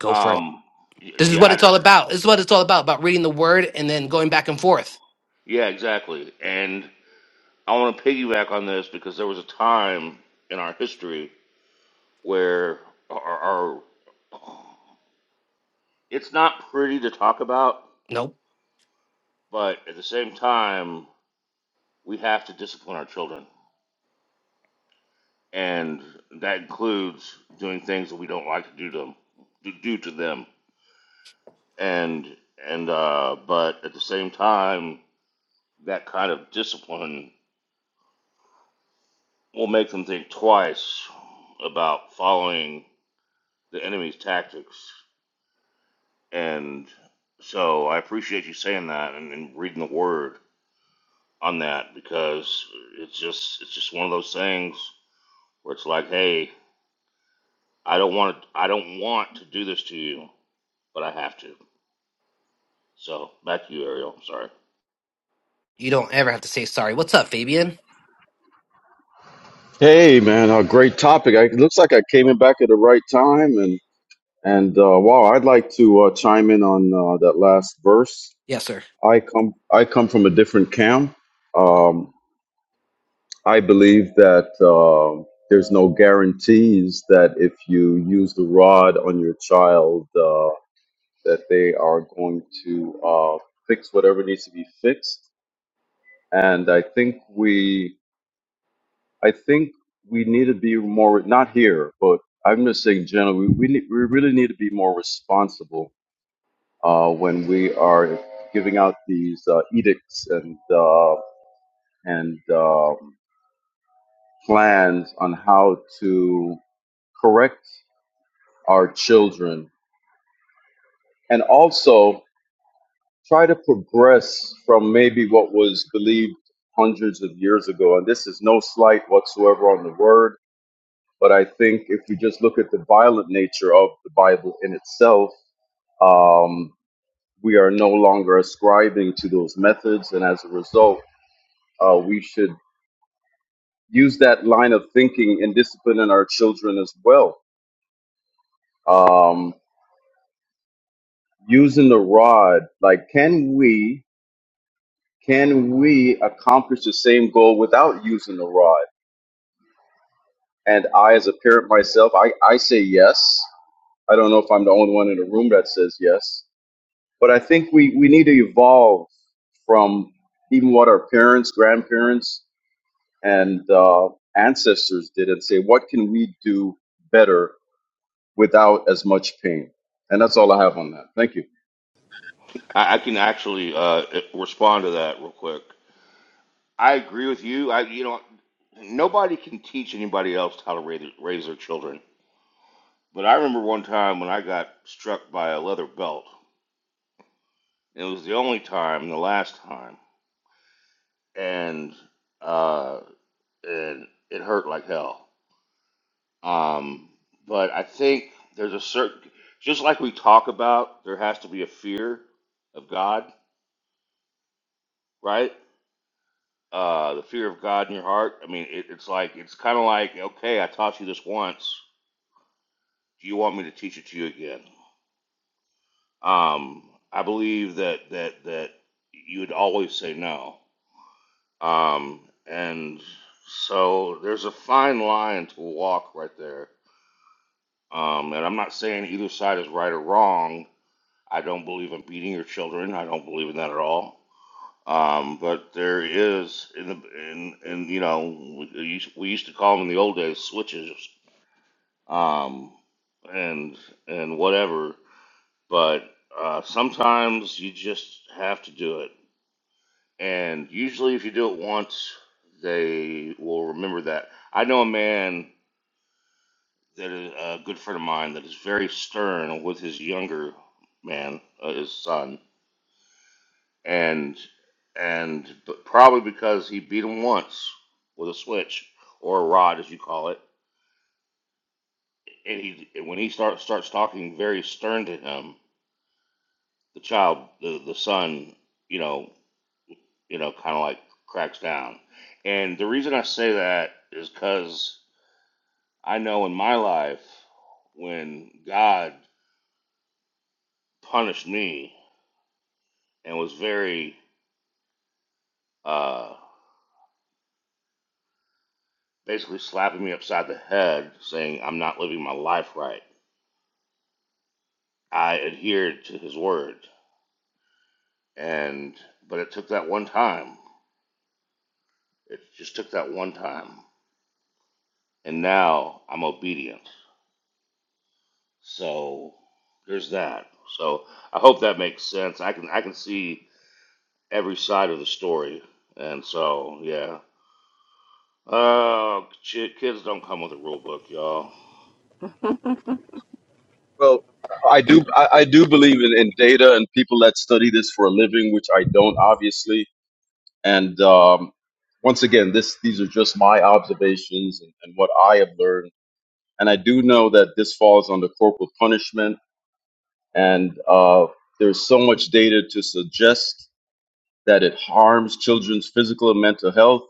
S5: Go for it.
S8: Um, y-
S5: This is
S8: yeah,
S5: what
S8: I
S5: it's
S8: just,
S5: all about. This is what it's all about about reading the word and then going back and forth.
S8: yeah, exactly. And I want to piggyback on this because there was a time in our history where our, our it's not pretty to talk about,
S5: Nope.
S8: but at the same time, we have to discipline our children, and that includes doing things that we don't like to do to them, to do to them. And and uh, but at the same time that kind of discipline will make them think twice about following the enemy's tactics. And so I appreciate you saying that and, and reading the word on that because it's just it's just one of those things where it's like, hey, I don't want to, I don't want to do this to you, but I have to. So back to you, Ariel. I'm sorry.
S5: You don't ever have to say sorry. What's up, Fabian?
S9: Hey man, a great topic. I, it looks like I came in back at the right time, and and uh, wow, I'd like to uh, chime in on uh, that last verse.
S5: Yes, sir.
S9: I come I come from a different camp. Um, I believe that uh, there's no guarantees that if you use the rod on your child, uh, that they are going to uh, fix whatever needs to be fixed. And I think we I think we need to be more not here, but I'm just saying generally, we we, need, we really need to be more responsible uh, when we are giving out these uh, edicts and uh, and um, plans on how to correct our children, and also try to progress from maybe what was believed hundreds of years ago. And this is no slight whatsoever on the word But I think if you just look at the violent nature of the Bible in itself, um, we are no longer ascribing to those methods. And as a result, uh, we should use that line of thinking in disciplining our children as well. Um, using the rod, like, can we, can we accomplish the same goal without using the rod? And I, as a parent myself, I, I say yes. I don't know if I'm the only one in the room that says yes. But I think we, we need to evolve from even what our parents, grandparents, and uh, ancestors did and say, what can we do better without as much pain? And that's all I have on that. Thank you.
S8: I, I can actually uh, respond to that real quick. I agree with you. I, you know, nobody can teach anybody else how to raise, raise their children. But I remember one time when I got struck by a leather belt. It was the only time, the last time, and uh, and it hurt like hell. Um, but I think there's a certain, just like we talk about, there has to be a fear of God, right? Uh, the fear of God in your heart. I mean, it, it's like it's kind of like okay, I taught you this once Do you want me to teach it to you again? Um, I believe that that that you would always say no. Um, and so there's a fine line to walk right there. Um, and I'm not saying either side is right or wrong. I don't believe in beating your children. I don't believe in that at all. Um, but there is in the in in you know we used, we used to call them in the old days switches. Um, and and whatever but uh, sometimes you just have to do it. And usually, if you do it once, they will remember that. I know a man that is a good friend of mine that is very stern with his younger man, uh, his son, and and but probably because he beat him once with a switch or a rod, as you call it, and he when he starts starts talking very stern to him, the child, the the son, you know, you know, kind of like cracks down. And the reason I say that is because I know in my life when God punished me and was very uh, basically slapping me upside the head, saying I'm not living my life right. I adhered to His word, and but it took that one time. It just took that one time, and now I'm obedient. So there's that. So I hope that makes sense. I can I can see every side of the story. And so, yeah. Oh, ki- kids don't come with a rule book, y'all.
S9: Well, I do I, I do believe in, in data and people that study this for a living, which I don't obviously. And um, once again, this these are just my observations and, and what I have learned. And I do know that this falls under corporal punishment and uh, there's so much data to suggest that it harms children's physical and mental health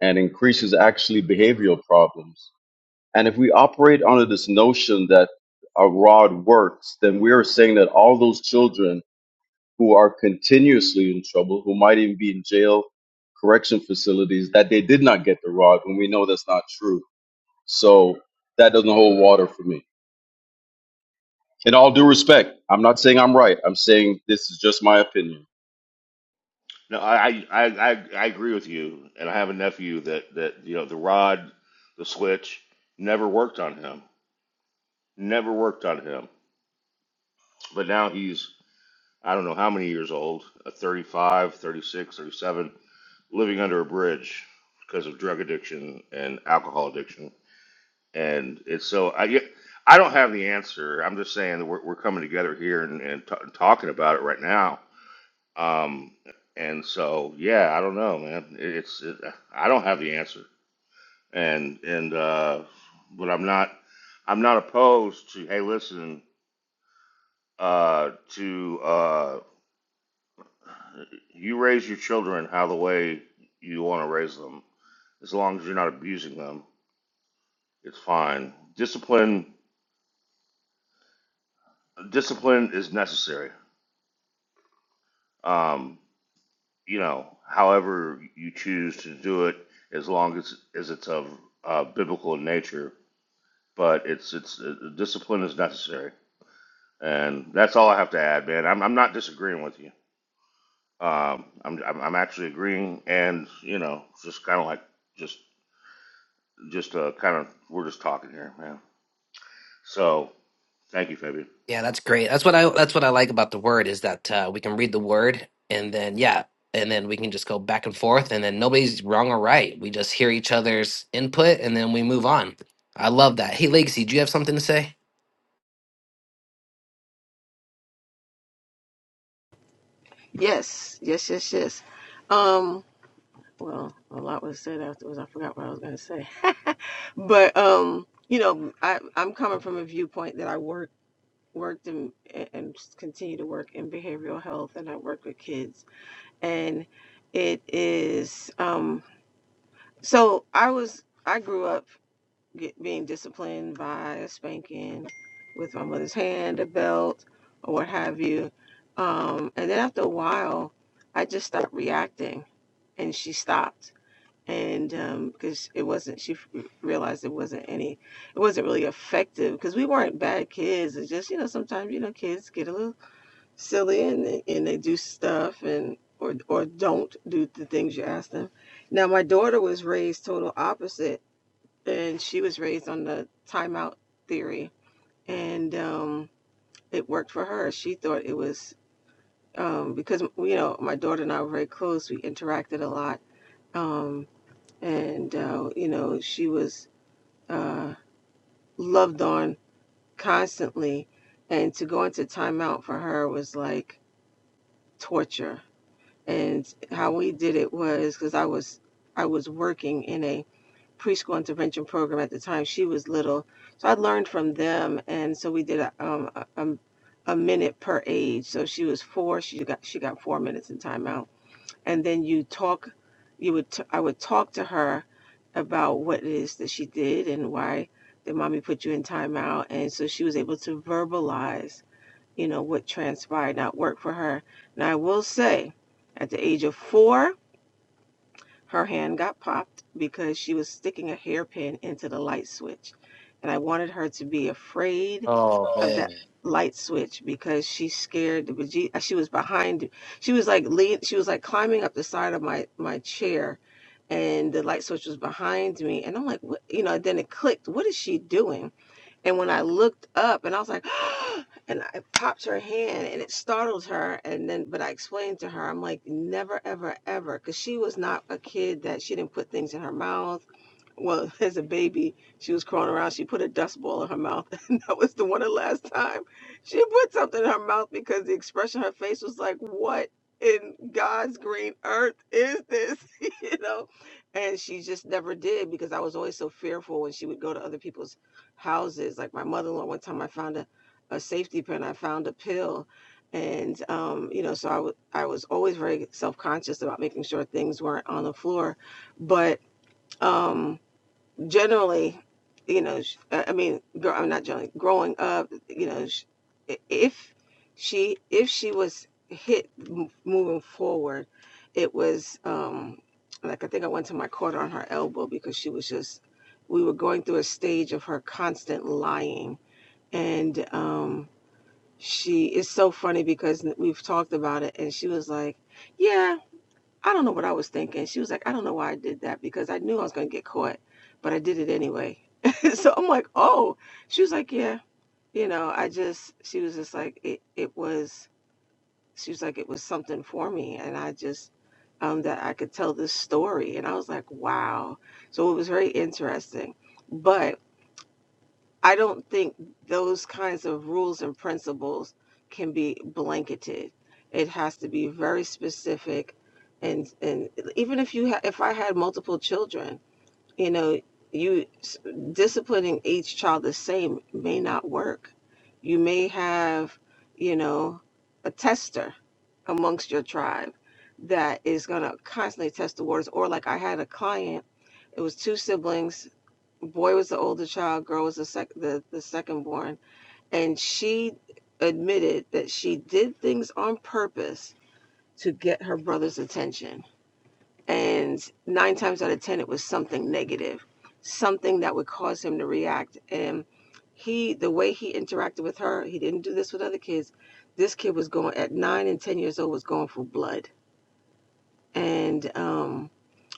S9: and increases actually behavioral problems. And if we operate under this notion that a rod works, then we are saying that all those children who are continuously in trouble, who might even be in jail, correction facilities, that they did not get the rod when we know that's not true. So that doesn't hold water for me. In all due respect, I'm not saying I'm right. I'm saying this is just my opinion.
S8: No, I, I, I, I agree with you. And I have a nephew that, that, you know, the rod, the switch, never worked on him. Never worked on him. But now he's, I don't know how many years old, uh, 35, 36, 37, living under a bridge because of drug addiction and alcohol addiction and it's so I get- I don't have the answer. I'm just saying that we're, we're coming together here and, and, t- and talking about it right now. Um, and so yeah, I don't know, man. It, it's it, I don't have the answer, and and uh, but I'm not I'm not opposed to hey listen uh, to uh, you raise your children how the way you want to raise them as long as you're not abusing them, it's fine. Discipline discipline is necessary Um, you know, however you choose to do it, as long as as it's of uh, biblical nature. But it's it's uh, discipline is necessary, and that's all I have to add, man. I'm I'm not disagreeing with you. Um, I'm I'm, I'm actually agreeing, and you know, just kind of like just just uh, kind of we're just talking here, man. So thank you, Fabian.
S5: Yeah, that's great. That's what I that's what I like about the word is that uh, we can read the word and then yeah, and then we can just go back and forth and then nobody's wrong or right. We just hear each other's input and then we move on. I love that. Hey, Legacy, do you have something to say?
S1: Yes, yes, yes, yes. Um, well, a lot was said afterwards. I forgot what I was gonna say. but um, you know, I I'm coming from a viewpoint that I work. worked in and continue to work in behavioral health and I work with kids and it is um so I was I grew up get, being disciplined by a spanking with my mother's hand a belt or what have you um and then after a while I just stopped reacting and she stopped and um because it wasn't she f- realized it wasn't any it wasn't really effective because we weren't bad kids. It's just, you know, sometimes, you know, kids get a little silly and they, and they do stuff and or or don't do the things you ask them. Now my daughter was raised total opposite and she was raised on the timeout theory and um it worked for her. She thought it was um because you know my daughter and I were very close. We interacted a lot. Um and uh you know she was uh loved on constantly and to go into timeout for her was like torture and how we did it was because I was I was working in a preschool intervention program at the time she was little, so I learned from them, and so we did a um, a, um, a minute per age. So she was four, she got she got four minutes in timeout, and then you talk, you would t- I would talk to her about what it is that she did and why did mommy put you in timeout, and so she was able to verbalize you know, what transpired not work for her. Now, I will say, at the age of four, her hand got popped because she was sticking a hairpin into the light switch. And I wanted her to be afraid
S5: Oh
S1: of that
S5: man,
S1: light switch because she scared the beje- uh, she was behind she was like lean she was like climbing up the side of my my chair and the light switch was behind me and i'm like what you know then it clicked what is she doing and when I looked up and I was like, and I popped her hand and it startled her. And then, but I explained to her, I'm like, never, ever, ever. Cause she was not a kid that she didn't put things in her mouth well, as a baby, she was crawling around. She put a dust ball in her mouth, and that was the one the last time she put something in her mouth because the expression on her face was like, "What in God's green earth is this?" you know, and she just never did because I was always so fearful when she would go to other people's houses. Like my mother-in-law, one time I found a, a safety pin. I found a pill. And um, you know, so I was I was always very self-conscious about making sure things weren't on the floor, but um, generally, you know, sh- I I mean, gr- I'm not generally growing up, you know, sh- if she if she was hit m- moving forward, it was um like I think I went to my court on her elbow because she was just we were going through a stage of her constant lying and um she is so funny because we've talked about it and she was like, "Yeah, I don't know what I was thinking. She was like, I don't know why I did that because I knew I was going to get caught, but I did it anyway. so I'm like, oh. She was like, yeah, you know, I just, she was just like, it, it was, she was like, it was something for me. And I just, um, that I could tell this story. And I was like, wow. So it was very interesting. but. I don't think those kinds of rules and principles can be blanketed. It has to be very specific, and and even if you ha- if I had multiple children, you know, you s- disciplining each child the same may not work. You may have, you know, a tester amongst your tribe that is going to constantly test the waters. Or like I had a client, it was two siblings boy was the older child, girl was the sec- the, the second born, and she admitted that she did things on purpose to get her brother's attention. And nine times out of ten, it was something negative, something that would cause him to react. And he, the way he interacted with her, he didn't do this with other kids. This kid was going at nine and ten years old was going for blood, and um,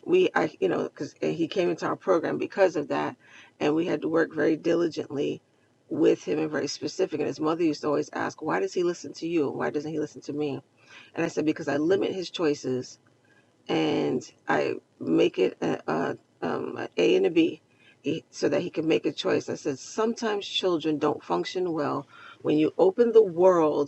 S1: we I you know because he came into our program because of that, and we had to work very diligently with him and very specific. And his mother used to always ask, "Why does he listen to you? Why doesn't he listen to me?" And I said, "Because I limit his choices and I make it a, a, um, a A and a b, He, so that he can make a choice. I said, sometimes children don't function well when you open the world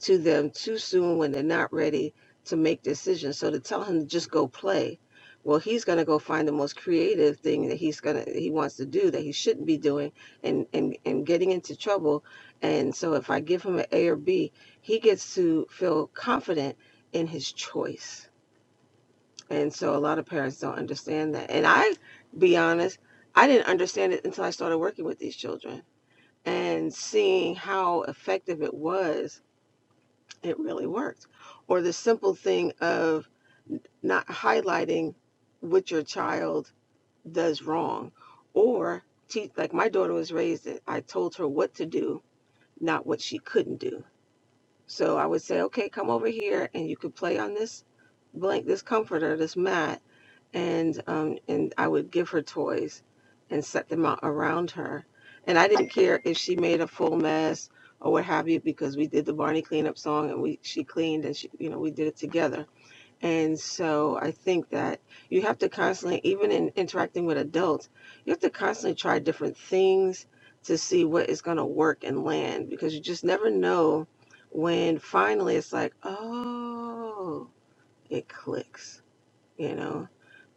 S1: to them too soon when they're not ready to make decisions. So to tell him to just go play, well, he's going to go find the most creative thing that he's going to he wants to do that he shouldn't be doing and and and getting into trouble. And so if I give him an A or B, he gets to feel confident in his choice. And so a lot of parents don't understand that. And I be honest, I didn't understand it until I started working with these children and seeing how effective it was it really worked. Or the simple thing of not highlighting what your child does wrong or teach like my daughter was raised I told her what to do, not what she couldn't do. So I would say, okay, come over here and you could play on this blank, this comforter, this mat, and um, and I would give her toys and set them out around her. And I didn't care if she made a full mess or what have you because we did the Barney cleanup song and we she cleaned and she you know we did it together and so I think that you have to constantly, even in interacting with adults, you have to constantly try different things to see what is going to work and land because you just never know when finally it's like, oh, it clicks, you know?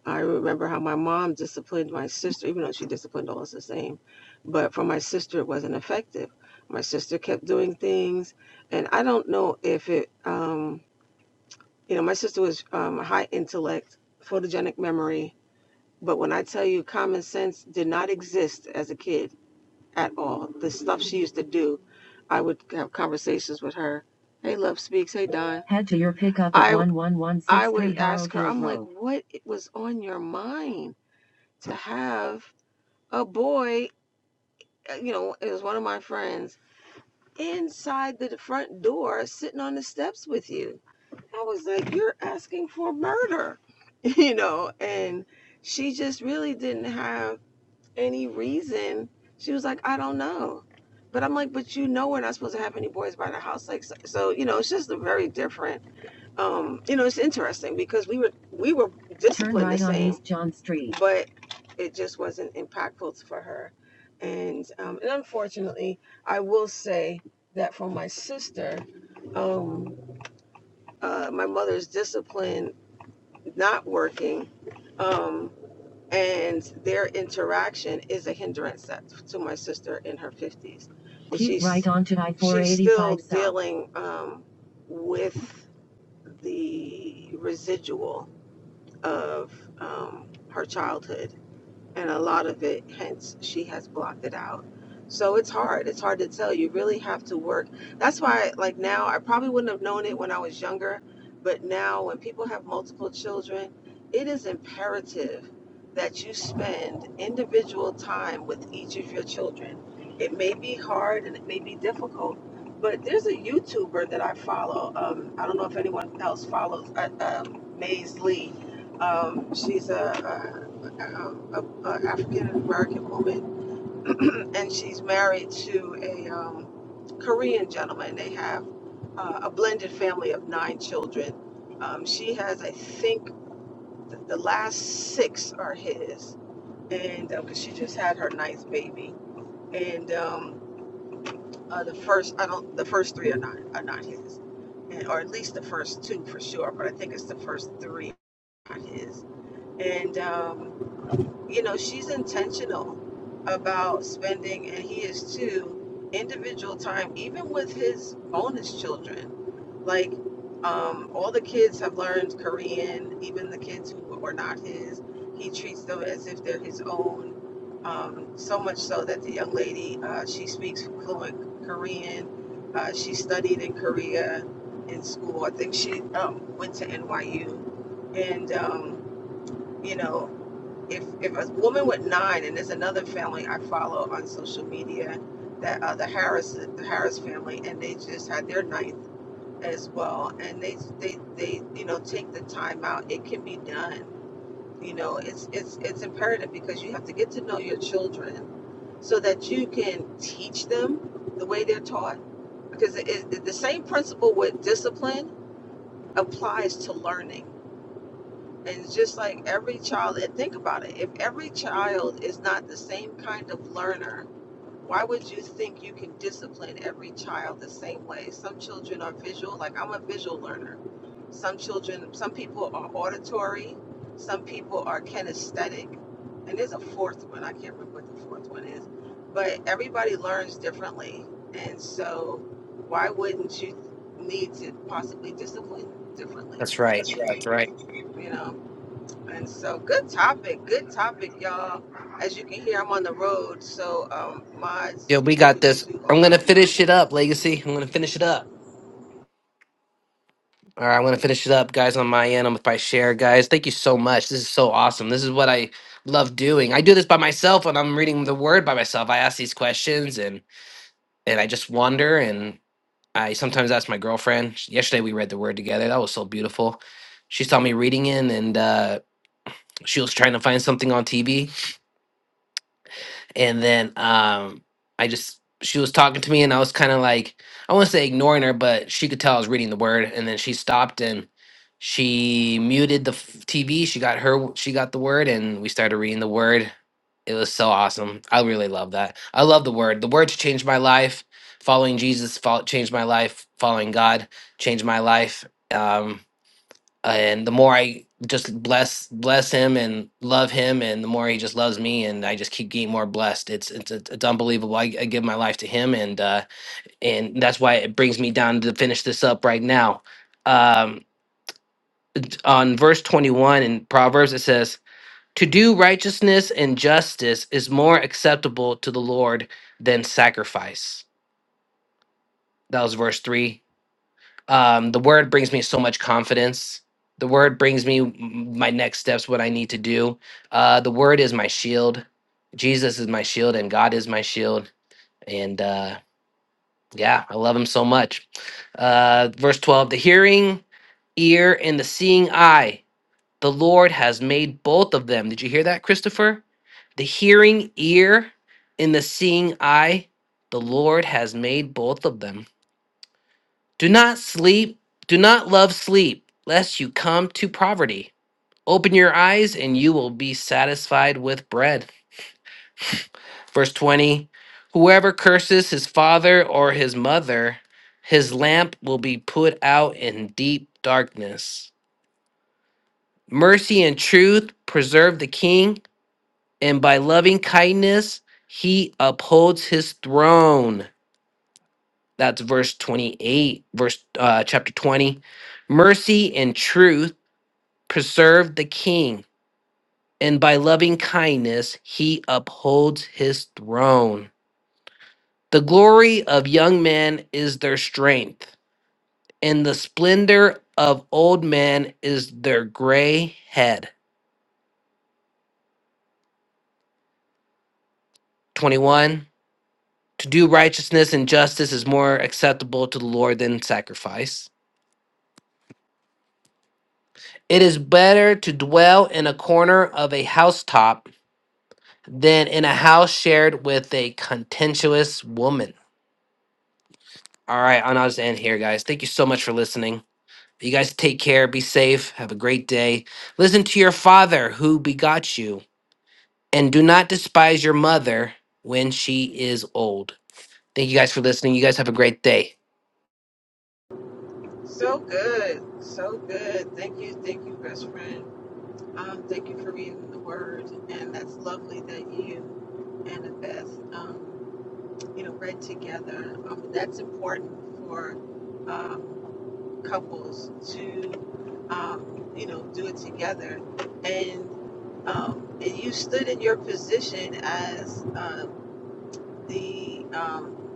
S1: I remember how my mom disciplined my sister, even though she disciplined all us the same. But for my sister, it wasn't effective. My sister kept doing things, and I don't know if it. Um, you know, my sister was um, high intellect, photogenic memory, but when I tell you common sense did not exist as a kid at all, the stuff she used to do, I would have conversations with her. Hey, Love Speaks. Hey, Don. Head to your pickup at I I would ask her, I'm like, what it was on your mind to have a boy, uh, you know, it was one of my friends, inside the front door sitting on the steps with you? I was like, You're asking for murder, you know? And she just really didn't have any reason. She was like, I don't know. But I'm like, But you know, we're not supposed to have any boys by the house. Like, so, so you know, it's just a very different, um, you know, it's interesting because we were, we were disciplined the right on same, East John Street. But it just wasn't impactful for her. And, um, and unfortunately, I will say that for my sister, um, uh, my mother's discipline not working um, and their interaction is a hindrance to my sister in her 50s she's, right on to she's still dealing um, with the residual of um, her childhood and a lot of it hence she has blocked it out so it's hard it's hard to tell you really have to work that's why like now i probably wouldn't have known it when i was younger but now when people have multiple children it is imperative that you spend individual time with each of your children it may be hard and it may be difficult but there's a youtuber that i follow um, i don't know if anyone else follows uh, um, maze lee um, she's a, um, a, a African American woman, and she's married to a um, Korean gentleman. They have uh, a blended family of nine children. Um, she has, I think, th- the last six are his, and because she just had her ninth baby, and um, uh, the first, I don't, the first three are not are not his, and, or at least the first two for sure, but I think it's the first three not his. And um, you know, she's intentional about spending, and he is too, individual time, even with his bonus children. Like, um, all the kids have learned Korean, even the kids who were not his. He treats them as if they're his own. Um, so much so that the young lady, uh, she speaks fluent Korean. Uh, she studied in Korea in school. I think she um, went to NYU. And, um, you know, if if a woman with nine and there's another family I follow on social media that uh, the Harris the Harris family and they just had their ninth as well and they they they you know take the time out it can be done you know it's it's it's imperative because you have to get to know your children so that you can teach them the way they're taught because it, it, the same principle with discipline applies to learning and it's just like every child, and think about it, if every child is not the same kind of learner, why would you think you can discipline every child the same way? Some children are visual, like I'm a visual learner. Some children, some people are auditory, some people are kinesthetic, and there's a fourth one. I can't remember what the fourth one is, but everybody learns differently. And so, why wouldn't you need to possibly discipline differently?
S5: That's right. That's right.
S1: You know? And so, good topic, good topic, y'all. As you can hear, I'm on the road, so um, mods,
S5: Yeah,
S1: you
S5: we
S1: do
S5: got
S1: what you
S5: this.
S1: do oh
S5: I'm gonna
S1: so
S5: finish
S1: well.
S5: it up, Legacy. I'm gonna finish it up. All right, I'm gonna finish it up, guys. On my end, I'm if I share, guys. Thank you so much. This is so awesome. This is what I love doing. I do this by myself when I'm reading the word by myself. I ask these questions and. and I just wander, And I sometimes ask my girlfriend. sh- Yesterday we read the Word together. That was so beautiful. She saw me reading it, and uh, she was trying to find something on TV, and then um i just she was talking to me and i was kind of like i want to say ignoring her but she could tell i was reading the word and then she stopped and she muted the f- tv she got her w- she got the word and we started reading the word it was so awesome i really love that i love the word the word changed my life following jesus fol- changed my life following god changed my life Um, and the more I just bless bless him and love him, and the more he just loves me, and I just keep getting more blessed. It's it's it's, it's unbelievable. I, I give my life to him, and uh, and that's why it brings me down to finish this up right now. Um, on verse twenty one in Proverbs, it says, "To do righteousness and justice is more acceptable to the Lord than sacrifice." That was verse three um, the word brings me so much confidence the word brings me m- my next steps what i need to do uh, the word is my shield jesus is my shield and god is my shield and uh, yeah i love him so much uh, verse 12 the hearing ear and the seeing eye the lord has made both of them did you hear that christopher the hearing ear and the seeing eye the lord has made both of them do not sleep, do not love sleep, lest you come to poverty. Open your eyes, and you will be satisfied with bread. Verse 20 Whoever curses his father or his mother, his lamp will be put out in deep darkness. Mercy and truth preserve the king, and by loving kindness, he upholds his throne. That's verse 28, verse uh, chapter 20. Mercy and truth preserved the king, and by loving kindness he upholds his throne. The glory of young men is their strength, and the splendor of old men is their gray head. 21. To do righteousness and justice is more acceptable to the Lord than sacrifice. It is better to dwell in a corner of a housetop than in a house shared with a contentious woman. All right, on us end here, guys. Thank you so much for listening. You guys take care, be safe, have a great day. Listen to your father who begot you, and do not despise your mother when she is old. Thank you guys for listening. You guys have a great day.
S1: So good, so good. Thank you, thank you, best friend. Um, thank you for reading the word, and that's lovely that you and the best, um, you know, read together. Um, that's important for. Um, couples to, um, you know, do it together. And, um, and you stood in your position as um, the, um,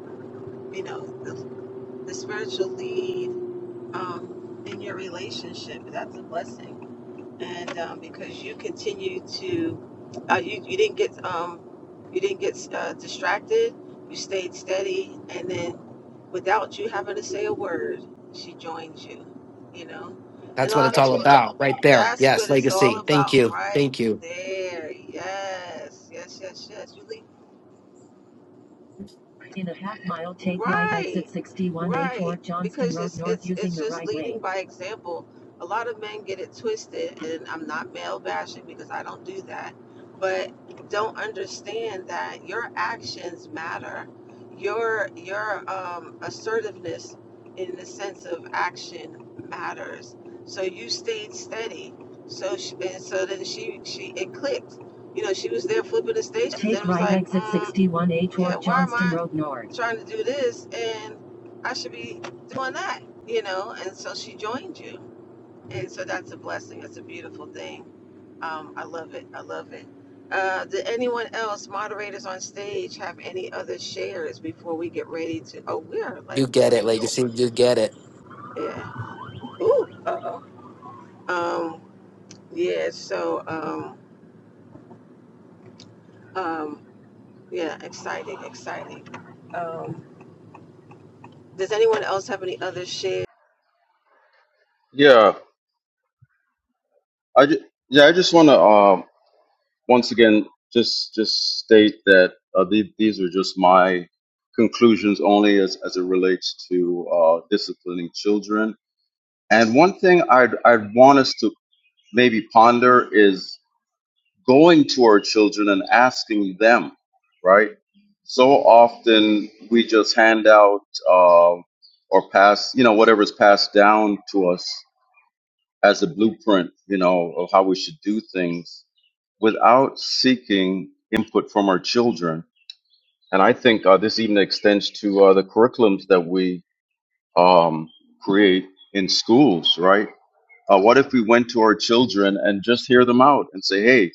S1: you know, the, the spiritual lead um, in your relationship. That's a blessing and um, because you continue to, uh, you, you didn't get um, you didn't get uh, distracted, you stayed steady, and then without you having to say a word, she joined you. You know, and
S5: That's
S1: a
S5: what
S1: lot
S5: it's
S1: of That's
S5: all
S1: what people. it's all
S5: about, right
S1: about.
S5: there.
S1: That's Yeah.
S5: Yes,
S1: what it's all
S5: legacy. Thank
S1: about,
S5: you.
S1: right
S5: Thank you.
S1: there. Yes, yes, yes, yes. You leave. In a half mile, take right Right, exit 61A right. toward Johnston Because Road it's North it's using it's the just the right leading way. by example. A lot of men get it twisted, and I'm not male bashing because I don't do that, but don't understand that your actions matter. Your your um, assertiveness in the sense of action matters. So you stayed steady. So she, and so then she she it clicked you know, she was there flipping the station. Take right like, exit mm, 61 A yeah, toward why Johnston Road North. trying to do this and I should be doing that, you know? And so she joined you. And so that's a blessing. That's a beautiful thing. Um, I love it. I love it. Uh, did anyone else, moderators on stage, have any other shares before we get ready to? Oh, we are like
S5: You get it,
S1: way over.
S5: legacy. You get it.
S1: Yeah. Ooh. Uh oh. Um. Yeah. So. Um. Um. Yeah. Exciting. Exciting. Um. Does anyone else have any other share?
S9: Yeah, I ju- yeah, I just want to um once again just just state that uh, the, these are just my conclusions only as as it relates to uh, disciplining children. And one thing I'd I'd want us to maybe ponder is going to our children and asking them, right? So often we just hand out uh, or pass, you know, whatever's passed down to us as a blueprint, you know, of how we should do things without seeking input from our children. And I think uh, this even extends to uh, the curriculums that we um, create in schools, right? Uh, what if we went to our children and just hear them out and say, "Hey,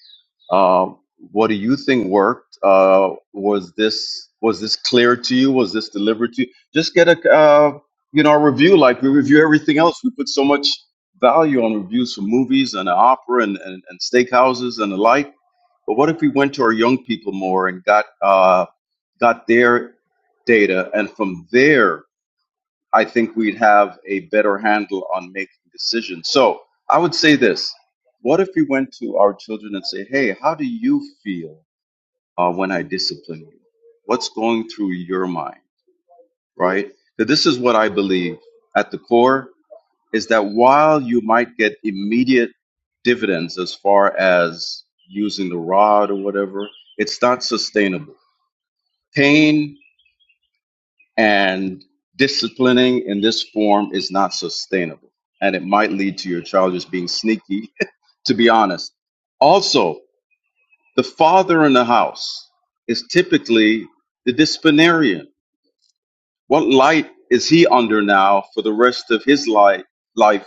S9: uh, what do you think worked? Uh, was this was this clear to you? Was this delivered to you? Just get a uh, you know a review like we review everything else. We put so much value on reviews for movies and opera and, and, and steakhouses and the like. But what if we went to our young people more and got uh, got their data and from there I think we'd have a better handle on making decisions. So I would say this what if we went to our children and say, hey, how do you feel uh, when I discipline you? What's going through your mind, right? So this is what I believe at the core is that while you might get immediate dividends as far as using the rod or whatever, it's not sustainable. Pain And disciplining in this form is not sustainable. And it might lead to your child just being sneaky, to be honest. Also, the father in the house is typically the disciplinarian. What light is he under now for the rest of his life, life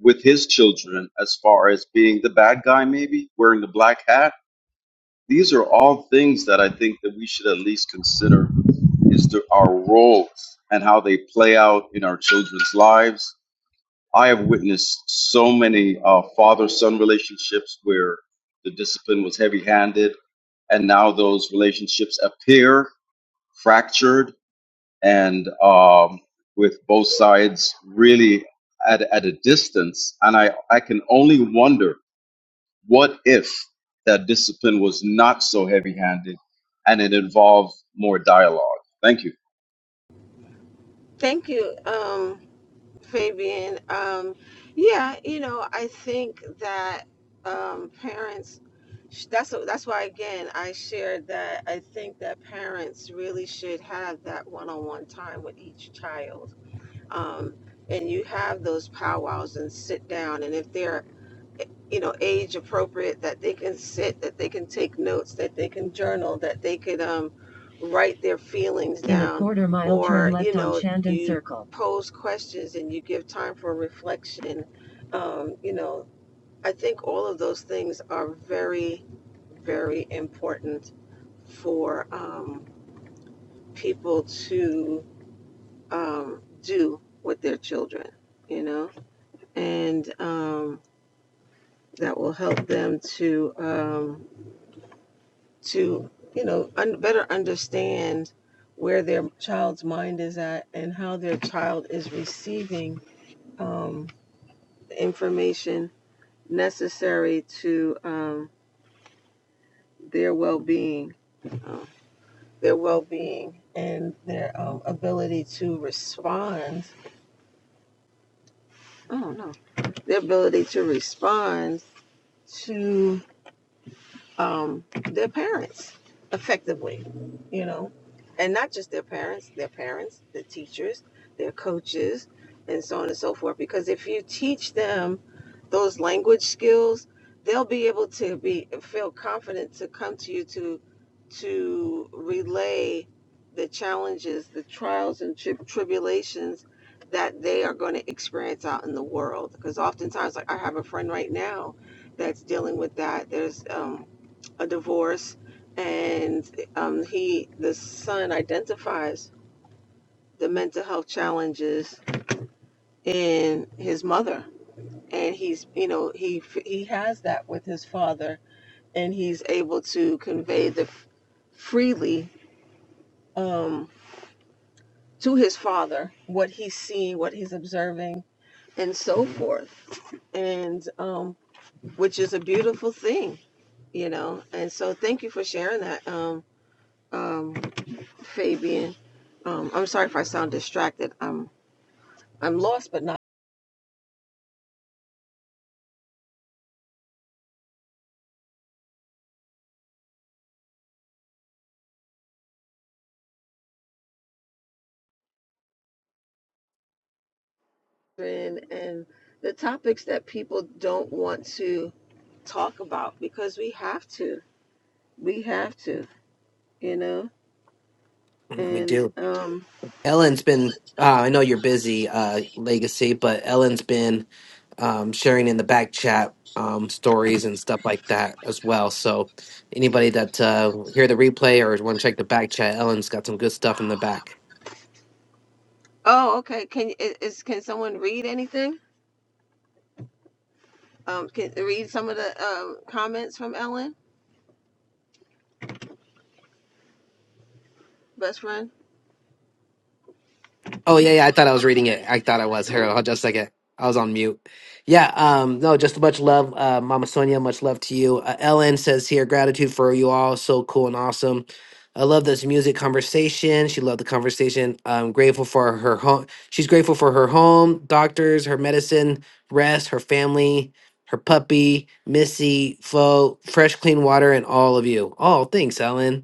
S9: with his children, as far as being the bad guy, maybe wearing the black hat? These are all things that I think that we should at least consider is to our roles and how they play out in our children's lives. I have witnessed so many uh, father son relationships where the discipline was heavy handed, and now those relationships appear fractured and um, with both sides really at, at a distance. And I, I can only wonder what if that discipline was not so heavy handed and it involved more dialogue. Thank you.
S1: Thank you, um, Fabian. Um, yeah, you know, I think that um, parents. sh- That's that's why again I shared that I think that parents really should have that one-on-one time with each child, um, and you have those powwows and sit down. And if they're you know, age appropriate, that they can sit, that they can take notes, that they can journal, that they could um, write their feelings In a down. a quarter mile, or, turn left you on know, on Shandon you Circle. Pose questions and you give time for reflection. Um, you know, I think all of those things are very, very important for um, people to um, do with their children, you know, and um, that will help them to. Um, to you know un- better understand where their child's mind is at and how their child is receiving um, the information necessary to um, their well-being uh, their well-being and their um, ability to respond i don't know their ability to respond to. um, their parents effectively, you know, and not just their parents, their parents, the teachers, their coaches, and so on and so forth. Because if you teach them those language skills, they'll be able to be feel confident to come to you to to relay the challenges, the trials and tri- tribulations that they are going to experience out in the world. Because oftentimes, like I have a friend right now that's dealing with that. There's um, a divorce, and um, he the son identifies the mental health challenges in his mother, and he's you know he he has that with his father, and he's able to convey the f- freely um, to his father what he's seeing, what he's observing, and so forth, and um, which is a beautiful thing, you know. And so, thank you for sharing that. Um, um, Fabian. Um, I'm sorry if I sound distracted. I'm I'm lost, but not in. And the topics that people don't want to talk about because we have to. We have to. You know.
S5: We
S1: And
S5: do.
S1: um.
S5: Ellen's been, uh, I know you're busy, uh, legacy, but Ellen's been um, sharing in the back chat um, stories and stuff like that as well. So anybody that uh, hear the replay or want to check the back chat, Ellen's got some good stuff in the back.
S1: Oh, okay. Can i- is can someone read anything? Um, can read some of the um comments from Ellen, best friend.
S5: Oh yeah, yeah. I thought I was reading it. I thought I was. Here,
S1: Mm.
S5: hold just a second. I was on mute. Yeah. Um. No. Just much love, uh, Mama Sonia. Much love to you. Uh, Ellen says here gratitude for you all. So cool and awesome. I love this music conversation. She loved the conversation. I'm grateful for her home. She's grateful for her home, doctors, her medicine, rest, her family, her puppy, Missy, Fo, fresh, clean water, and all of you. Oh, thanks, Ellen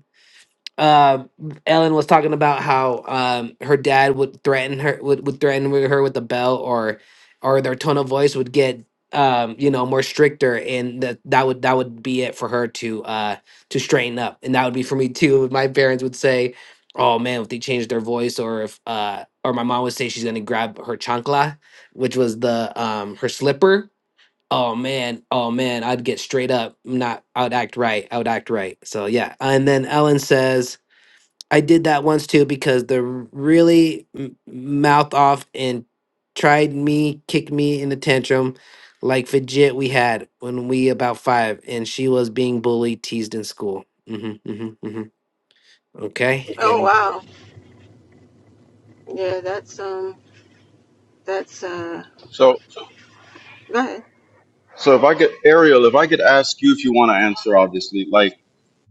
S5: uh, Ellen was talking about how um, her dad would threaten her would, would threaten with her with a bell or or their tone of voice would get um, you know more stricter and that that would that would be it for her to uh, to straighten up and that would be for me too. If My parents would say, "Oh man, if they changed their voice or if uh, or my mom would say she's gonna grab her chancla, which was the um, her slipper." Oh man, oh man, I'd get straight up. Not, I'd act right. I would act right. So yeah, and then Ellen says, I did that once too because the really m- mouth off and tried me, kicked me in a tantrum, like fidget we had when we about five, and she was being bullied, teased in school. hmm hmm hmm Okay,
S1: Oh
S5: and
S1: wow. Yeah, that's um. That's uh.
S9: So.
S1: Go ahead.
S9: So if I could, Ariel, if I could ask you if you want to answer, obviously, like,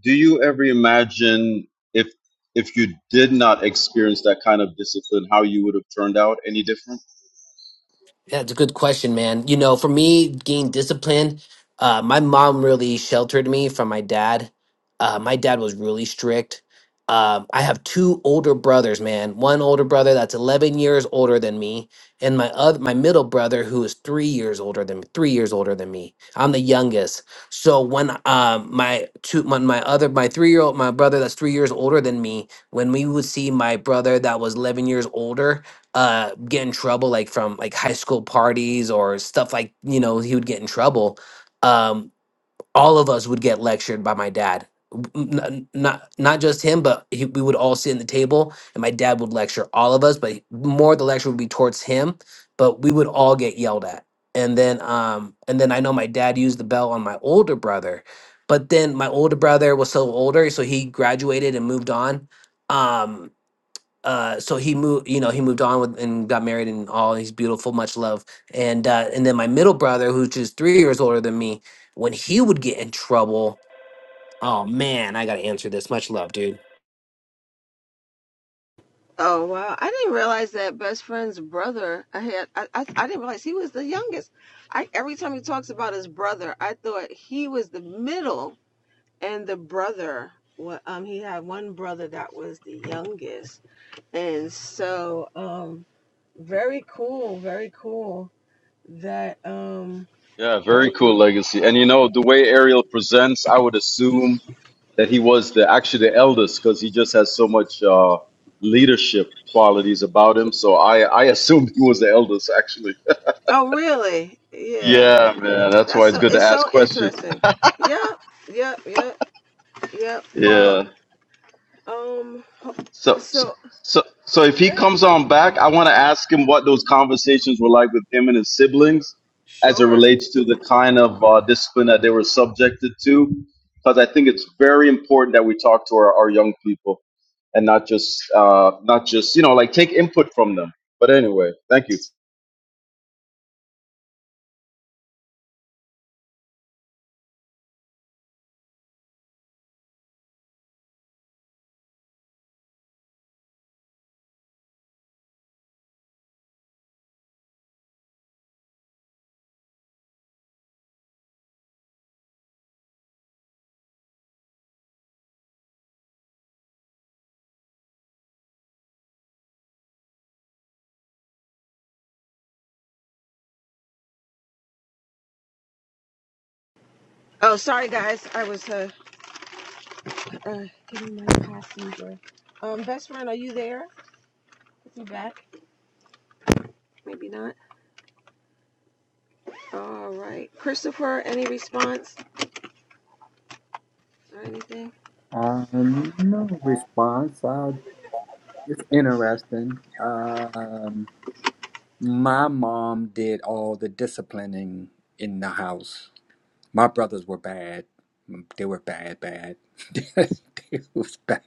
S9: do you ever imagine if if you did not experience that kind of discipline, how you would have turned out any different?
S5: That's a good question, man. You know, for me, gain discipline. Uh, my mom really sheltered me from my dad. Uh, my dad was really strict. Um, I have two older brothers, man. One older brother that's 11 years older than me, and my other, my middle brother who is three years older than three years older than me. I'm the youngest. So when um my two when my other my three year old my brother that's three years older than me, when we would see my brother that was 11 years older, uh get in trouble like from like high school parties or stuff like you know he would get in trouble um all of us would get lectured by my dad W- n- n- not not just him but he, we would all sit in the table and my dad would lecture all of us but more the lecture would be towards him but we would all get yelled at and then um and then i know my dad used the bell on my older brother but then my older brother was so older so he graduated and moved on um uh so he moved you know he moved on with and got married and all he's beautiful much love and uh and then my middle brother who's just three years older than me when he would get in trouble oh man i gotta answer this much love dude
S1: Oh wow! I didn't realize that best friend's brother. I had I, I I didn't realize he was the youngest. I every time he talks about his brother, I thought he was the middle and the brother. What um he had one brother that was the youngest, and so um very cool, very cool that um
S9: Yeah, very cool legacy. And you know, the way Ariel presents, I would assume that he was the actually the eldest because he just has so much uh, leadership qualities about him. So I I assumed he was the eldest actually.
S1: oh really yeah
S9: Yeah, man, that's why
S1: that's
S9: it's
S1: so
S9: good to
S1: it's so
S9: ask questions.
S1: interesting. Yep, yep, yep, yep. Well
S9: Yeah.
S1: um
S9: So, so,
S1: so
S9: so so if he comes on back, I want to ask him what those conversations were like with him and his siblings, as it
S1: sure
S9: relates to the kind of uh, discipline that they were subjected to, because I think it's very important that we talk to our, our young people and not just, uh, not just, you know, like take input from them. But anyway, thank you.
S1: Oh, sorry guys, I was uh, uh getting my passenger. Um, best friend, are you there? Is he back? Maybe not. All right, Christopher, any response or anything?
S7: Um, no response. Uh, it's interesting. Um, my mom did all the disciplining in the house My brothers were bad. Mm, They were bad, bad. they was bad.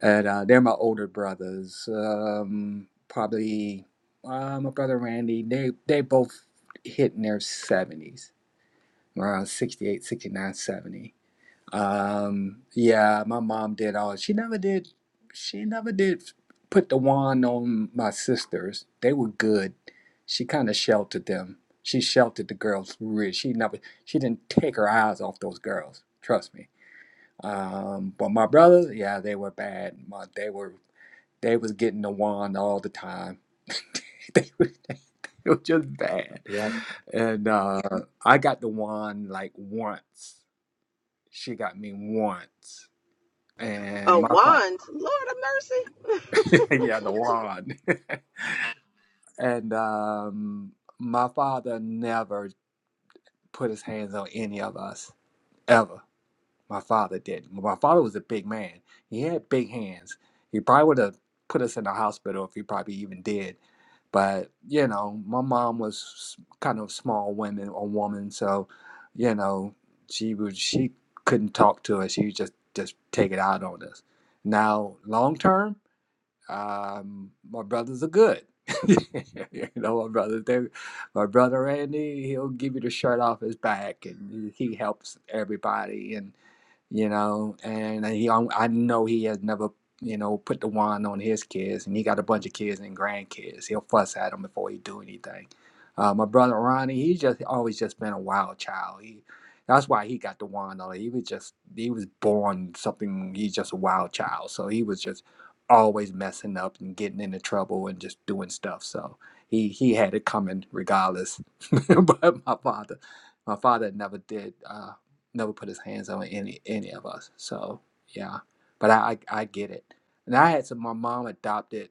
S7: And uh, they're my older brothers. Um, probably uh, my brother Randy. They they both hit in their seventies, around 68, 69, seventy. Um, yeah, my mom did all. She never did. She never did put the wand on my sisters. They were good. She kind of sheltered them. She sheltered the girls. Really, she never. She didn't take her eyes off those girls. Trust me. Um, but my brothers, yeah, they were bad. My, they were. They was getting the wand all the time. they, were, they were just bad.
S5: yeah
S7: And uh, I got the wand like once. She got me once
S1: Oh,
S7: and my father,
S1: wands, Lord of mercy.
S7: yeah, the wand. and um, my father never put his hands on any of us ever. My father didn't. My father was a big man. He had big hands. He probably would have put us in the hospital if he probably even did. But you know, my mom was s- kind of small women a woman, so you know, she would she couldn't talk to us. She would just just take it out on us. Now, long term. um, my brothers are good. you know, my brother, they, my brother Randy, he'll give you the shirt off his back, and he helps everybody. And you know, and he I know he has never, you know, put the wand on his kids, and he got a bunch of kids and grandkids. He'll fuss at them before he do anything. Uh, my brother Ronnie, he's just always just been a wild child. He that's why he got the wand on. He was just he was born something. He's just a wild child, so he was just always messing up and getting into trouble and just doing stuff. So he he had it coming regardless. but my father, my father never did. uh, never put his hands on any any of us. So yeah, but I I, I get it. And I had some. My mom adopted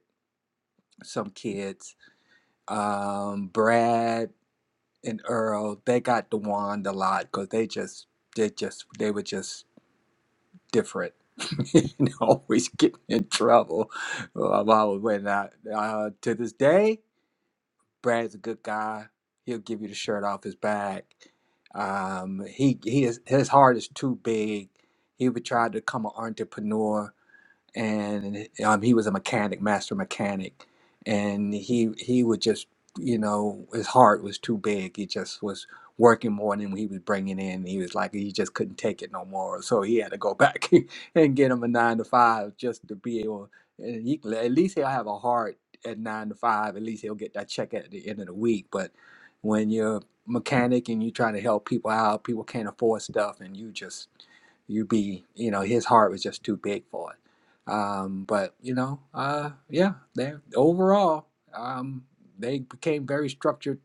S7: some kids, um, Brad and Earl. They got DeWand a lot because they just they just they were just different. and always getting in trouble. Well, My mom was when I uh, to this day. Brad's a good guy. He'll give you the shirt off his back. Um, he he is his heart is too big. He would try to become an entrepreneur and um, he was a mechanic, master mechanic, and he he would just you know his heart was too big. He just was working more than he was bringing in. He was like he just couldn't take it no more, so he had to go back and get him a nine to five just to be able. And he, at least he'll have a heart at nine to five. At least he'll get that check at the end of the week. But when you're a mechanic and you're trying to help people out, people can't afford stuff, and you just you be you know his heart was just too big for it um, but you know, uh, yeah, they overall um, they became very structured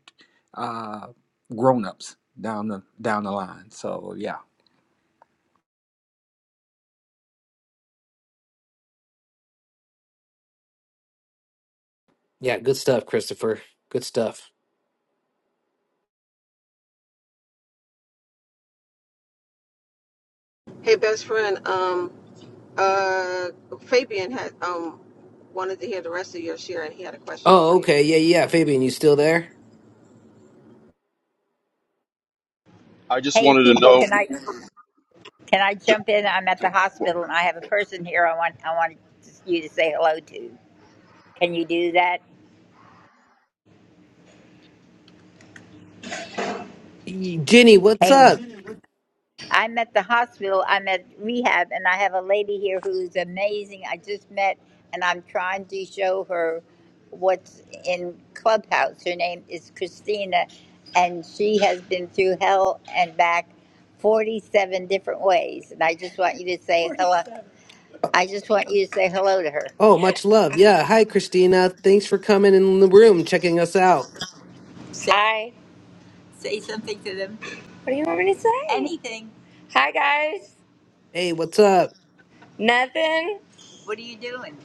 S7: uh, grown ups down the down the line. So yeah.
S5: yeah good stuff christopher good stuff
S1: Hey, best friend, um, uh, Fabian had um wanted to hear the rest of your share, and he had a question for
S5: oh
S1: you.
S5: okay yeah yeah yeah, fabian you still there
S9: I just
S13: Hey,
S9: wanted to
S13: people,
S9: know.
S13: can I can I
S9: j-
S13: jump in? I'm at the hospital and I have a person here. I want I want you to say hello to. Can you do that?
S5: Y- jenny what's
S13: Hey,
S5: up
S13: I'm at the hospital. I'm at rehab, and I have a lady here who's amazing. I just met, and I'm trying to show her what's in Clubhouse. Her name is Christina, and she has been through hell and back. 47 different ways and I just want you to say hello.
S5: oh
S13: I just want you to say hello to her.
S5: oh, much love yeah hi christina thanks for coming in the room checking us out
S13: Say, Hi. Say something to them. Hey. Anything. Hi guys.
S5: hey what's up
S13: Nothing. What are you doing?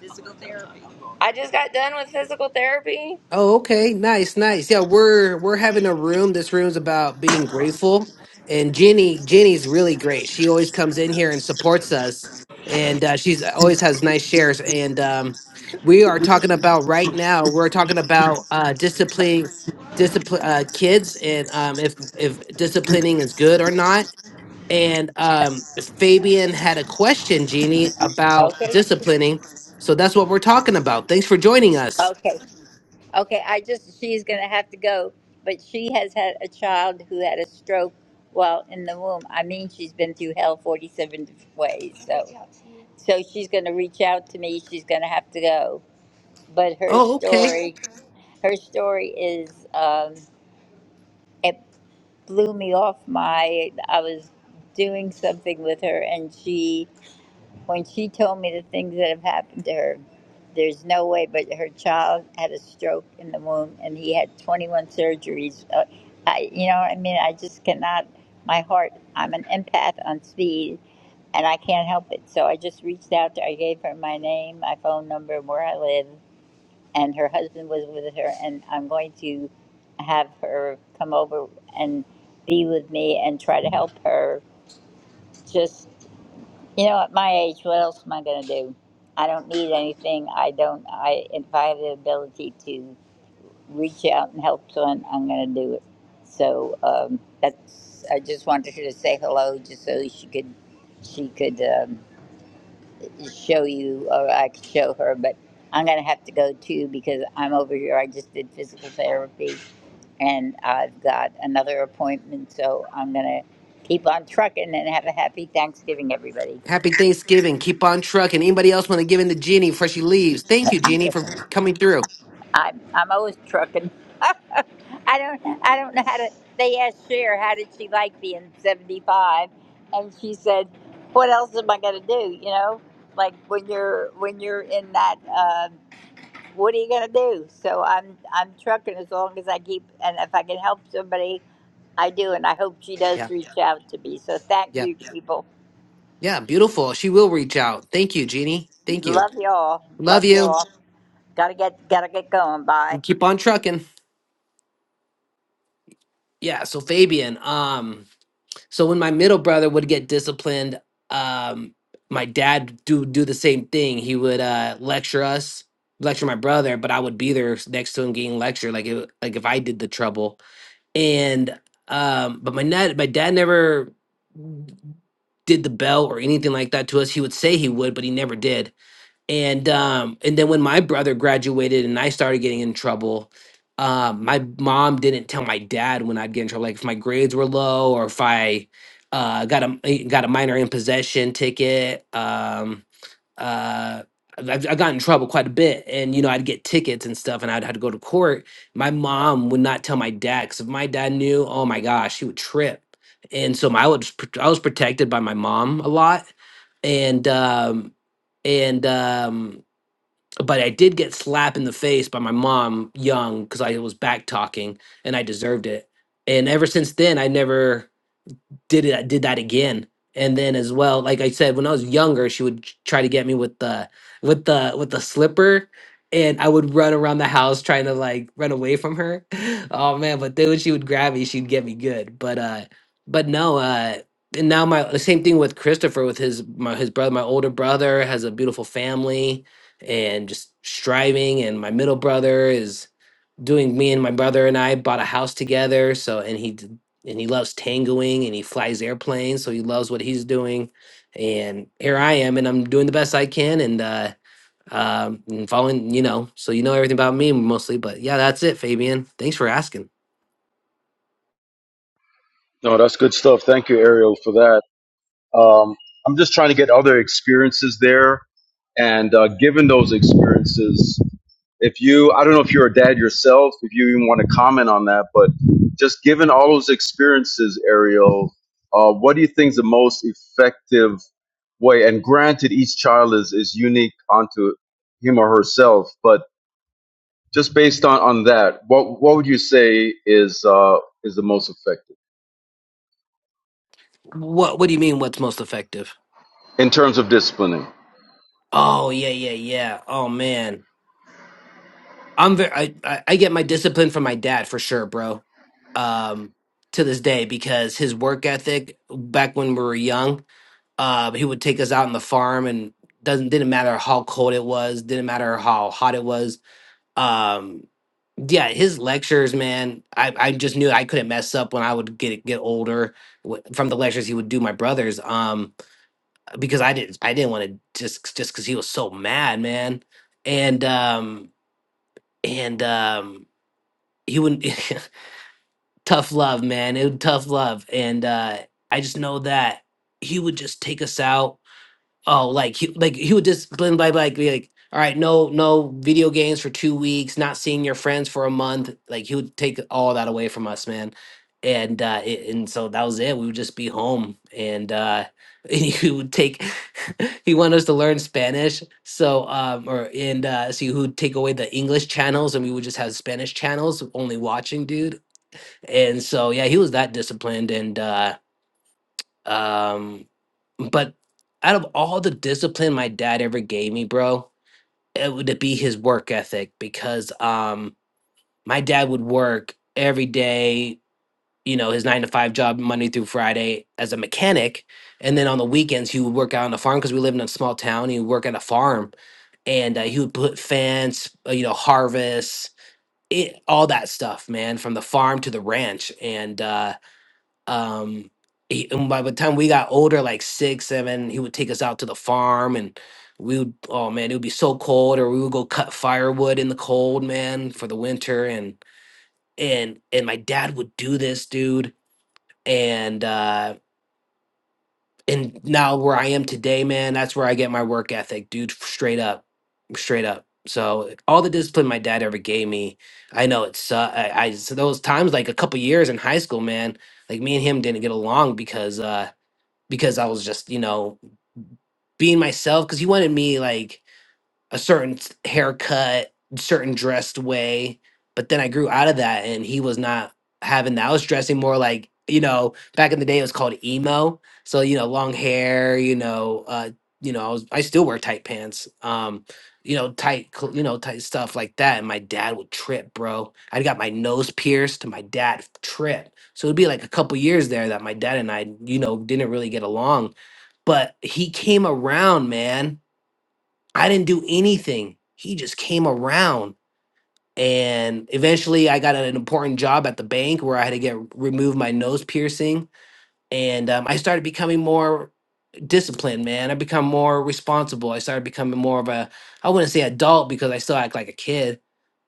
S13: Physical therapy. I just got done with physical therapy.
S5: Oh, okay. Nice, nice. Yeah, we're we're having a room. This room's about being grateful. And Jenny, Jenny's really great. She always comes in here and supports us. And uh, she's always has nice shares. And um, we are talking about right now, we're talking about uh disciplining discipline uh kids and um if if disciplining is good or not. And um Fabian had a question, Jeannie, about
S13: Okay.
S5: disciplining. So that's what we're talking about. Thanks for joining us.
S13: Okay. Okay. I just, she's going to have to go. But she has had a child who had a stroke while in the womb. I mean, she's been through hell 47 different ways. So, so she's going to reach out to me. She's going to have to go. But her
S5: Oh, okay.
S13: story, her story is um, it blew me off my I was doing something with her and she when she told me the things that have happened to her there's no way but her child had a stroke in the womb and he had 21 surgeries uh, I you know I mean I just cannot my heart I'm an empath on speed and I can't help it so I just reached out to I gave her my name my phone number where I live and her husband was with her, and I'm going to have her come over and be with me and try to help her. Just, you know, at my age, what else am I going to do? I don't need anything. I don't, I, if I have the ability to reach out and help someone, I'm going to do it. So um, that's, I just wanted her to say hello just so she could, she could. Um, show you, or I could show her, but I'm gonna have to go too because I'm over here. I just did physical therapy, and I've got another appointment, so I'm gonna keep on trucking and have a happy Thanksgiving, everybody.
S5: Happy Thanksgiving. Keep on trucking. Anybody else want to give in to Jeannie before she leaves? Thank you, Jeannie, for coming through.
S13: I'm I'm always trucking. I don't I don't know how to. They asked Cher how did she like being 75, and she said, "What else am I gonna do?" You know, like when you're when you're in that. Uh, what are you gonna do? So I'm I'm trucking as long as I keep and if I can help somebody, I do, and I hope she does
S5: Yeah,
S13: reach out to me. So thank
S5: yeah,
S13: you, people.
S5: yeah. Beautiful. She will reach out. Thank you, Jeannie. Thank you.
S13: Love you all.
S5: Love
S13: Love you
S5: you.
S13: all. Gotta get gotta get going. Bye.
S5: And keep on trucking. Yeah. So Fabian, um, So when my middle brother would get disciplined, um, my dad do do the same thing. He would uh, lecture us, lecture my brother, but I would be there s- next to him getting lectured, like it, like if I did the trouble. And um, but my dad, my dad never did the bell or anything like that to us. He would say he would, but he never did and um and then when my brother graduated and i started getting in trouble uh, my mom didn't tell my dad when i'd get in trouble like if my grades were low or if i uh, got a got a minor in possession ticket um uh i I got in trouble quite a bit and you know I'd get tickets and stuff and I'd have to go to court my mom would not tell my dad because if my dad knew oh my gosh he would trip and so my, I was pr- I was protected by my mom a lot and um and um but I did get slapped in the face by my mom young because I was back talking and I deserved it and ever since then I never did it did that again and then as well like i said when i was younger she would try to get me with the with the with the slipper and i would run around the house trying to like run away from her oh man but then when she would grab me she'd get me good but uh but no uh and now my the same thing with christopher with his my his brother my older brother has a beautiful family and just striving and my middle brother is doing me and my brother and I bought a house together. So and he d- and he loves tangoing and he flies airplanes, so he loves what he's doing. And here I am, and I'm doing the best I can, and uh, um, and following you know. So you know everything about me mostly, but yeah, that's it, Fabian. Thanks for asking.
S9: No, that's good stuff. Thank you, Ariel, for that. Um, I'm just trying to get other experiences there. And uh, given those experiences, if you, I don't know if you're a dad yourself, if you even want to comment on that, but just given all those experiences, Ariel, uh, what do you think is the most effective way? And granted, each child is, is unique onto him or herself, but just based on, on that, what, what would you say is, uh, is the most effective
S5: What What do you mean? What's most effective?
S9: in terms of disciplining? I
S5: Oh yeah, yeah, yeah. Oh man, I'm very. I I I get my discipline from my dad for sure, bro. Um, to this day because his work ethic back when we were young uh, he would take us out on the farm and doesn't didn't matter how cold it was didn't matter how hot it was um yeah his lectures man i i just knew i couldn't mess up when i would get get older w- from the lectures he would do my brothers um because i didn't i didn't want to just just because he was so mad man and um and um he wouldn't tough love man it was tough love and uh i just know that he would just take us out Oh, like he like he would just Glenn by like be like, all right, no no video games for two weeks, not seeing your friends for a month. Like he would take all that away from us, man. And uh it, and so that was it. We would just be home and uh and he would take he wanted us to learn Spanish. So um or and uh so he would take away the English channels and we would just have Spanish channels only watching, dude. And so yeah, he was that disciplined and uh um but out of all the discipline my dad ever gave me, bro, it would be his work ethic because um my dad would work every day, you know, his nine to five job Monday through Friday as a mechanic. And then on the weekends he would work out on the farm because we lived in a small town. He would work at a farm and uh, he would put fence, uh, you know, harvest, it, all that stuff, man, from the farm to the ranch. And uh um he, and by the time we got older like six seven he would take us out to the farm and we would oh man it would be so cold or we would go cut firewood in the cold man for the winter and and and my dad would do this dude and uh and now where i am today man that's where i get my work ethic dude straight up straight up so all the discipline my dad ever gave me i know it's uh, i, I so those times like a couple years in high school man like me and him didn't get along because uh because I was just, you know, being myself. Because he wanted me like a certain s- haircut, certain dressed way. But then I grew out of that and he was not having that. I was dressing more like, you know, back in the day it was called emo. So, you know, long hair, you know, uh, you know, I was I still wear tight pants. Um, you know, tight cl- you know, tight stuff like that. And my dad would trip, bro. I got my nose pierced, and my dad tripped. So it'd be like a couple years there that my dad and I, you know, didn't really get along. But he came around, man I didn't do anything. He just came around. And eventually, I got an important job at the bank where I had to get remove my nose piercing. And um, I started becoming more disciplined, man. I become more responsible. I started becoming more of a, I wouldn't say adult because I still act like a kid,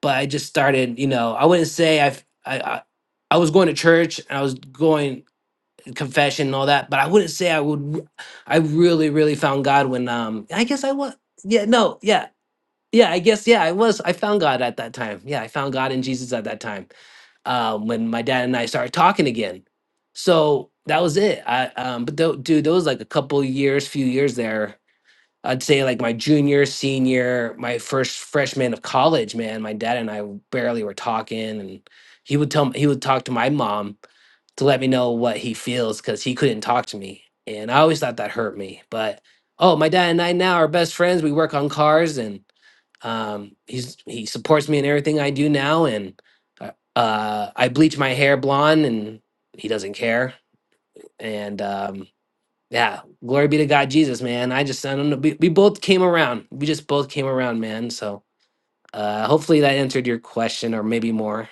S5: but I just started, you know, I wouldn't say I've, I, I, I was going to church and I was going confession and all that, but I wouldn't say I would. I really, really found God when, um, I guess I was, yeah, no, yeah yeah i guess yeah i was i found god at that time yeah i found god in jesus at that time um, when my dad and i started talking again so that was it i um, but though, dude there was like a couple years few years there i'd say like my junior senior my first freshman of college man my dad and i barely were talking and he would tell me, he would talk to my mom to let me know what he feels because he couldn't talk to me and i always thought that hurt me but oh my dad and i now are best friends we work on cars and um, he's he supports me in everything I do now, and uh, uh, I bleach my hair blonde, and he doesn't care. And um, yeah, glory be to God, Jesus, man. I just I don't know. We, we both came around. We just both came around, man. So uh, hopefully that answered your question, or maybe more.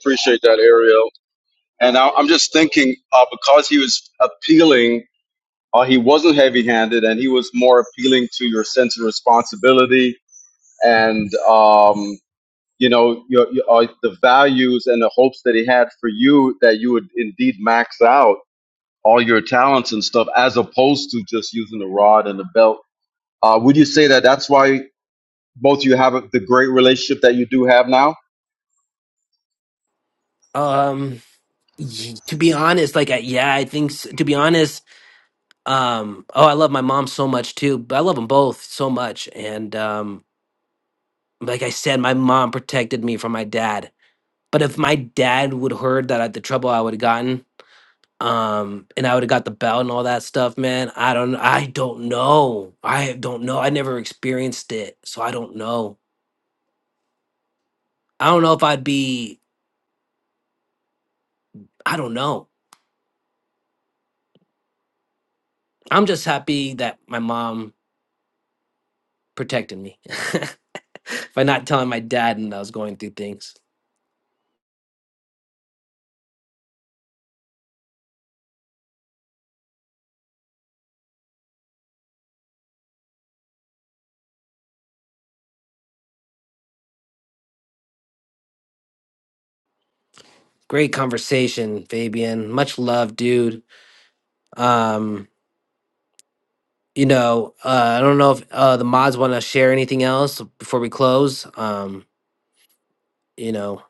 S9: appreciate that, Ariel. And I, I'm just thinking uh, because he was appealing, uh, he wasn't heavy handed and he was more appealing to your sense of responsibility and, um, you know, your, your, uh, the values and the hopes that he had for you that you would indeed max out all your talents and stuff as opposed to just using the rod and the belt. Uh, would you say that that's why both you have the great relationship that you do have now?
S5: Um, y- to be honest, like I, yeah, I think s to be honest, um, oh, I love my mom so much too. But I love them both so much, and um, like I said, my mom protected me from my dad But if my dad would heard that at the trouble I would have gotten, um, and I would have got the belt and all that stuff, man, I don't, I don't know. I don't know. I never experienced it, so I don't know. I don't know if I'd be. I don't know. I'm just happy that my mom protected me by not telling my dad and I was going through things. Great conversation, Fabian. Much love, dude. Um, you know, uh, I don't know if uh, the mods want to share anything else before we close. Um, you know,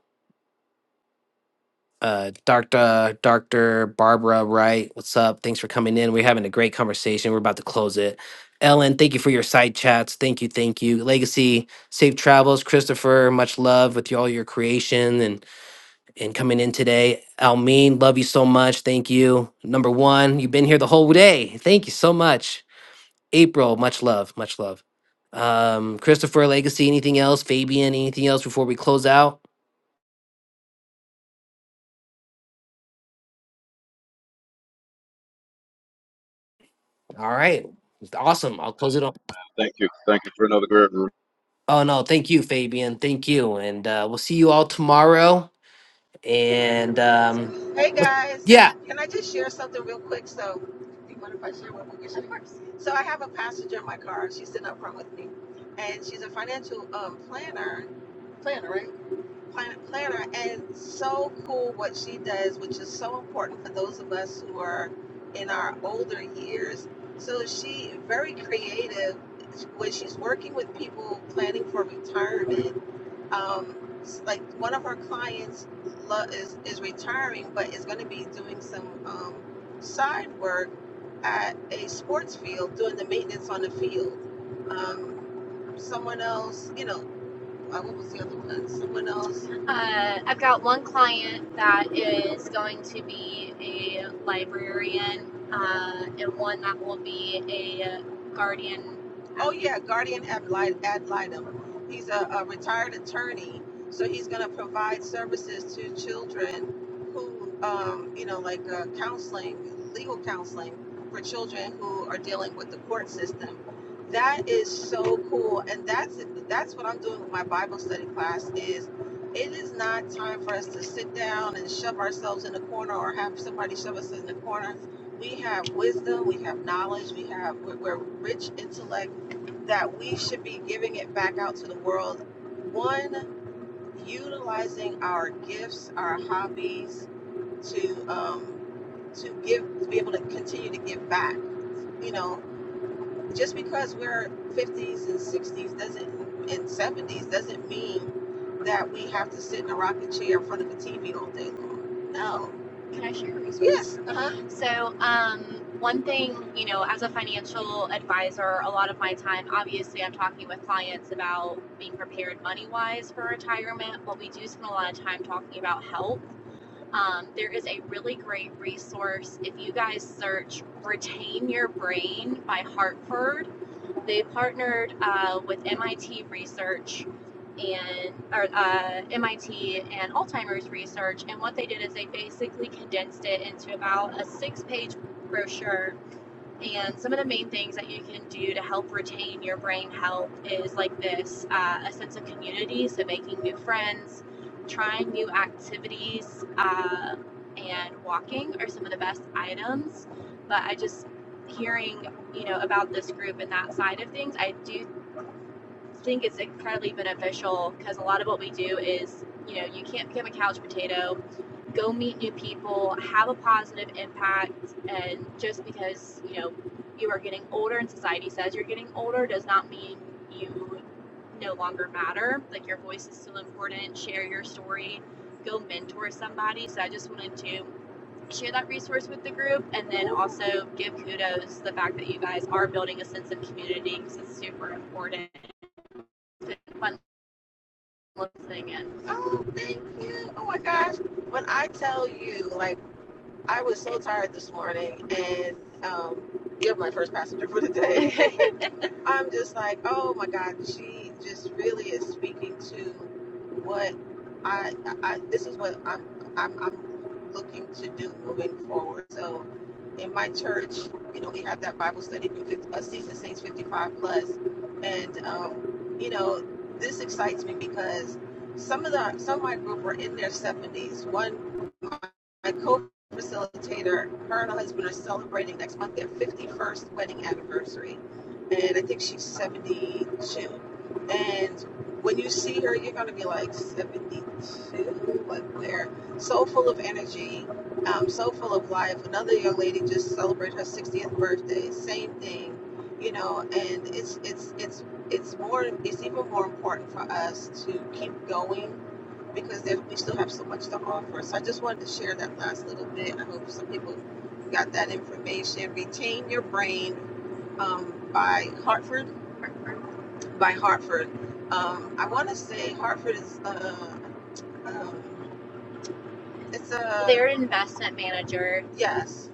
S5: uh, Doctor Doctor Barbara Wright, what's up? Thanks for coming in. We're having a great conversation. We're about to close it. Ellen, thank you for your side chats. Thank you, thank you. Legacy, safe travels. Christopher, much love with you, all your creation and and coming in today. Almeen, love you so much. Thank you. Number one, you've been here the whole day. Thank you so much. April, much love, much love. Um, Christopher, Legacy, anything else? Fabian, anything else before we close out? All right, awesome. I'll close it on.
S9: Thank you. Thank you for another great
S5: Oh no, thank you, Fabian. Thank you, and uh, we'll see you all tomorrow. And um,
S1: Hey
S5: but-
S1: guys,
S5: yeah,
S1: can I just share something real quick? So, do you mind if I share what we're sharing? Of course. So, I have a passenger in my car. She's sitting up front with me, and she's a financial um, planner, plan, planner, and so cool what she does, which is so important for those of us who are in our older years. So, she very creative when she's working with people planning for retirement um, like one of our clients lo- is is retiring, but is going to be doing some um, side work at a sports field, doing the maintenance on the field. Um, someone else, you know, uh, what was the other one? Someone else. Uh, I've got one client that is going to be a librarian, uh, and one that will be a guardian. Oh yeah, guardian ad, litem. He's a, a retired attorney, so he's going to provide services to children who, um, you know, like uh, counseling, legal counseling for children who are dealing with the court system. That is so cool, and that's that's what I'm doing with my Bible study class. Is it is not time for us to sit down and shove ourselves in the corner or have somebody shove us in the corner. We have wisdom, we have knowledge, we have we're, we're rich intellect that we should be giving it back out to the world. One, utilizing our gifts, our hobbies to um, to give to be able to continue to give back. You know, just because we're 50s and 60s doesn't and 70s doesn't mean that we have to sit in a rocking chair in front of a TV all day long. No. Can I share a resource? Yes. Uh huh. So, um, one thing, you know, as a financial advisor, a lot of my time, obviously, I'm talking with clients about being prepared money wise for retirement, but we do spend a lot of time talking about health. Um, there is a really great resource if you guys search Retain Your Brain by Hartford they partnered uh, with MIT Research and or uh, MIT and Alzheimer's Research, and what they did is they basically condensed it into about a six-page brochure and some of the main things that you can do to help retain your brain health is like this uh, a sense of community, so making new friends, trying new activities, uh, and walking are some of the best items. But I just hearing you know about this group and that side of things i do think it's incredibly beneficial because a lot of what we do is, you know, you can't become a couch potato. Go meet new people, have a positive impact, and just because you know you are getting older and society says you're getting older does not mean you no longer matter. Like your voice is still important. Share your story. Go mentor somebody. So I just wanted to share that resource with the group and then also give kudos to the fact that you guys are building a sense of community because it's super important been fun listening in. Oh, thank you. Oh my gosh. When I tell you, like, I was so tired this morning, and um, you're my first passenger for the day. I'm just like, oh my God, she just really is speaking to what I, I this is what I'm, I'm, I'm looking to do moving forward. So in my church, you know, we have that Bible study for 50, uh, Season Saints 55 plus, and um, you know, this excites me because some of the some of my group are in their 70s. One, my, my co-facilitator, her and her husband are celebrating next month their 51st wedding anniversary and I think she's 72. And when you see her, you're going to be like 72, like where? So full of energy, um, so full of life. Another young lady just celebrated her 60th birthday. Same thing, you know. And it's it's it's it's more. It's even more important for us to keep going because there, we still have so much to offer. So I just wanted to share that last little bit. I hope some people got that information. Retain your brain, um, by Hartford. Hartford. By Hartford. Um, I want to say Hartford is uh, um, it's a Their investment manager yes,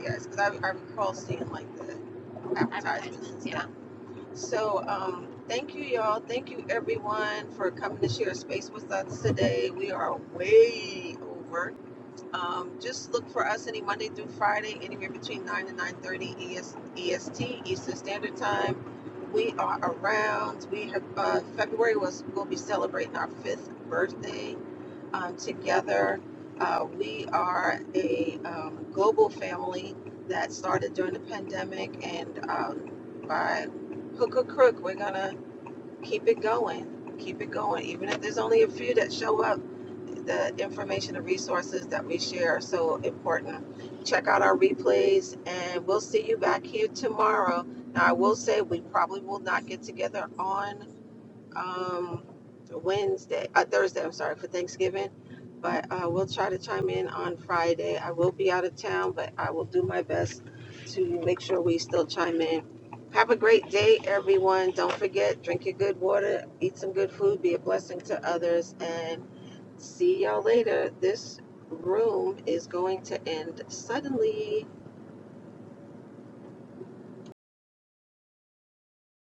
S1: yes, because I, I recall seeing like the advertisements and advertisements. Yeah. stuff. So um, thank you, y'all. Thank you, everyone, for coming to share space with us today. We are way over. Um, just look for us any Monday through Friday, anywhere between 9 and 9.30 EST, Eastern Standard Time. We are around. We have, uh, February was, we'll be celebrating our fifth birthday um, together. Uh, we are a um, global family that started during the pandemic, and um, by hook or crook, we're gonna keep it going, keep it going, even if there's only a few that show up the information and resources that we share are so important. Check out our replays, and we'll see you back here tomorrow. Now, I will say we probably will not get together on um, Wednesday, uh, Thursday, I'm sorry, for Thanksgiving, but uh, we'll try to chime in on Friday. I will be out of town, but I will do my best to make sure we still chime in. Have a great day, everyone. Don't forget, drink your good water, eat some good food, be a blessing to others, and See y'all later. This room is going to end suddenly.